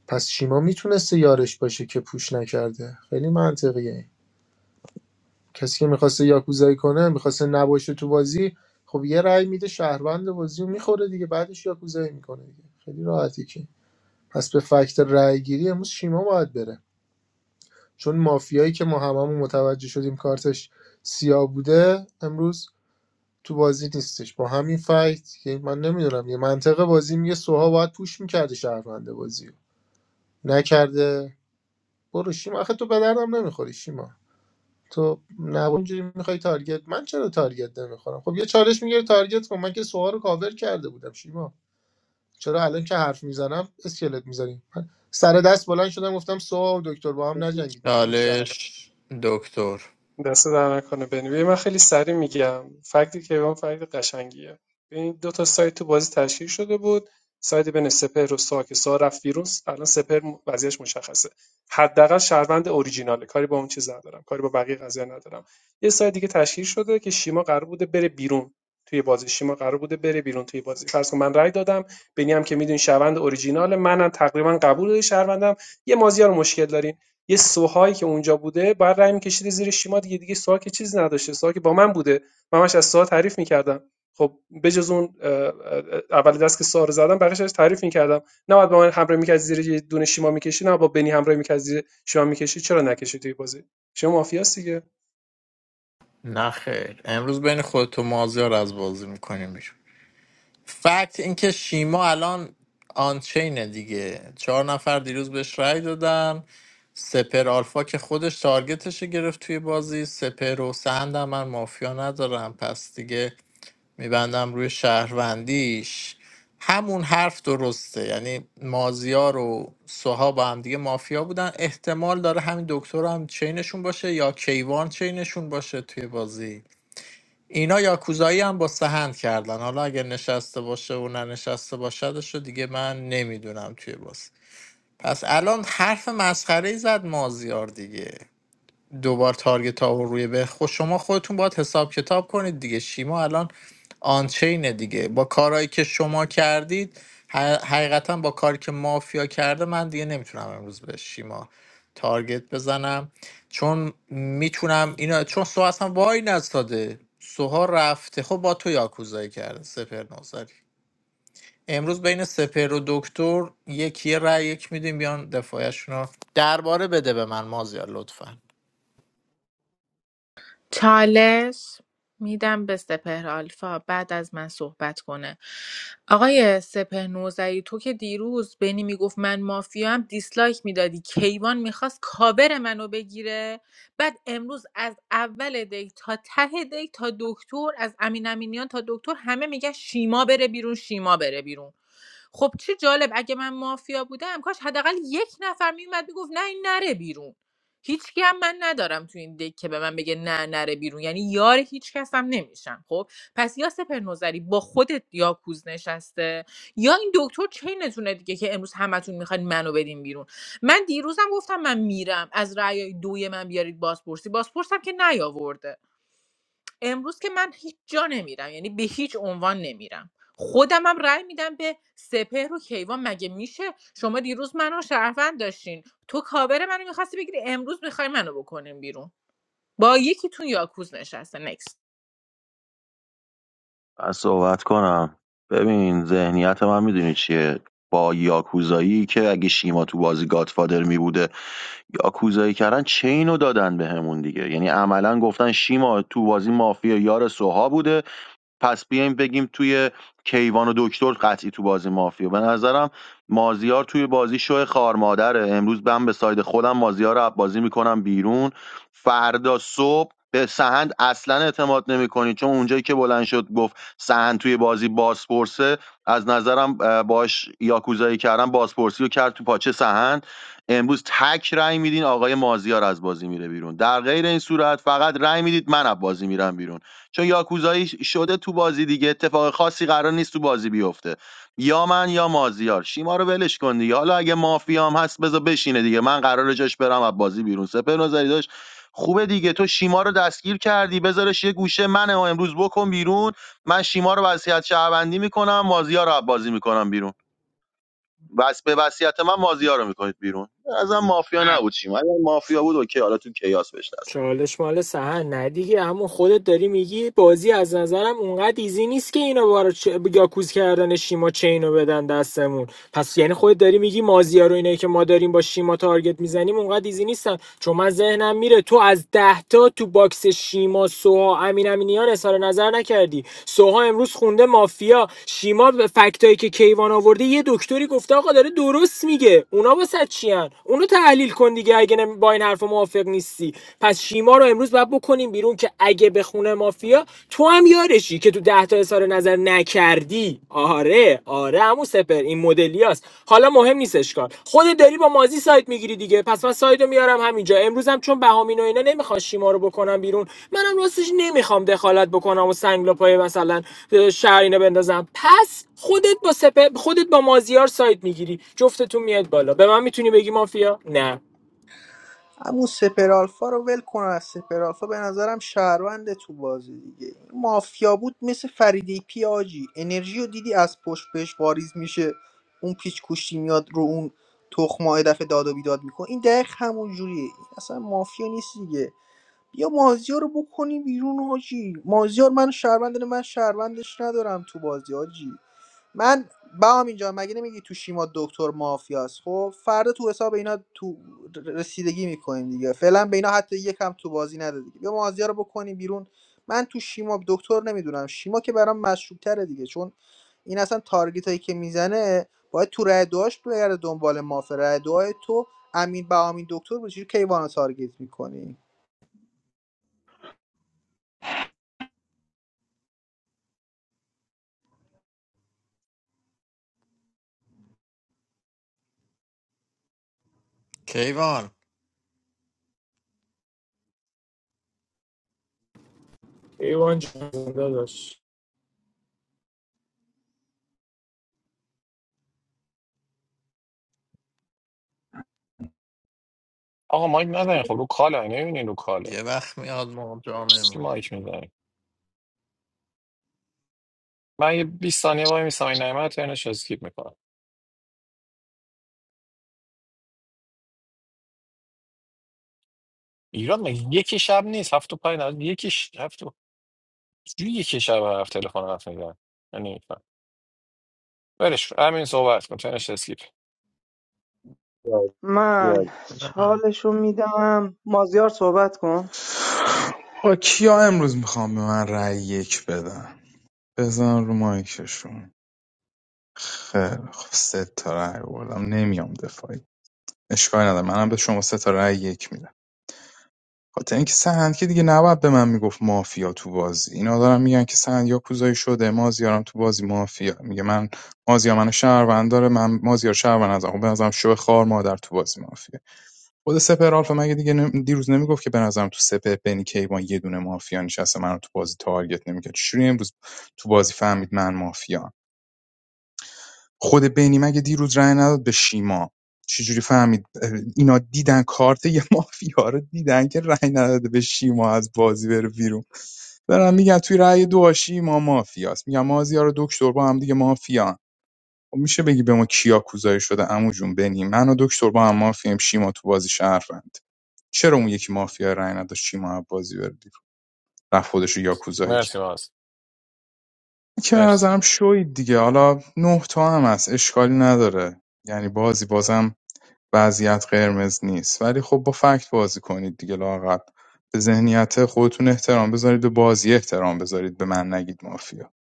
Speaker 7: پس شیما میتونسته یارش باشه که پوش نکرده خیلی منطقیه کسی که میخواسته یاکوزایی کنه میخواسته نباشه تو بازی خب یه رأی میده شهروند بازی رو میخوره دیگه بعدش یاکوزایی میکنه دیگه خیلی راحتی که پس به فکت رأی گیری امروز شیما باید بره چون مافیایی که ما هممون متوجه شدیم کارتش سیاه بوده امروز تو بازی نیستش با همین فکت که من نمیدونم یه منطقه بازی میگه سوها باید پوش میکرده شهروند بازی رو. نکرده برو شیما آخه تو به دردم نمیخوری شیما تو نه اینجوری میخوای تارگت من چرا تارگت نمیخورم خب یه چالش میگیره تارگت کن من که سوها رو کاور کرده بودم شیما چرا الان که حرف میزنم اسکلت میزنیم من سر دست بلند شدم گفتم سوها و دکتر با هم نجنگید میتونید شهر
Speaker 1: چالش دکتر
Speaker 15: دست در نکنه بنی ببین من خیلی سریع میگم فکت کیوان فکت قشنگیه ببین دو تا سایت تو بازی تشکیل شده بود سایت بین سپهر و سا که سا رفت بیرون الان سپهر وضعیتش مشخصه حداقل شهروند اوریجیناله کاری با اون چیز ندارم کاری با بقیه قضیه ندارم یه سایت دیگه تشکیل شده که شیما قرار بوده بره بیرون توی بازی شیما قرار بوده بره بیرون توی بازی فرض کن من رأی دادم بنی هم که میدونی شهروند اوریجینال منم تقریبا قبول داری شهروندم یه مازیار مشکل داریم. یه سوهایی که اونجا بوده بعد رای می‌کشیده زیر شیما دیگه دیگه سوها که چیز نداشته سوها که با من بوده من همش از سوها تعریف می‌کردم خب بجز اون اه، اول دست که سوها رو زدم بقیش ازش تعریف می‌کردم نه بعد با من همراه می‌کرد زیر یه دونه شیما می‌کشی نه با بنی همراه می‌کرد زیر شیما می‌کشی چرا نکشی توی بازی شما مافیاست دیگه
Speaker 1: نه خیر امروز بین خودت و مازیار از بازی میکنیم فکت اینکه شیما الان آنچینه دیگه چهار نفر دیروز بهش رأی دادن سپر آلفا که خودش تارگتش گرفت توی بازی سپر و سهند هم من مافیا ندارم پس دیگه میبندم روی شهروندیش همون حرف درسته یعنی مازیار و سوها با هم دیگه مافیا بودن احتمال داره همین دکتر هم چینشون باشه یا کیوان چینشون باشه توی بازی اینا یاکوزایی هم با سهند کردن حالا اگه نشسته باشه و ننشسته باشدش رو دیگه من نمیدونم توی باز پس الان حرف مسخره ای زد مازیار دیگه دوبار تارگت ها و روی به خود شما خودتون باید حساب کتاب کنید دیگه شیما الان آنچینه دیگه با کارهایی که شما کردید ح- حقیقتا با کاری که مافیا کرده من دیگه نمیتونم امروز به شیما تارگت بزنم چون میتونم اینا چون سو اصلا وای نستاده سوها رفته خب با تو یاکوزایی کرده سپر نوزاری امروز بین سپر و دکتر یکی یه رأی یک میدیم بیان دفاعشون رو درباره بده به من مازیار لطفا
Speaker 16: چالش میدم به سپهر آلفا بعد از من صحبت کنه آقای سپهر نوزعی تو که دیروز بینی میگفت من مافیام دیسلایک میدادی کیوان میخواست کاور منو بگیره بعد امروز از اول دی تا ته دی تا دکتر از امین امینیان تا دکتر همه میگن شیما بره بیرون شیما بره بیرون خب چه جالب اگه من مافیا بودم کاش حداقل یک نفر میومد میگفت نه این نره بیرون هیچکی هم من ندارم تو این دک که به من بگه نه نره بیرون یعنی یار هیچ کس هم نمیشم خب پس یا سپر نظری با خودت یا کوز نشسته یا این دکتر چینتونه دیگه که امروز همتون میخواین منو بدین بیرون من دیروزم گفتم من میرم از رأی دوی من بیارید بازپرسی بازپرسم که نیاورده امروز که من هیچ جا نمیرم یعنی به هیچ عنوان نمیرم خودم هم رأی میدم به سپهر و کیوان مگه میشه شما دیروز منو شهروند داشتین تو کاور منو میخواستی بگیری امروز میخوای منو بکنیم بیرون با یکیتون یاکوز نشسته نکست
Speaker 3: من صحبت کنم ببین ذهنیت من میدونی چیه با یاکوزایی که اگه شیما تو بازی گادفادر میبوده یاکوزایی کردن چینو دادن بهمون دیگه یعنی عملا گفتن شیما تو بازی مافیا یار سوها بوده پس بیایم بگیم توی کیوان و دکتر قطعی تو بازی مافیا به نظرم مازیار توی بازی شو خار مادره امروز من به ساید خودم مازیار رو از بازی میکنم بیرون فردا صبح به سهند اصلا اعتماد نمیکنی چون اونجایی که بلند شد گفت سهند توی بازی بازپرسه از نظرم اه، باش یاکوزایی کردن بازپرسی رو کرد تو پاچه سهند امروز تک رأی میدین آقای مازیار از بازی میره بیرون در غیر این صورت فقط رأی میدید من از بازی میرم بیرون چون یاکوزایی شده تو بازی دیگه اتفاق خاصی قرار نیست تو بازی بیفته یا من یا مازیار شیما رو ولش کن دیگه حالا اگه مافیام هست بذار بشینه دیگه من قراره جاش برم از بازی بیرون سپر نظری داشت خوبه دیگه تو شیما رو دستگیر کردی بذارش یه گوشه من امروز بکن بیرون من شیما رو وصیت شهروندی میکنم مازیار رو از بازی میکنم بیرون بس به وصیت من مازیار رو میکنید بیرون ازم مافیا نبود شیما اگر مافیا بود اوکی حالا تو کیاس بهش دست
Speaker 8: چالش مال سهن نه دیگه همون خودت داری میگی بازی از نظرم اونقدر ایزی نیست که اینا بارا چ... یاکوز کردن شیما چینو بدن دستمون پس یعنی خودت داری میگی مازیا رو اینایی که ما داریم با شیما تارگت میزنیم اونقدر ایزی نیستن چون من ذهنم میره تو از ده تا تو باکس شیما سوها امین امینیان اظهار نظر نکردی سوها امروز خونده مافیا شیما به فکتایی که کیوان آورده یه دکتری گفته آقا داره درست میگه اونا واسه چیان اونو تحلیل کن دیگه اگه نمی- با این حرفا حرف موافق نیستی پس شیما رو امروز باید بکنیم بیرون که اگه به خونه مافیا تو هم یارشی که تو ده تا اظهار نظر نکردی آره آره عمو سپر این مدلیاست حالا مهم نیست اشکال خودت داری با مازی سایت میگیری دیگه پس من سایدو میارم همینجا امروز هم چون بهامین و اینا نمیخواد شیما رو بکنم بیرون منم راستش نمیخوام دخالت بکنم و سنگلا پای مثلا اه، شهر اینا بندازم پس خودت با سپر خودت با مازیار سایت میگیری جفتتون میاد بالا به من میتونی بگی مافیا نه
Speaker 9: همون سپرالفا رو ول کن از سپرالفا به نظرم شهروند تو بازی دیگه این مافیا بود مثل فریدی پی آجی انرژی رو دیدی از پشت بهش واریز میشه اون پیچ کوشتی میاد رو اون تخمه دفعه داد و بیداد میکنه این دقیق همون جوریه این اصلا مافیا نیست دیگه بیا مازیار رو بکنی بیرون حاجی مازیار من شهروند داره، من شهروندش ندارم تو بازی حاجی من با اینجا مگه نمیگی تو شیما دکتر مافیاست خب فردا تو حساب اینا تو رسیدگی میکنیم دیگه فعلا به اینا حتی یکم تو بازی نده دیگه بیا مازیار رو بکنیم بیرون من تو شیما دکتر نمیدونم شیما که برام مشروب تره دیگه چون این اصلا تارگیت هایی که میزنه باید تو رای دوهاش بگرده دنبال مافیا رای دوهای تو امین بهامین دکتر بود چجوری کیوان رو تارگت میکنی
Speaker 1: کیوان
Speaker 8: ایوان جان داداش
Speaker 18: آقا مایک نزنین خب رو کاله نمیبینین رو کاله
Speaker 1: یه وقت میاد ما جا
Speaker 18: سی
Speaker 1: میمونیم
Speaker 18: مایک میزنین من یه 20 ثانیه وای میسم این نعمت رو اسکیپ میکنم ایران مگه یکی شب نیست هفت و پنج نهار. یکی شب چجوری یک شب هفت تلفن حرف میزنه من نمیفهم ولش کن. همین صحبت کن تنش اسکیپ
Speaker 3: ندید.
Speaker 11: من
Speaker 1: بده من
Speaker 11: چالشو میدم مازیار صحبت کن
Speaker 5: با کیا امروز میخوام به من رأی یک بدن بزن رو مایکشون خیلی خب سه تا رأی بردم نمیام دفاعی اشکال نداره منم به شما سه تا رأی یک میدم خاطر اینکه سهند که دیگه نباید به من میگفت مافیا تو بازی اینا دارن میگن که سهند یا کوزایی شده مازیارم تو بازی مافیا میگه من مازیار منو شهروند داره من مازیار شهروند ازم خب به نظرم شو خار مادر تو بازی مافیا خود سپر آلفا مگه دیگه نم- دیروز نمیگفت که به نظرم تو سپهر بنی کیوان یه دونه مافیا نشسته من تو بازی تارگت نمیکرد چجوری امروز تو بازی فهمید من مافیا خود بنی مگه دیروز رأی نداد به شیما چجوری فهمید اه، اینا دیدن کارت یه مافیا رو دیدن که رأی نداده به شیما از بازی بره بیرون برم میگن توی رأی دو شیما مافیاست میگم مازیار و دکتر با هم دیگه مافیان خب میشه بگی به ما کیا کوزایی شده عمو جون بنی من و دکتر با هم مافیم شیما تو بازی شهروند چرا اون یکی مافیا رأی نداشت شیما عباسی بره بیرون رفت خودش رو یاکوزایی
Speaker 18: مرسی
Speaker 5: کرد
Speaker 18: ماز
Speaker 5: که
Speaker 18: مرسی
Speaker 5: ازم شوید دیگه حالا نه تا هم هست اشکالی نداره یعنی بازی بازم وضعیت قرمز نیست ولی خب با فکت بازی کنید دیگه لااقل به ذهنیت خودتون احترام بذارید به بازی احترام بذارید به من نگید مافیا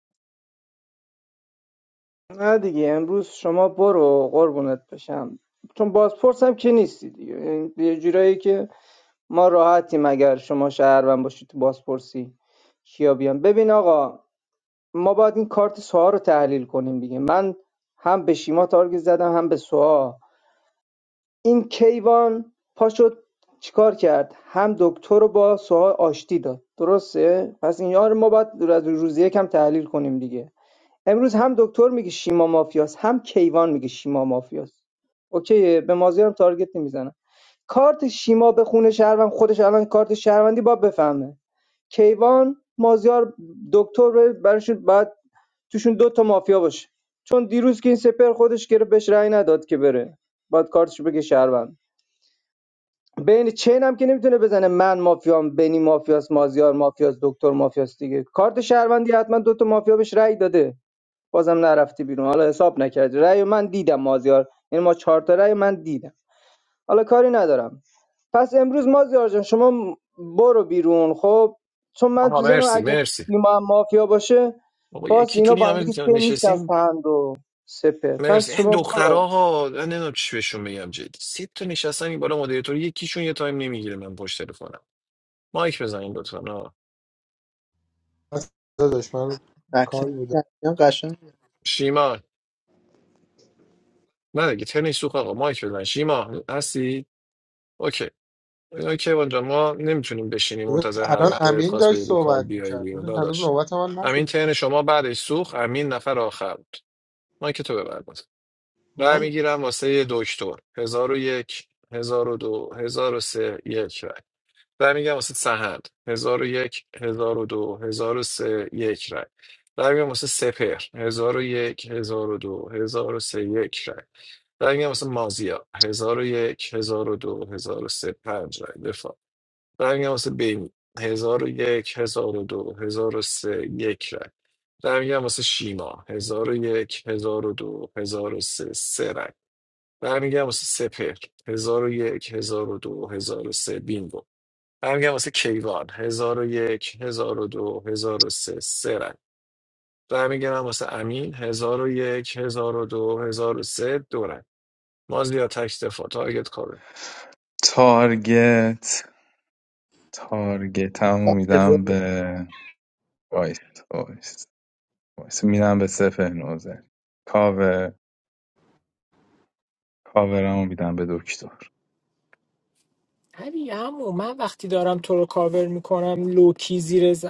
Speaker 11: نه دیگه امروز شما برو قربونت بشم چون بازپرس هم که نیستی دیگه یعنی یه جورایی که ما راحتیم اگر شما شهروند باشی تو بازپرسی کیا بیان ببین آقا ما باید این کارت سوها رو تحلیل کنیم دیگه من هم به شیما تارگت زدم هم به سوها این کیوان پاشد چیکار کرد هم دکتر رو با سوها آشتی داد درسته پس این یار ما باید از روزی یکم تحلیل کنیم دیگه امروز هم دکتر میگه شیما مافیاست، هم کیوان میگه شیما مافیاست. اوکی به مازی هم تارگت نمیزنه. کارت شیما به خونه شهروند خودش الان کارت شهروندی با بفهمه کیوان مازیار دکتر بره، براشون بعد توشون دو تا مافیا باشه چون دیروز که این سپر خودش گره بهش رأی نداد که بره بعد کارتش بگه شهروند بین چین هم که نمیتونه بزنه من مافیام بنی مافیاس مازیار مافیاس دکتر مافیاس دیگه کارت شهروندی حتما دوتا مافیا بهش رأی داده بازم نرفتی بیرون حالا حساب نکردی رأی من دیدم مازیار یعنی ما چهار تا رأی من دیدم حالا کاری ندارم پس امروز مازیار جان شما برو بیرون خب چون من
Speaker 18: آها
Speaker 11: تو ذهنم
Speaker 18: مرسی
Speaker 11: اگه
Speaker 18: مرسی
Speaker 11: تیم هم مافیا باشه
Speaker 18: بابا
Speaker 11: باز
Speaker 18: یکی
Speaker 11: اینا
Speaker 18: تونی
Speaker 11: با هم
Speaker 18: همه
Speaker 11: دیگه چین نیست از
Speaker 18: نشستیم
Speaker 11: و سپه پس
Speaker 18: مرسی این
Speaker 11: شما برو
Speaker 18: دخترها ها من نمیدونم چی بهشون بگم جدی سه تا نشستن این بالا مدیریتور یکیشون یه تایم نمیگیره من پشت تلفنم مایک بزنین لطفا آه.
Speaker 7: داداش من کاری
Speaker 9: فکت‌ها هم
Speaker 7: بودم
Speaker 9: درمیان قشنگ
Speaker 18: شیما نه دیگه تنش سوخت آقا مایک بزن شیما هستی اوکی اینا که اونجا ما نمیتونیم بشینیم
Speaker 7: داداش،
Speaker 18: منتظر هر
Speaker 7: الان
Speaker 18: وقت دلت
Speaker 7: امین
Speaker 18: خواست
Speaker 7: داشت
Speaker 18: بری رو کال
Speaker 7: صحبت
Speaker 18: بیای
Speaker 7: میکرد
Speaker 18: بیرون
Speaker 7: هنوز
Speaker 18: داداش
Speaker 7: نوبت من
Speaker 18: امین
Speaker 7: نشده
Speaker 18: تن شما بعدش سوخت امین نفر آخر بود ما که تو ببر باز رای
Speaker 7: من
Speaker 18: میگیرم واسه یه دکتر هزار و یک هزار و دو هزار و سه یک رای رای میگم واسه سهند هزار و یک هزار و دو هزار و سه یک رای رای میگم واسه سپر هزار و یک هزار و دو هزار و سه یک رای رای میگم واسه مازیا هزار و یک هزار و دو هزار و سه پنج رای دفاع. رای میگم واسه بینی هزار و یک هزار و دو هزار و سه یک رای رای میگم واسه شیما هزار و یک هزار و دو هزار و سه سه رای رای میگم واسه سپر هزار و یک هزار و دو هزار و سه بینگو رای میگم واسه کیوان هزار و یک هزار و دو هزار و سه سه رای رای میگم واسه امین هزار و یک هزار و دو هزار و سه دو رای مازیار تک دفاع تارگت کابه
Speaker 5: تارگت تارگت هم
Speaker 9: گفتم ارضا
Speaker 5: میدم به وایس وایس وایس میدم به سفر نوزه کاور کاورمو میدم به دکتر
Speaker 8: علی عمو من وقتی دارم تو رو کاور میکنم لوکی زیر ز...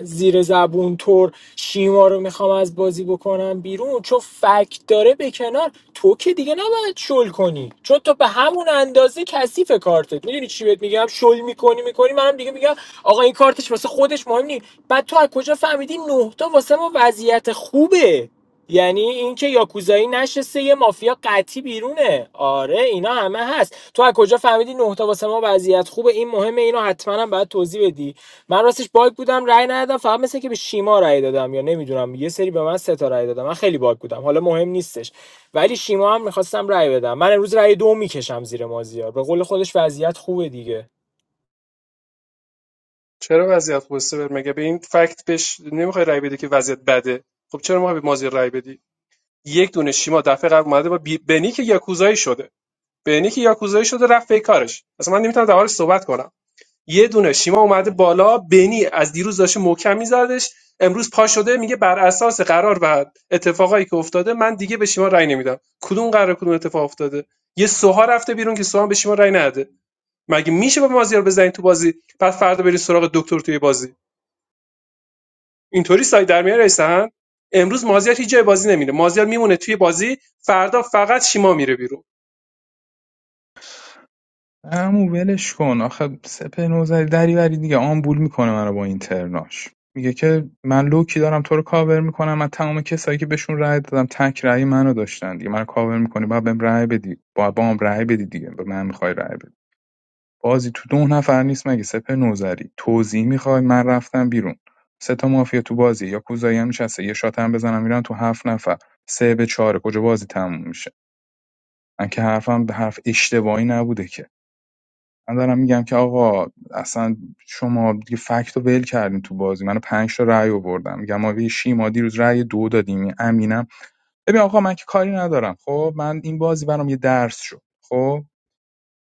Speaker 8: زیر زبون تور شیما رو میخوام از بازی بکنم بیرون چون فکت داره به کنار تو که دیگه نباید شل کنی چون تو به همون اندازه کثیف کارتت میدونی چی بهت میگم شل میکنی میکنی منم دیگه میگم آقا این کارتش واسه خودش مهم نیست بعد تو از کجا فهمیدی نه تا واسه ما وضعیت خوبه یعنی اینکه یاکوزایی نشسته یه مافیا قطعی بیرونه آره اینا همه هست تو از کجا فهمیدی نه تا واسه ما وضعیت خوبه این مهمه اینو حتما هم باید توضیح بدی من راستش باگ بودم رأی ندادم فقط مثل که به شیما رأی دادم یا نمیدونم یه سری به من سه تا رأی دادم من خیلی باگ بودم حالا مهم نیستش ولی شیما هم میخواستم رأی بدم من امروز رأی دو میکشم زیر مازیار به قول خودش وضعیت خوبه دیگه
Speaker 15: چرا وضعیت خوبه بر مگه به این فکت بهش نمیخوای رای بدی که وضعیت بده خب چرا ما به مازی رای بدی یک دونه شیما دفعه قبل اومده با بی- بنی که یاکوزایی شده بینی که یاکوزایی شده رفت پی کارش اصلا من نمیتونم دربارش صحبت کنم یه دونه شیما اومده بالا بینی از دیروز داشته محکم میزدش امروز پا شده میگه بر اساس قرار و اتفاقایی که افتاده من دیگه به شیما رأی نمیدم کدوم قرار کدوم اتفاق افتاده یه سوها رفته بیرون که سوها به شیما رأی نده مگه میشه با مازیار بزنین تو بازی بعد فردا برین سراغ دکتر توی بازی اینطوری سایه در میاره رسن امروز مازیار هیچ جای بازی نمیره مازیار میمونه توی بازی فردا فقط شیما میره بیرون
Speaker 5: عمو ولش کن آخه سپه نوذری دریوری دیگه آمبول میکنه منو با این ترناش میگه که من لوکی دارم تو رو کاور میکنم من تمام کسایی که بهشون رأی دادم تک رأی منو داشتن دیگه منو کاور میکنی باید بهم رأی بدی باید با هم رأی بدی دیگه به من میخوای رأی بدی بازی تو دو نفر نیست مگه سپه نوذری توضیح میخوای من رفتم بیرون سه تا مافیا تو بازی یا کوزایی هم نشسته یه شات هم بزنم میرن تو هفت نفر سه به چهاره کجا بازی تموم میشه من که حرفم به حرف اشتباهی نبوده که من دارم میگم که آقا اصلا شما دیگه فکت رو ول کردین تو بازی من پنج تا رأی آوردم میگم ما به شیما دیروز رأی دو دادیم امینم ببین آقا من که کاری ندارم خب من این بازی برام یه درس شد خب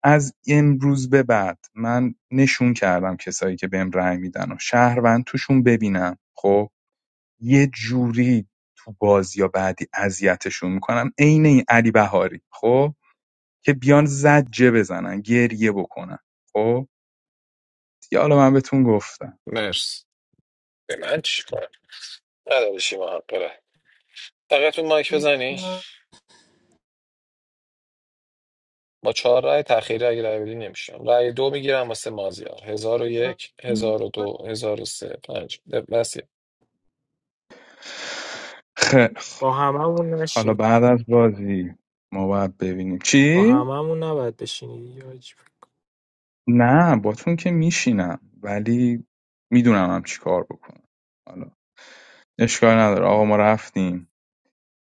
Speaker 5: از امروز به بعد من نشون کردم کسایی که بهم رأی میدن و شهروند توشون ببینم خب یه جوری تو بازی یا بعدی اذیتشون میکنم عین این علی بهاری خب که بیان زجه بزنن گریه بکنن خب دیگه حالا من بهتون گفتم
Speaker 18: مرس به من چی کار نداره شیما حق داره. فقط اون مایک بزنی
Speaker 9: بشه.
Speaker 18: با چهار رای تأخیری اگه رای بدی نمیشم رای دو میگیرم واسه مازیار هزار و یک هزار و دو هزار و سه پنج مرسی بسی
Speaker 5: خیلی خب.
Speaker 8: با هممون
Speaker 5: حالا
Speaker 8: نشین
Speaker 5: بعد از بازی ما باید ببینیم
Speaker 8: با
Speaker 5: چی؟
Speaker 8: هممون نباید بشینی دیگه حاجی.
Speaker 5: نه باتون که میشینم ولی میدونم هم چی کار بکنم حالا اشکال نداره آقا ما رفتیم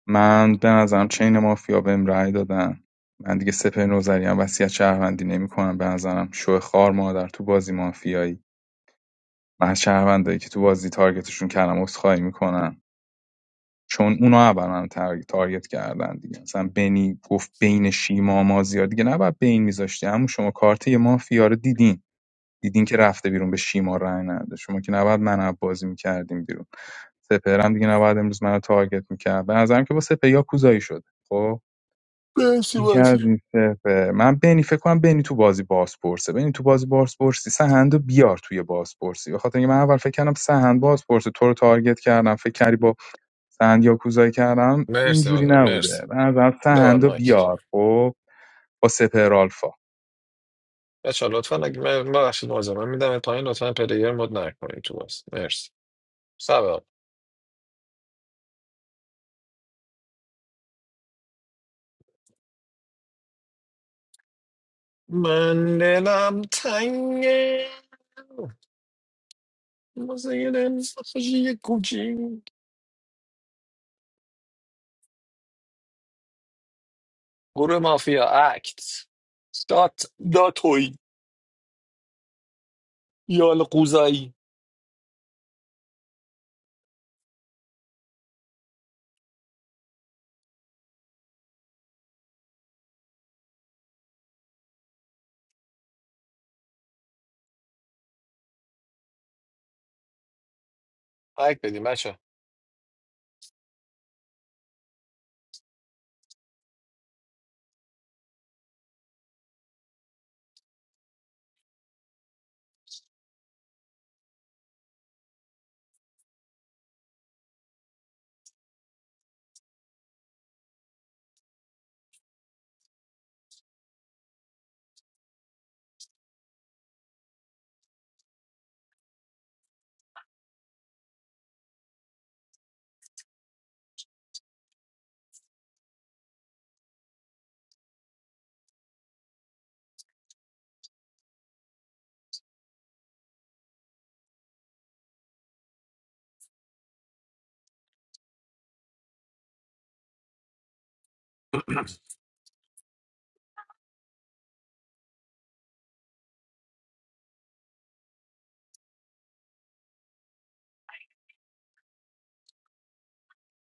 Speaker 5: من به نظرم چین مافیا بهم رأی دادن من دیگه سپر نوزری هم وصیت شهروندی نمیکنم به نظرم شو خار مادر تو بازی مافیایی من از شهروندایی که تو بازی تارگتشون کلم عذرخواهی میکنم چون اونا نباید منو تار- تارگت کردن دیگه مثلا بنی گفت بین شیما و مازیار دیگه نباید بین میذاشتی اما شما کارت یه مافیا رو دیدین دیدین که رفته بیرون به شیما رای نده شما که نباید من از بازی میکردیم بیرون سپر هم دیگه نباید امروز منو تارگت میکرد به نظرم که با سپه یا کوزایی شد خب
Speaker 18: مرسی
Speaker 5: این که
Speaker 18: بازی
Speaker 5: از این سپر من بنی فکر کنم بنی تو بازی بازپرسه بنی تو بازی بازپرسی سهند و بیار توی بازپرسی بخاطر اینکه من اول فکر کردم سهند بازپرسه تو رو تارگت کردم فکر کردی با سهند یاکوزایی کردم
Speaker 18: مرسی
Speaker 5: اینجوری
Speaker 18: مازیار مرسی
Speaker 5: نبوده من از
Speaker 18: ببر
Speaker 5: سهندو
Speaker 18: مایک
Speaker 5: بیار خب با سپر آلفا
Speaker 18: بچه لطفا اگه من ببخشید مازیار من میدم پایین لطفا پلیر مد نکنید تو بس مرسی سبب من دلم تنگه موزه دل سخشی کوچی گروه مافیا اکت دات داتوی یال قوزایی لایک بدیم بچه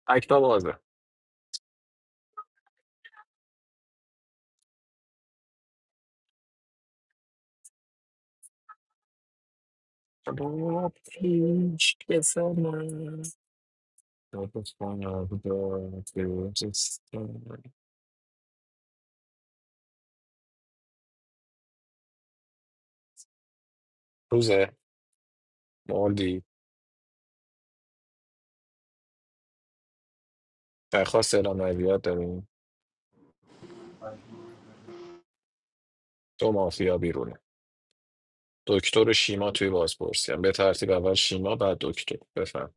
Speaker 18: اکتا بازه با پیش که زمان نفس کند با تیرستان. روزه مالدی درخواست اعلام عویت داریم دو مافیا بیرونه دکتر و شیما توی بازپرسی هم. به ترتیب اول شیما بعد دکتر بفهم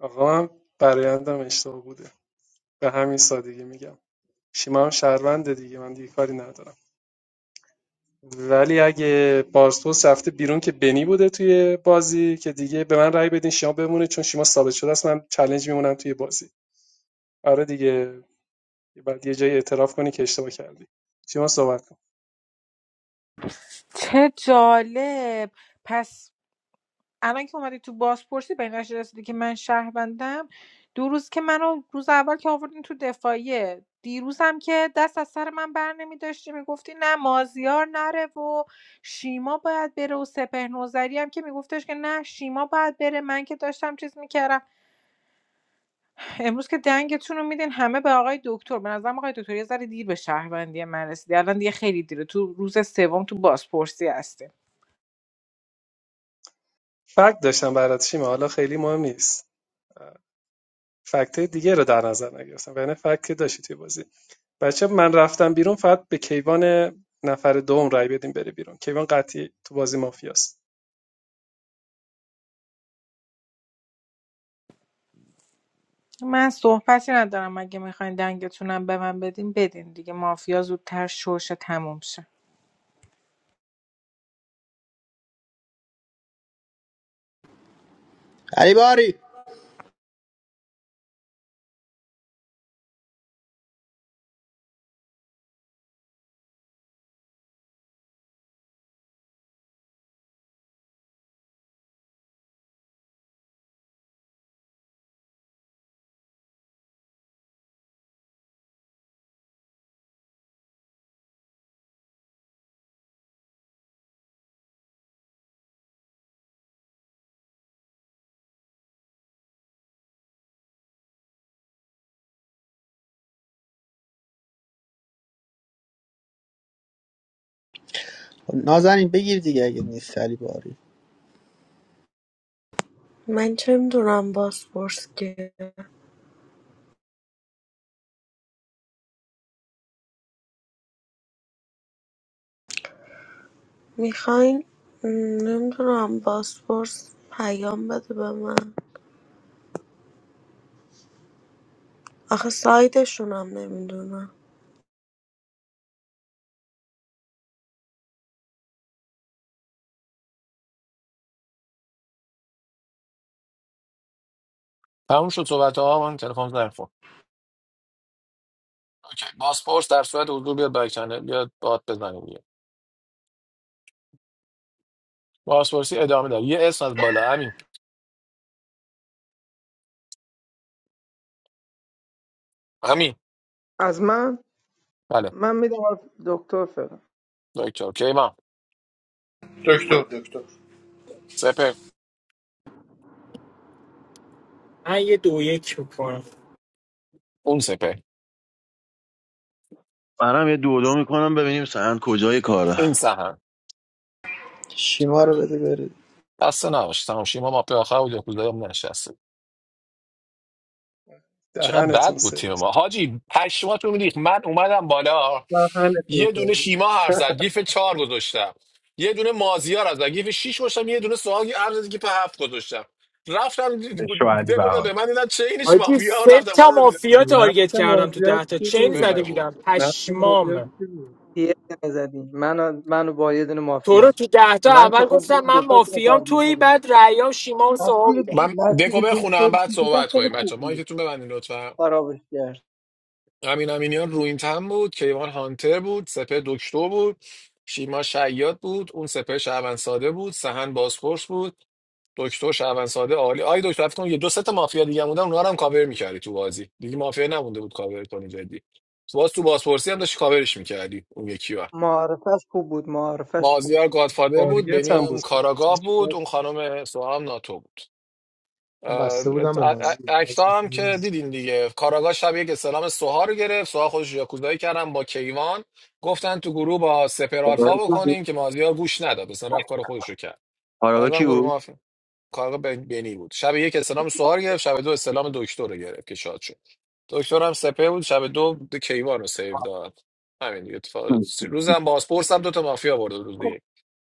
Speaker 15: آقا من برایندم اشتباه بوده به همین سادگی میگم شیما هم شهرونده دیگه من دیگه کاری ندارم ولی اگه بارسپورس رفته بیرون که بنی بوده توی بازی که دیگه به من رأی بدین شیما بمونه چون شیما ثابت شده است من چالش میمونم توی بازی آره دیگه بعد یه جایی اعتراف کنی که اشتباه کردی شیما صحبت کن
Speaker 16: چه جالب پس الان که اومدی تو بازپرسی به این نتیجه رسیدی که من شهروندم دو روز که منو روز اول که آوردین تو دفاعیه دیروز هم که دست از سر من بر نمی داشتی میگفتی نه مازیار نره و شیما باید بره و سپه نوزری هم که میگفتش که نه شیما باید بره من که داشتم چیز میکردم امروز که دنگتون رو میدین همه به آقای دکتر به نظرم آقای دکتر یه ذره دیر به شهروندی من رسیدی الان دیگه خیلی دیره تو روز سوم تو بازپرسی هستی
Speaker 15: فکت داشتم برات شیما حالا خیلی مهم نیست فکت دیگه رو در نظر نگرفتم یعنی فکت که داشتی توی بازی بچه من رفتم بیرون فقط به کیوان نفر دوم رأی بدین بره بیرون کیوان قطعی تو بازی مافیاست
Speaker 16: من صحبتی ندارم اگه میخواین دنگتونم به من بدین بدین دیگه مافیا زودتر شوشه تموم شه
Speaker 9: علی باری خب نازنین بگیر دیگه اگه نیست علی باری
Speaker 4: من چه میدونم باسپورس که میخواین نمیدونم باسپورس پیام بده به من آخه سایتشون هم نمیدونم
Speaker 18: تموم شد صحبت ها من تلفن زنگ خورد. اوکی باسپورس در صورت حضور بیاد بک چنل بیاد بات بزنه دیگه بازپرسی ادامه داره یه اسم از بالا همین همین
Speaker 11: از من
Speaker 18: بله
Speaker 11: من میدم دکتر فعلا
Speaker 18: دکتر کیوان
Speaker 7: دکتر دکتر
Speaker 18: سپر
Speaker 8: من یه دو یک میکنم
Speaker 18: اون سپر
Speaker 3: منم یه دو دو میکنم ببینیم سند کجای کاره
Speaker 18: این سهن
Speaker 9: شیما رو بده بره
Speaker 18: دست نباش تماشی ما ماپی آخر بود یکوزایی هم نشسته چقدر بد
Speaker 15: دهنتون
Speaker 18: بود تیم
Speaker 15: سرویس
Speaker 18: ما حاجی پشماتو میریخ من اومدم بالا
Speaker 15: دهنتون
Speaker 18: یه دونه
Speaker 15: سرویس
Speaker 18: شیما حرف زد گیف چهار گذاشتم یه دونه مازیار از گیف شیش گذاشتم یه دونه سوالی حرف زد گیف هفت گذاشتم رفتم دکو داد به
Speaker 5: بهاری
Speaker 18: من دیدم چه اینش
Speaker 8: حاجی
Speaker 18: مافیا
Speaker 8: سه
Speaker 18: رفتم
Speaker 8: تا مافیا تارگت
Speaker 15: نفت
Speaker 8: کردم تو
Speaker 15: مازیار
Speaker 8: ده تا
Speaker 15: کی
Speaker 8: چین
Speaker 18: سپر خیلی
Speaker 8: زده
Speaker 15: بود
Speaker 18: خوب
Speaker 8: بودم
Speaker 15: نفت مازیار
Speaker 8: پشمام
Speaker 15: کی بود
Speaker 11: یه دونه زدی منو منو با یه دونه
Speaker 8: تو رو
Speaker 11: مافیا
Speaker 8: تو ده تا
Speaker 11: من چه
Speaker 8: اول
Speaker 11: خوب
Speaker 8: گفتم
Speaker 11: بودم
Speaker 8: من
Speaker 11: دوتاشون رو
Speaker 8: مافیام
Speaker 11: تارگت
Speaker 8: تویی
Speaker 11: زدم
Speaker 8: بعد ریا و شیما و سوها
Speaker 11: مسیر
Speaker 8: بودم
Speaker 18: من
Speaker 11: مسیر
Speaker 18: دکو بخونم
Speaker 11: دکتر
Speaker 18: بعد
Speaker 11: سیت
Speaker 18: صحبت
Speaker 11: خیلی
Speaker 18: کنیم
Speaker 11: خوب
Speaker 18: بچه
Speaker 11: بود
Speaker 18: مایکتون ببندین لطفا
Speaker 11: خرابش کرد
Speaker 18: امین امینیان روینتن بود کیوان هانتر بود سپه دکتر بود شیما شیاد بود اون سپه شعبان ساده بود سهن بازپرس بود دکتر شعبان ساده عالی آی دکتر فکر کنم یه دو سه تا مافیا دیگه هم بودن اونها رو هم کاور می‌کردی تو بازی دیگه مافیا نمونده بود کاور کنی جدی تو باز تو بازپرسی هم داشتی کاورش می‌کردی اون یکی رو
Speaker 11: معارفش خوب بود معارفش خوب بود.
Speaker 18: مازیار گادفادر بود
Speaker 15: تارگت
Speaker 18: بنی
Speaker 15: هم بود
Speaker 18: هم
Speaker 15: خب دیگه
Speaker 18: کاراگاه
Speaker 15: چیکار
Speaker 18: بود اون خانم سوام ناتو بود
Speaker 7: من
Speaker 18: اه،
Speaker 7: بسته بودم به مازی مازی.
Speaker 18: اکتا هم که دیدین دیگه کاراگاه شب یک اسلام سوها رو گرفت سوها خودش یاکوزایی کردن با کیوان گفتن تو گروه با سپر آلفا بکنیم که مازیار گوش نداد اصلا رفت کار خودش رو کرد
Speaker 3: کاراگاه کی
Speaker 18: بعدم گروه
Speaker 3: بود
Speaker 18: مافیا کاراگاه بن- بنی بود شب یک اسلام سوها رو گرفت شب دو اسلام دکتر رو گرفت که شاد شد دکتر هم سپر بود شب دو کیوان رو سیو داد همین دیگه اتفاق روزم باسپورس هم دو تا مافیا برده بود روز یک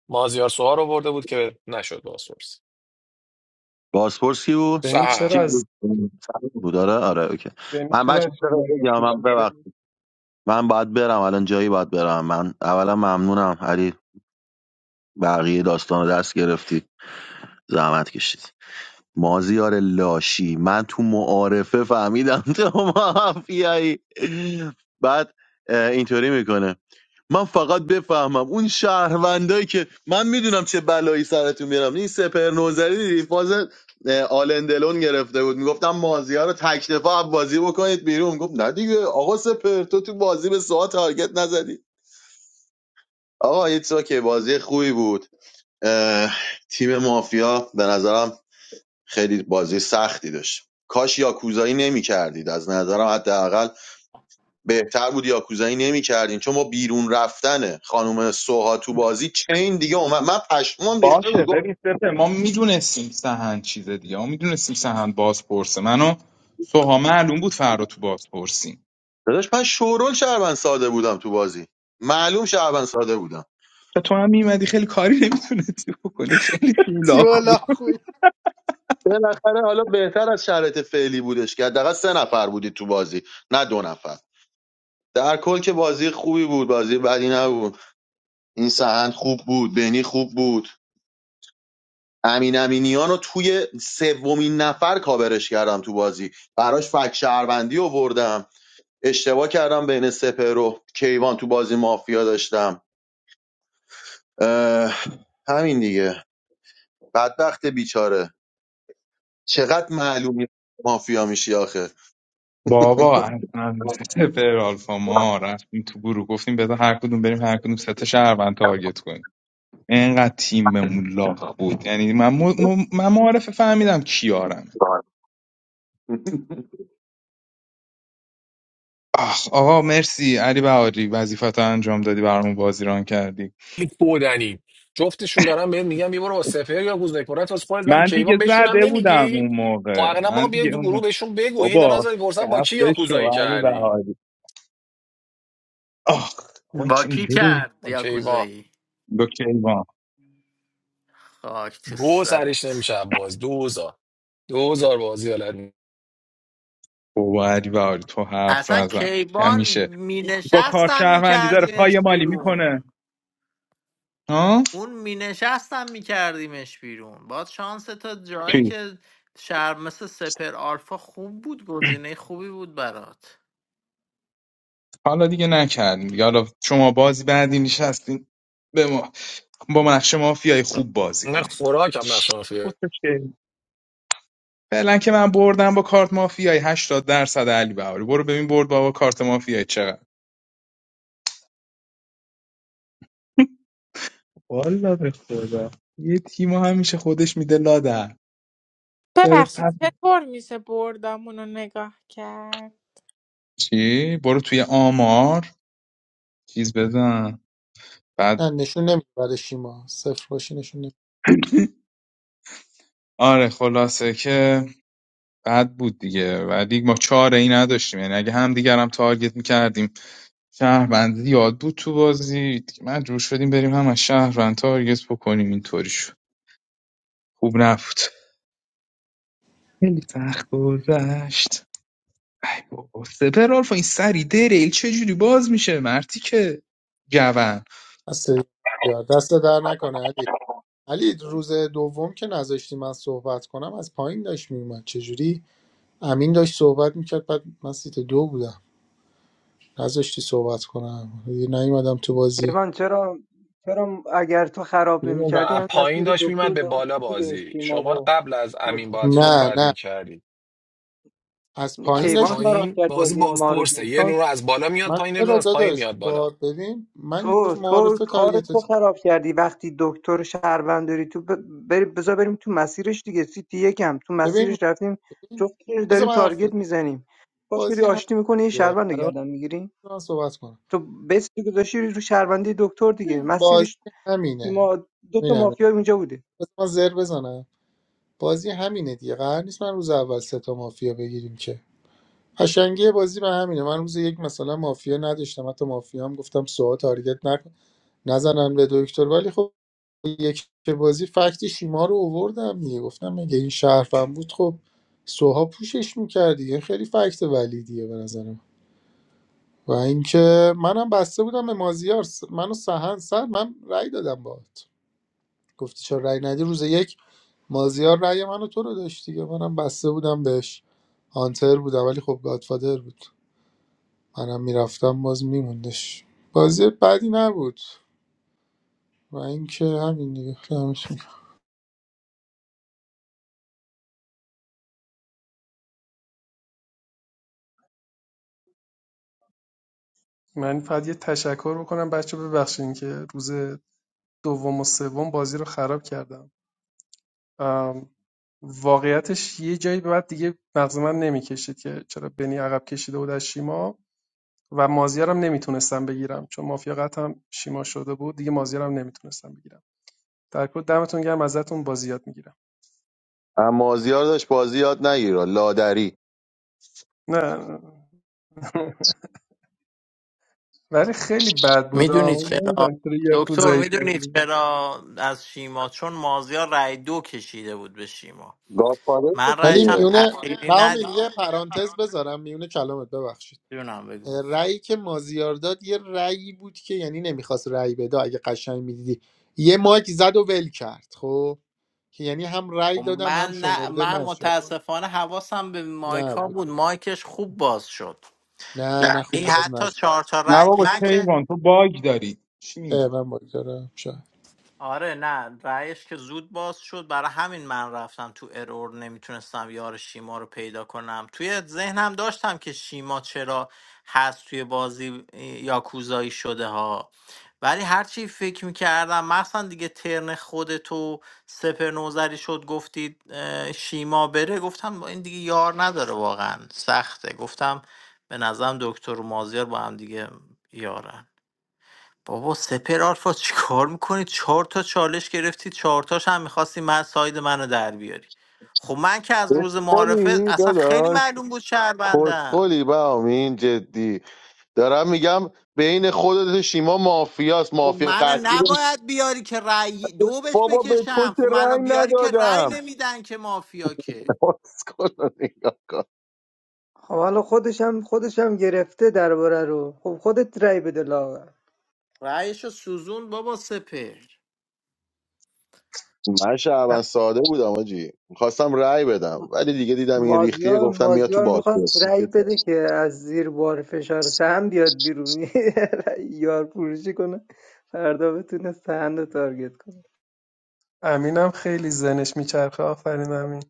Speaker 18: مازیار سوها رو برده بود که نشد باسپورس
Speaker 3: بازپرس کی بود
Speaker 15: بنی
Speaker 3: چی
Speaker 15: چرا از
Speaker 3: بود سند بود، آره آره اوکی
Speaker 15: بنی
Speaker 3: من
Speaker 15: چرا
Speaker 3: بچه
Speaker 15: از شما
Speaker 3: بگم
Speaker 15: رفته
Speaker 3: من
Speaker 15: شدی
Speaker 3: ببخش
Speaker 15: بنی
Speaker 3: من باید برم الان جایی باید برم من اولا ممنونم علی بقیه داستان رو دست گرفتی زحمت کشید مازیار لاشی من تو معارفه فهمیدم تو مافیایی بعد اه، اینطوری میکنه من فقط بفهمم اون شهروندایی که من میدونم چه بلایی سرتون میارم این سپر نوزری دیدی فاز آلندلون گرفته بود میگفتم مازیار رو تک دفاع بازی بکنید بیرون گفت نه دیگه آقا سپر تو تو بازی به ساعت تارگت نزدی آقا ایتس که بازی خوبی بود تیم مافیا به نظرم خیلی بازی سختی داشت کاش یاکوزایی نمی کردید از نظرم حداقل بهتر بود یاکوزایی نمی کردین چون ما بیرون رفتن خانم سوها تو بازی چین دیگه اومد من پشمام ریخته
Speaker 5: باشه
Speaker 3: بود گفت
Speaker 5: ببین سپر ما میدونستیم سهند چیز دیگه ما میدونستیم سهند بازپرسه منو سوها معلوم بود فردا تو بازپرسیم
Speaker 3: داداش من شورول شهروند ساده بودم تو بازی معلوم شهروند ساده بودم
Speaker 5: و تو هم میمدی خیلی کاری نمیتونستی بکنی خیلی شولاک بود
Speaker 9: تیوالا خوی
Speaker 3: بالاخره حالا بهتر از شرایط فعلی بودش که حداقل سه نفر بودی تو بازی نه دو نفر در کل که بازی خوبی بود بازی بدی نبود این سهند خوب بود بینی خوب بود امین امینیان رو توی سومین نفر کاورش کردم تو بازی براش فک شهروندی آوردم اشتباه کردم بین سپر و کیوان تو بازی مافیا داشتم اه، همین دیگه بدبخت بیچاره چقدر معلومی مافیا میشی آخه
Speaker 5: بابا اصلا سپر آلفا ما رفتیم تو گروه گفتیم بذار هر کدوم بریم هر کدوم سه تا شهروند تارگت کنیم انقدر تیممون لاغ بود یعنی من, م- م- من معارف فهمیدم کیارمه آخ آقا مرسی علی بهاری وظیفت انجام دادی برامون بازی ران کردی
Speaker 18: خیلی بودنی جفتشون دارن بهت میگم یه برو با سپهر یا گوزده کنت واسه خودت ولی
Speaker 5: من دیگه
Speaker 18: کیوان بهشونم
Speaker 5: زده بودم
Speaker 18: نمیگی
Speaker 5: اون
Speaker 18: خب
Speaker 5: موقع
Speaker 18: اقلا
Speaker 5: من
Speaker 18: با
Speaker 5: دیگه
Speaker 18: بیاین تو
Speaker 5: اون
Speaker 18: گروه
Speaker 5: موقع.
Speaker 18: بهشون بگو هی دارن
Speaker 5: بابا
Speaker 18: ازت میپرسن با کی
Speaker 5: خفه شو
Speaker 18: یاکوزایی
Speaker 5: علی
Speaker 18: کردی
Speaker 5: بهاری آخ بابا این چی بریم
Speaker 18: با کیوان
Speaker 1: دایی
Speaker 5: کیوان
Speaker 1: خاک تو
Speaker 18: گو سرش
Speaker 1: سرت
Speaker 18: نمیشه باز دوزار دوزار بازی حالت نی-
Speaker 5: بابا علی بهاری تو حرف
Speaker 1: اصلا
Speaker 5: نزن
Speaker 1: کیوان
Speaker 5: نمیشه با کار
Speaker 1: مینشستم
Speaker 5: شهروندی داره پای
Speaker 1: میکردیمش
Speaker 5: مالی میکنه
Speaker 1: بیرون
Speaker 5: ها
Speaker 1: اون مینشستم میکردیمش بیرون باید شانس تا جایی
Speaker 5: کی
Speaker 1: که شهر مثل سپر آلفا خوب بود گزینه خوبی بود برات
Speaker 5: حالا دیگه نکردیم دیگه حالا شما بازی بعدی نشستین به ما با نقش مافیای خوب بازی
Speaker 18: نه
Speaker 5: کنید
Speaker 18: خوراک هم نقش مافیا
Speaker 5: کتشه. فعلا که من بردم با کارت مافیای هشتاد درصد علی بهاری برو ببین برد با کارت مافیای چقدر والا به خدا یه تیم همیشه خودش میده لادر داره
Speaker 16: ببخشید
Speaker 5: فقط
Speaker 16: چطور میشه بردامون رو نگاه کرد
Speaker 5: چی برو توی آمار چیز بزن بعد
Speaker 7: نه نشون نمیده برای شیما صفر باشی نشون
Speaker 5: آره خلاصه که بد بود دیگه ولی ما چاره ای نداشتیم یعنی اگه هم دیگرم تارگت میکردیم شهروندی یاد بود تو بازی دیگه من جوش شدیم بریم هم از شهروند تارگت بکنیم اینطوری شد خوب نبود خیلی سخت گذشت ای بابا سپر آلفا این سری دریل چجوری باز میشه مرتی که جوان
Speaker 7: هستی؟ یا دست در نکنه علی علی روز دوم که نذاشتی من صحبت کنم از پایین داشت میومد چجوری امین داشت صحبت میکرد بعد من سیت دو بودم نذاشتی صحبت کنم دیگه نیومدم تو بازی
Speaker 11: پیمان چرا چرا اگر تو خراب
Speaker 18: میمون و
Speaker 11: نمی‌کردی
Speaker 18: از
Speaker 11: همین مسیر
Speaker 18: پایین داشت
Speaker 11: دکتر
Speaker 18: میمد به
Speaker 11: درست
Speaker 18: بالا
Speaker 11: بود دیگه
Speaker 18: بازی
Speaker 11: اشتیما
Speaker 18: شما
Speaker 11: و
Speaker 18: قبل از امین باید
Speaker 11: جفتشون
Speaker 7: نه
Speaker 11: با
Speaker 18: صحبت
Speaker 7: نه
Speaker 18: میکردی
Speaker 7: از
Speaker 11: هم.
Speaker 7: پایین
Speaker 18: از
Speaker 11: کیوان
Speaker 7: داشت
Speaker 11: خراب
Speaker 7: میومد
Speaker 18: پایین
Speaker 11: کرد
Speaker 18: بازی
Speaker 11: بازی ما رو
Speaker 18: بازپرسه
Speaker 11: دیگه
Speaker 18: یه
Speaker 11: چون
Speaker 18: نور از بالا میاد
Speaker 7: من
Speaker 18: پایین یه نور
Speaker 7: چرا
Speaker 18: از پایین
Speaker 7: داداش
Speaker 18: میاد
Speaker 7: با
Speaker 18: بالا
Speaker 7: ببین
Speaker 11: تو
Speaker 7: من روز
Speaker 11: تو
Speaker 7: معارفه
Speaker 11: کار تو
Speaker 7: تارگتت
Speaker 11: خراب کردی وقتی دکتر شهروند داری تو ب- بری بذار بریم تو مسیرش دیگه سیتی یکم تو
Speaker 7: ببین
Speaker 11: مسیرش رفتیم
Speaker 7: ببین.
Speaker 11: جفتش
Speaker 7: بذار
Speaker 11: داریم
Speaker 7: من حرف بزنم.
Speaker 11: تارگت میزنیم باش میری
Speaker 7: بازی همینه
Speaker 11: آشتی میکنه یه شهروند رو
Speaker 7: قرار
Speaker 11: گردن میگیری
Speaker 7: نیست من صحبت کنم
Speaker 11: تو بیس تو گذاشتی رو شهروندی دکتر دیگه
Speaker 7: ببین، بازی
Speaker 11: مسیرش
Speaker 7: همینه
Speaker 11: ما دو تا
Speaker 7: ببین همینه
Speaker 11: مافیا اونجا بوده
Speaker 7: بذار من زر بزنم بازی همینه دیگه قرار نیست من روز اول سه تا مافیا بگیریم که قشنگی بازی به همینه من روز یک مثلا مافیا نداشتم حتی مافیا هم گفتم سوها تارگت نکن نزنن به دکتر ولی خب یک که بازی فکت شیما رو اووردم دیگه گفتم اگه این شرفم بود خب سوها پوشش میکرد دیگه خیلی فکت ولیدیه به نظرم و اینکه منم بسته بودم به مازیار س- منو سهن سر من رأی دادم باهات گفتی چرا رأی ندی روز یک مازیار رأی منو تو رو داشت دیگه منم بسته بودم بهش هانتر بودم ولی خب گادفادر بود منم میرفتم باز میموندش بازی بدی نبود و اینکه همین دیگه خیلی هم-
Speaker 15: من فقط یه تشکر بکنم بچه ببخشین که روز دوم و سوم بازی رو خراب کردم ام، واقعیتش یه جایی به بعد دیگه مغز من نمیکشید که چرا بنی عقب کشیده بود از شیما و مازیارم نمیتونستم بگیرم چون مافیا قطعا شیما شده بود دیگه مازیارم نمیتونستم بگیرم در کل دمتون گرم ازتون بازی یاد میگیرم
Speaker 3: اما مازیار داشت بازی یاد نگیرا لادری
Speaker 15: نه ولی خیلی بد بود آه.
Speaker 1: میدونید
Speaker 15: اون
Speaker 1: چرا
Speaker 15: نمیدونم چرا
Speaker 1: دکتر
Speaker 15: یکوزایی
Speaker 1: میدونید
Speaker 15: کردیم
Speaker 1: چرا از شیما چون مازیار رای دو کشیده بود به شیما
Speaker 3: گادفادر
Speaker 1: من
Speaker 3: بود
Speaker 7: ولی
Speaker 1: رأیش هم
Speaker 3: دیگه
Speaker 7: میونه
Speaker 1: تأخیری
Speaker 7: بهامین یه
Speaker 1: ندیدم
Speaker 7: پرانتز بذارم میونه کلامت ببخشید
Speaker 1: جونم بگو
Speaker 7: رأیی که مازیار داد یه رأیی بود که یعنی نمیخواست رأی بده اگه قشنگ میدیدی یه مایک زد و ول کرد خب که یعنی هم
Speaker 1: خب
Speaker 7: رأی دادم هم
Speaker 1: من نه
Speaker 7: شمرده
Speaker 1: من
Speaker 7: نشد
Speaker 1: متاسفانه حواسم به
Speaker 7: نه
Speaker 1: مایکا
Speaker 7: بود
Speaker 1: بود مایکش خوب باز شد
Speaker 7: نه نه
Speaker 1: نه.
Speaker 7: خوب
Speaker 1: این
Speaker 7: باز
Speaker 1: حتی
Speaker 7: نشد
Speaker 1: چهار تا
Speaker 5: نه
Speaker 1: رای
Speaker 5: بابا
Speaker 1: من که
Speaker 5: کیوان تو باگ داری چی
Speaker 7: اه،
Speaker 5: میگی
Speaker 7: من باگ دارم شاید
Speaker 1: آره نه رأیش که زود باز شد برای همین من رفتم تو ارور نمیتونستم یار شیما رو پیدا کنم توی ذهنم داشتم که شیما چرا هست توی بازی اه، یاکوزایی شده ها ولی هرچی فکر میکردم مثلا دیگه ترن خودتو سپر نوزری شد گفتید اه، شیما بره گفتم با این دیگه یار نداره واقعا سخته گفتم به نظرم دکتر و مازیار با هم دیگه یارن بابا سپر آلفا چیکار میکنی چهار تا چالش گرفتی چهار تاش هم میخواستی من ساید منو در بیاری خب من که از روز معارفه
Speaker 3: کسخلی
Speaker 1: اصلا خیلی
Speaker 3: داداش
Speaker 1: معلوم بود شهروندم
Speaker 3: کسخلی بهامین جدی دارم میگم بین خودت و شیما مافیاست
Speaker 1: خب
Speaker 3: مافیا
Speaker 1: منو
Speaker 3: قطعی
Speaker 1: نباید بیاری که رأی دو بهش
Speaker 3: بابا به تو
Speaker 1: بکشم
Speaker 3: که
Speaker 1: خب منو
Speaker 3: رنگ
Speaker 1: بیاری که رأی
Speaker 3: ندادم
Speaker 1: نمیدن که مافیا که
Speaker 3: اسکل رو نگاه کن.
Speaker 11: خب حالا خودش هم خودش هم گرفته درباره رو خب خودت رای بده لاغر
Speaker 1: رأیشو سوزون بابا سپر
Speaker 3: من
Speaker 15: ا-
Speaker 3: شعبان ساده بودم آجی میخواستم رأی بدم ولی دیگه دیدم این ریختیه
Speaker 11: مازیار
Speaker 3: گفتم میاد تو
Speaker 11: مازیار میخواد
Speaker 3: بازپرس
Speaker 11: رأی بده که از زیر بار فشار سهم بیاد بیرون رأی یار فروشی کنه فردا بتونه سهم رو تارگت کنه
Speaker 15: امینم خیلی ذهنش میچرخه آفرین امین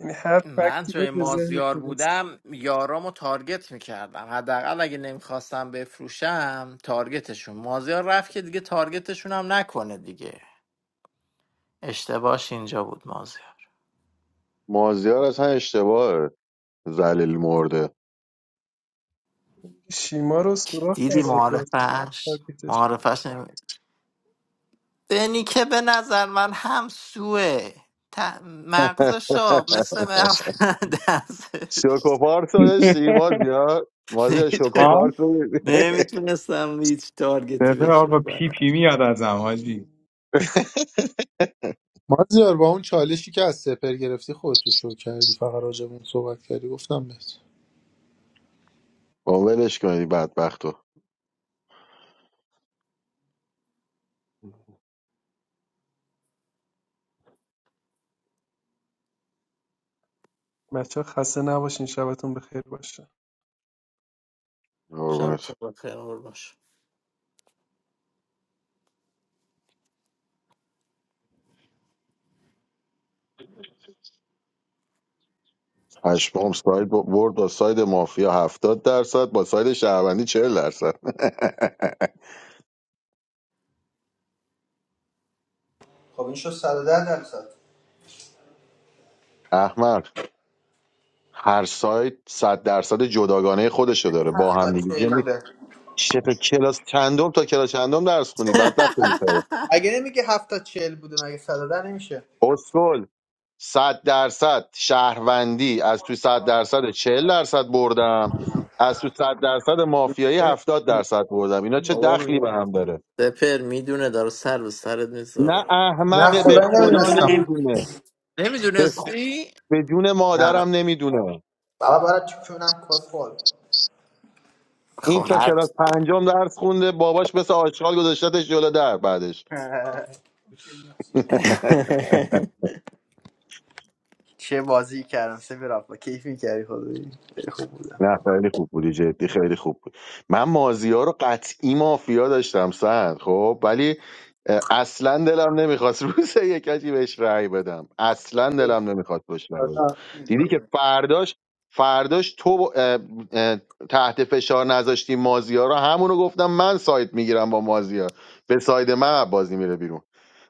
Speaker 15: یعنی هر
Speaker 1: من
Speaker 15: فکتی
Speaker 1: جای
Speaker 15: بود به ذهنش
Speaker 1: مازیار
Speaker 15: میرسید
Speaker 1: بودم یارامو تارگت میکردم حداقل اگه نمیخواستم بفروشم تارگتشون مازیار رفت که دیگه تارگتشون هم نکنه دیگه اشتباهش اینجا بود مازیار
Speaker 3: مازیار اصلا اشتباهه زلیل مرده
Speaker 15: شیما رو سوراخ کرد
Speaker 1: دیدی
Speaker 15: از دست
Speaker 1: معارفش
Speaker 15: تارگتش کرد
Speaker 1: معارفش نمی... دنی که به نظر من هم سوه ت... مغزشو مثل مغز دست
Speaker 3: شوکوپارت رو داشتی مازیار مازیار
Speaker 1: نمیتونه
Speaker 5: ها
Speaker 3: شوکوپارت رو داشتی؟
Speaker 1: نمیتونستم هیچ تارگتی
Speaker 5: سپر
Speaker 1: بشه
Speaker 5: آقا پی پی
Speaker 1: بزنم
Speaker 5: میاد از حاجی
Speaker 7: مازیار با اون چالشی که از سپر گرفتی خودتو شو کردی فقط راجبون صحبت کردی گفتم بهت
Speaker 3: با ولش کنی بدبختو
Speaker 15: بچه خسته نباشین شبتون بخیر باشه
Speaker 1: شب
Speaker 3: قربونت
Speaker 1: چون بخیر قربون شم.
Speaker 3: پشمام ساید ب- برد با ساید مافیا هفتاد درصد با ساید شهروندی 40 درصد
Speaker 9: خب این شد 110 درصد
Speaker 3: احمد هر سایت صد درصد جداگانه خودشو داره با
Speaker 9: 7 تا
Speaker 3: هم دیگه
Speaker 9: 40
Speaker 3: یعنی
Speaker 9: بوده
Speaker 3: چه کلاس چندم تا کلاس چندم درس خونی بدبخت
Speaker 9: بعد-
Speaker 3: میکنه
Speaker 9: مگه نمیگه 7 تا 40 بوده مگه 110 نمیشه
Speaker 3: اسکل 100 درصد شهروندی از توی 100 درصد 40 درصد بردم از توی 100 درصد مافیایی 70 درصد بردم اینا چه
Speaker 1: بابا
Speaker 3: دخلی به هم داره
Speaker 1: سپر میدونه داره سر به سرت
Speaker 3: نه
Speaker 1: میذاره
Speaker 9: نه
Speaker 3: احمق به
Speaker 19: Did
Speaker 9: خدایی
Speaker 19: you
Speaker 3: خدا
Speaker 19: know
Speaker 9: نمیدونستم
Speaker 19: anything?
Speaker 3: نمیدونه به,
Speaker 1: نمیدونستی؟
Speaker 3: به جون
Speaker 9: نه
Speaker 3: مادرم نمیدونه
Speaker 9: بابا برای چونم کسخل
Speaker 3: این
Speaker 1: خب
Speaker 3: تا
Speaker 1: هر
Speaker 3: کلاس پنجم درس خونده باباش مثل آشغال گذاشتتش جلو در بعدش
Speaker 9: چه بازی کردم سه برافا کیف میکردی خدایی خیلی خوب بودم
Speaker 3: نه خیلی خوب بودی جدی خیلی خوب بود من مازیار رو قطعی مافیا داشتم سند خب ولی اه، اصلا دلم نمیخواست روز یکی بهش رأی بدم اصلا دلم نمیخواست بهش رأی بدم
Speaker 9: آره.
Speaker 3: دیدی که فرداش فرداش تو با- اه، اه، تحت فشار نذاشتی مازیار رو همونو گفتم من سایت میگیرم با مازیار به ساید من بازی میره بیرون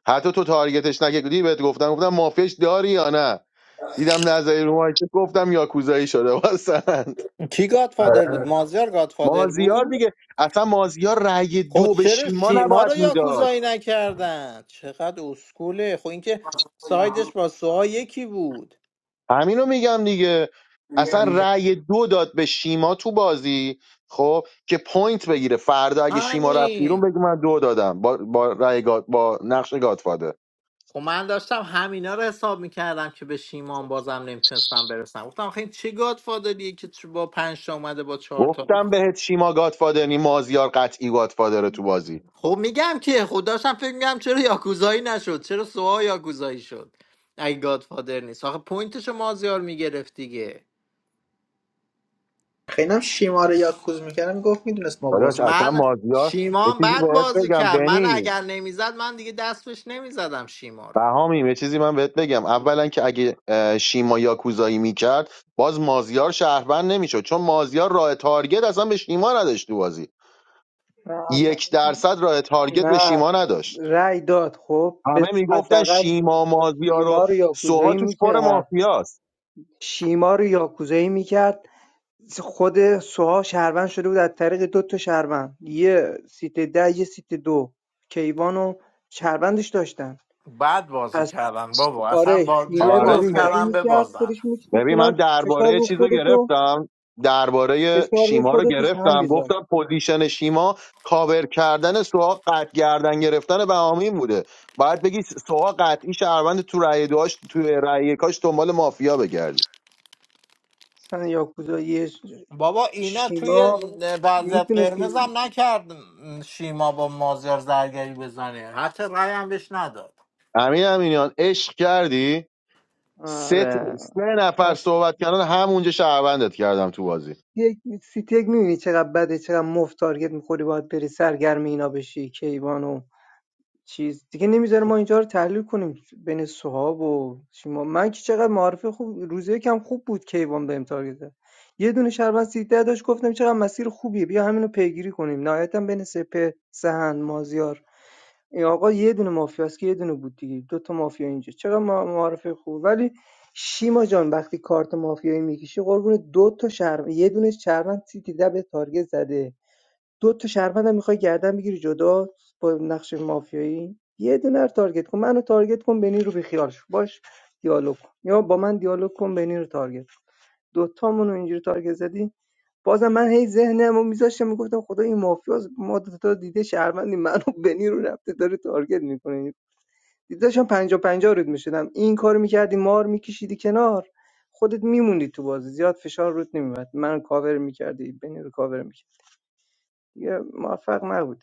Speaker 3: حتی تو تارگتش نکردی بهت گفتم گفتم مافیاش داری یا نه دیدم نظری رو مایکت گفتم یاکوزایی شده واسن
Speaker 1: کی گادفادر بود مازیار گادفادر
Speaker 3: مازیار
Speaker 1: بود
Speaker 3: دیگه اصلا مازیار رأی
Speaker 1: خب
Speaker 3: دو به
Speaker 1: چرا
Speaker 3: شیما
Speaker 1: شیما
Speaker 3: نباید
Speaker 1: رو
Speaker 3: میداد
Speaker 1: یاکوزایی نکردن چقدر اسکوله خب اینکه سایدش با سوها یکی بود
Speaker 3: همینو میگم دیگه اصلا رأی دو داد به شیما تو بازی خب که پوینت بگیره فردا اگه شیما رفت بیرون
Speaker 1: همین
Speaker 3: بگه من دو دادم با با رأی گاد با نقش گادفادر
Speaker 1: خب من داشتم همینا رو حساب میکردم که به شیمان بازم نمیتونستم برسم گفتم آخه این چه گادفادریه که چ- با پنج تا اومده با چهار تا
Speaker 3: گفتم بهت شیما گادفادر نی مازیار قطعی گادفادره تو بازی
Speaker 1: خب میگم که خب داشتم فکر میگم چرا یاکوزایی نشد چرا سوها یاکوزایی شد اگه گادفادر نیست آخه پوینتشو مازیار میگرفت دیگه
Speaker 9: خیلی هم شیما رو یاد کوز میکردم گفت میدونست ما
Speaker 3: داداش
Speaker 9: باز
Speaker 3: اصلا
Speaker 1: من
Speaker 3: مازیار یه
Speaker 1: شیمان
Speaker 3: چیزی
Speaker 1: بد
Speaker 3: بهت
Speaker 1: بازی
Speaker 3: بگم
Speaker 1: کرد من
Speaker 3: بنی
Speaker 1: اگر نمیزد من دیگه دستش نمیزدم شیما رو
Speaker 3: بهامیم یه چیزی من بهت بگم اولا که اگه اه، شیما یاکوزایی میکرد باز مازیار شهروند نمیشد چون مازیار راه تارگت اصلا به شیما نداشت تو بازی
Speaker 11: نه اصلا-
Speaker 3: یک درصد راه تارگت به
Speaker 11: نه
Speaker 3: شیما نداشت
Speaker 11: رأی داد خب به
Speaker 3: همه میگفتن
Speaker 11: حداقل
Speaker 3: شیما مازیار و
Speaker 11: نیما رو
Speaker 3: سوها
Speaker 11: یاکوزایی
Speaker 3: توش پر
Speaker 11: میکرد
Speaker 3: مافیاست
Speaker 11: شیما رو یاکوزایی میکرد خود سوها شهروند شده بود از طریق دو تا شهروند یه سیت ده یه سیت دو کیوان و شهروندش داشتن
Speaker 1: بد بازی کردن بابا اصلا
Speaker 11: آره
Speaker 1: با
Speaker 11: نیما
Speaker 1: جوری
Speaker 11: رو
Speaker 3: آره
Speaker 1: بازی
Speaker 3: دیگه
Speaker 11: یاکوزایی
Speaker 1: کردن
Speaker 11: میکرد
Speaker 1: ببازن
Speaker 11: خودش میکشید
Speaker 3: ببین من
Speaker 11: کنار فشار
Speaker 3: درباره
Speaker 11: رو
Speaker 3: چیز رو
Speaker 11: خودتو
Speaker 3: گرفتم درباره
Speaker 11: فشار رو
Speaker 3: شیما رو
Speaker 11: خودتو سهم
Speaker 3: گرفتم
Speaker 11: میذاشت
Speaker 3: گفتم پوزیشن شیما کاور کردن سوها قطع گردن گرفتن بهامین بوده باید بگی سوها قطعی شهروند تو رأی داشت تو رأی کاش دنبال مافیا بگردی
Speaker 11: مثلا یاکوزایی ش-
Speaker 1: بابا اینا توی
Speaker 11: شیما
Speaker 1: وضعیت قرمز
Speaker 11: میتونستی
Speaker 1: هم نکرد شیما با مازیار زرگری بزنه حتی رأی هم بهش نداد
Speaker 3: امین امینیان عشق کردی سه, ت-
Speaker 11: آره
Speaker 3: سه نفر
Speaker 11: من
Speaker 3: صحبت کردن همونجا شهروندت کردم تو بازی
Speaker 11: یک سیتی یک میبینی چقدر بده چقدر مفت تارگت میخوری باید بری سرگرم اینا بشی کیوان و چیز دیگه نمیذاره ما اینجا رو تحلیل کنیم بین سهاب و شما من که چقدر معرفه خوب روزه یکم خوب بود کیوان بهم تارگت زد. یه دونه شربن سیده داشت گفتم چقدر مسیر خوبیه بیا همینو پیگیری کنیم نهایتا بین سپه سهن مازیار این آقا یه دونه مافیاست که یه دونه بود دیگه دو تا مافیا اینجا چقدر ما- معارفه خوب ولی شیما جان وقتی کارت مافیایی میکشی قربون دو تا شهر یه دونه شهروند سیتی ده به تارگت زده دو تا شهروندم میخوای گردن بگیری جدا با نقش مافیایی یه دونه رو تارگت کن منو تارگت کن بنی رو بیخیال شو باش دیالوگ کن یا با من دیالوگ کن بنی رو تارگت کن دو تامون رو اینجوری تارگت زدی بازم من هی ذهنم رو میذاشتم میگفتم خدا این مافیاز ما دو تا دیده شهروندی منو بنی رو رفته داره تارگت میکنه دیداشم 50 50 رود میشدم این کارو میکردی مار میکشیدی کنار خودت میموندی تو بازی زیاد فشار رود نمیومد من کاور میکردی بنی رو کاور میکردی دیگه موفق نبودی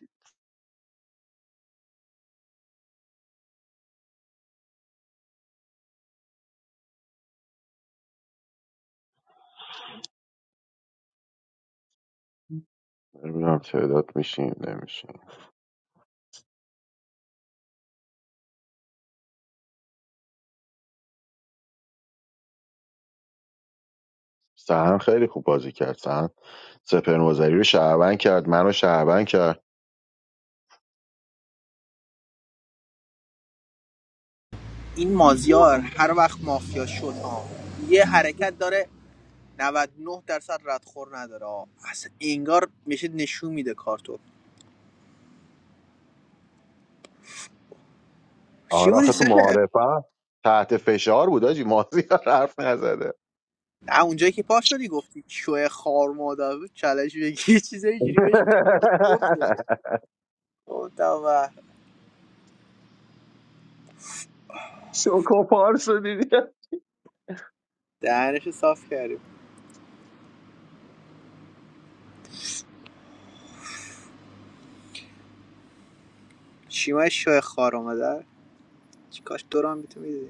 Speaker 3: نمیدونم تعداد میشیم نمیشیم سهن خیلی خوب بازی کرد سهن سپر رو شهروند کرد منو شهروند کرد
Speaker 9: این مازیار هر وقت مافیا شد آه. یه حرکت داره 99 درصد ردخور نداره آه. اصلا انگار میشه نشون میده کارتو چی
Speaker 3: آره
Speaker 9: بودی
Speaker 3: آخه تو
Speaker 9: سپر؟
Speaker 3: معارفه تحت فشار بود آجی مازیار حرف نزده
Speaker 9: نه اونجایی که پا شدی گفتی شوه خار مادر بود چالش بگی یه چیزای اینجوری بهش گفت. گفتم و
Speaker 3: شوکو پار شدی
Speaker 9: دهنشو صاف کردیم چی ما شوه خار مادر چی کاش دوران میتونی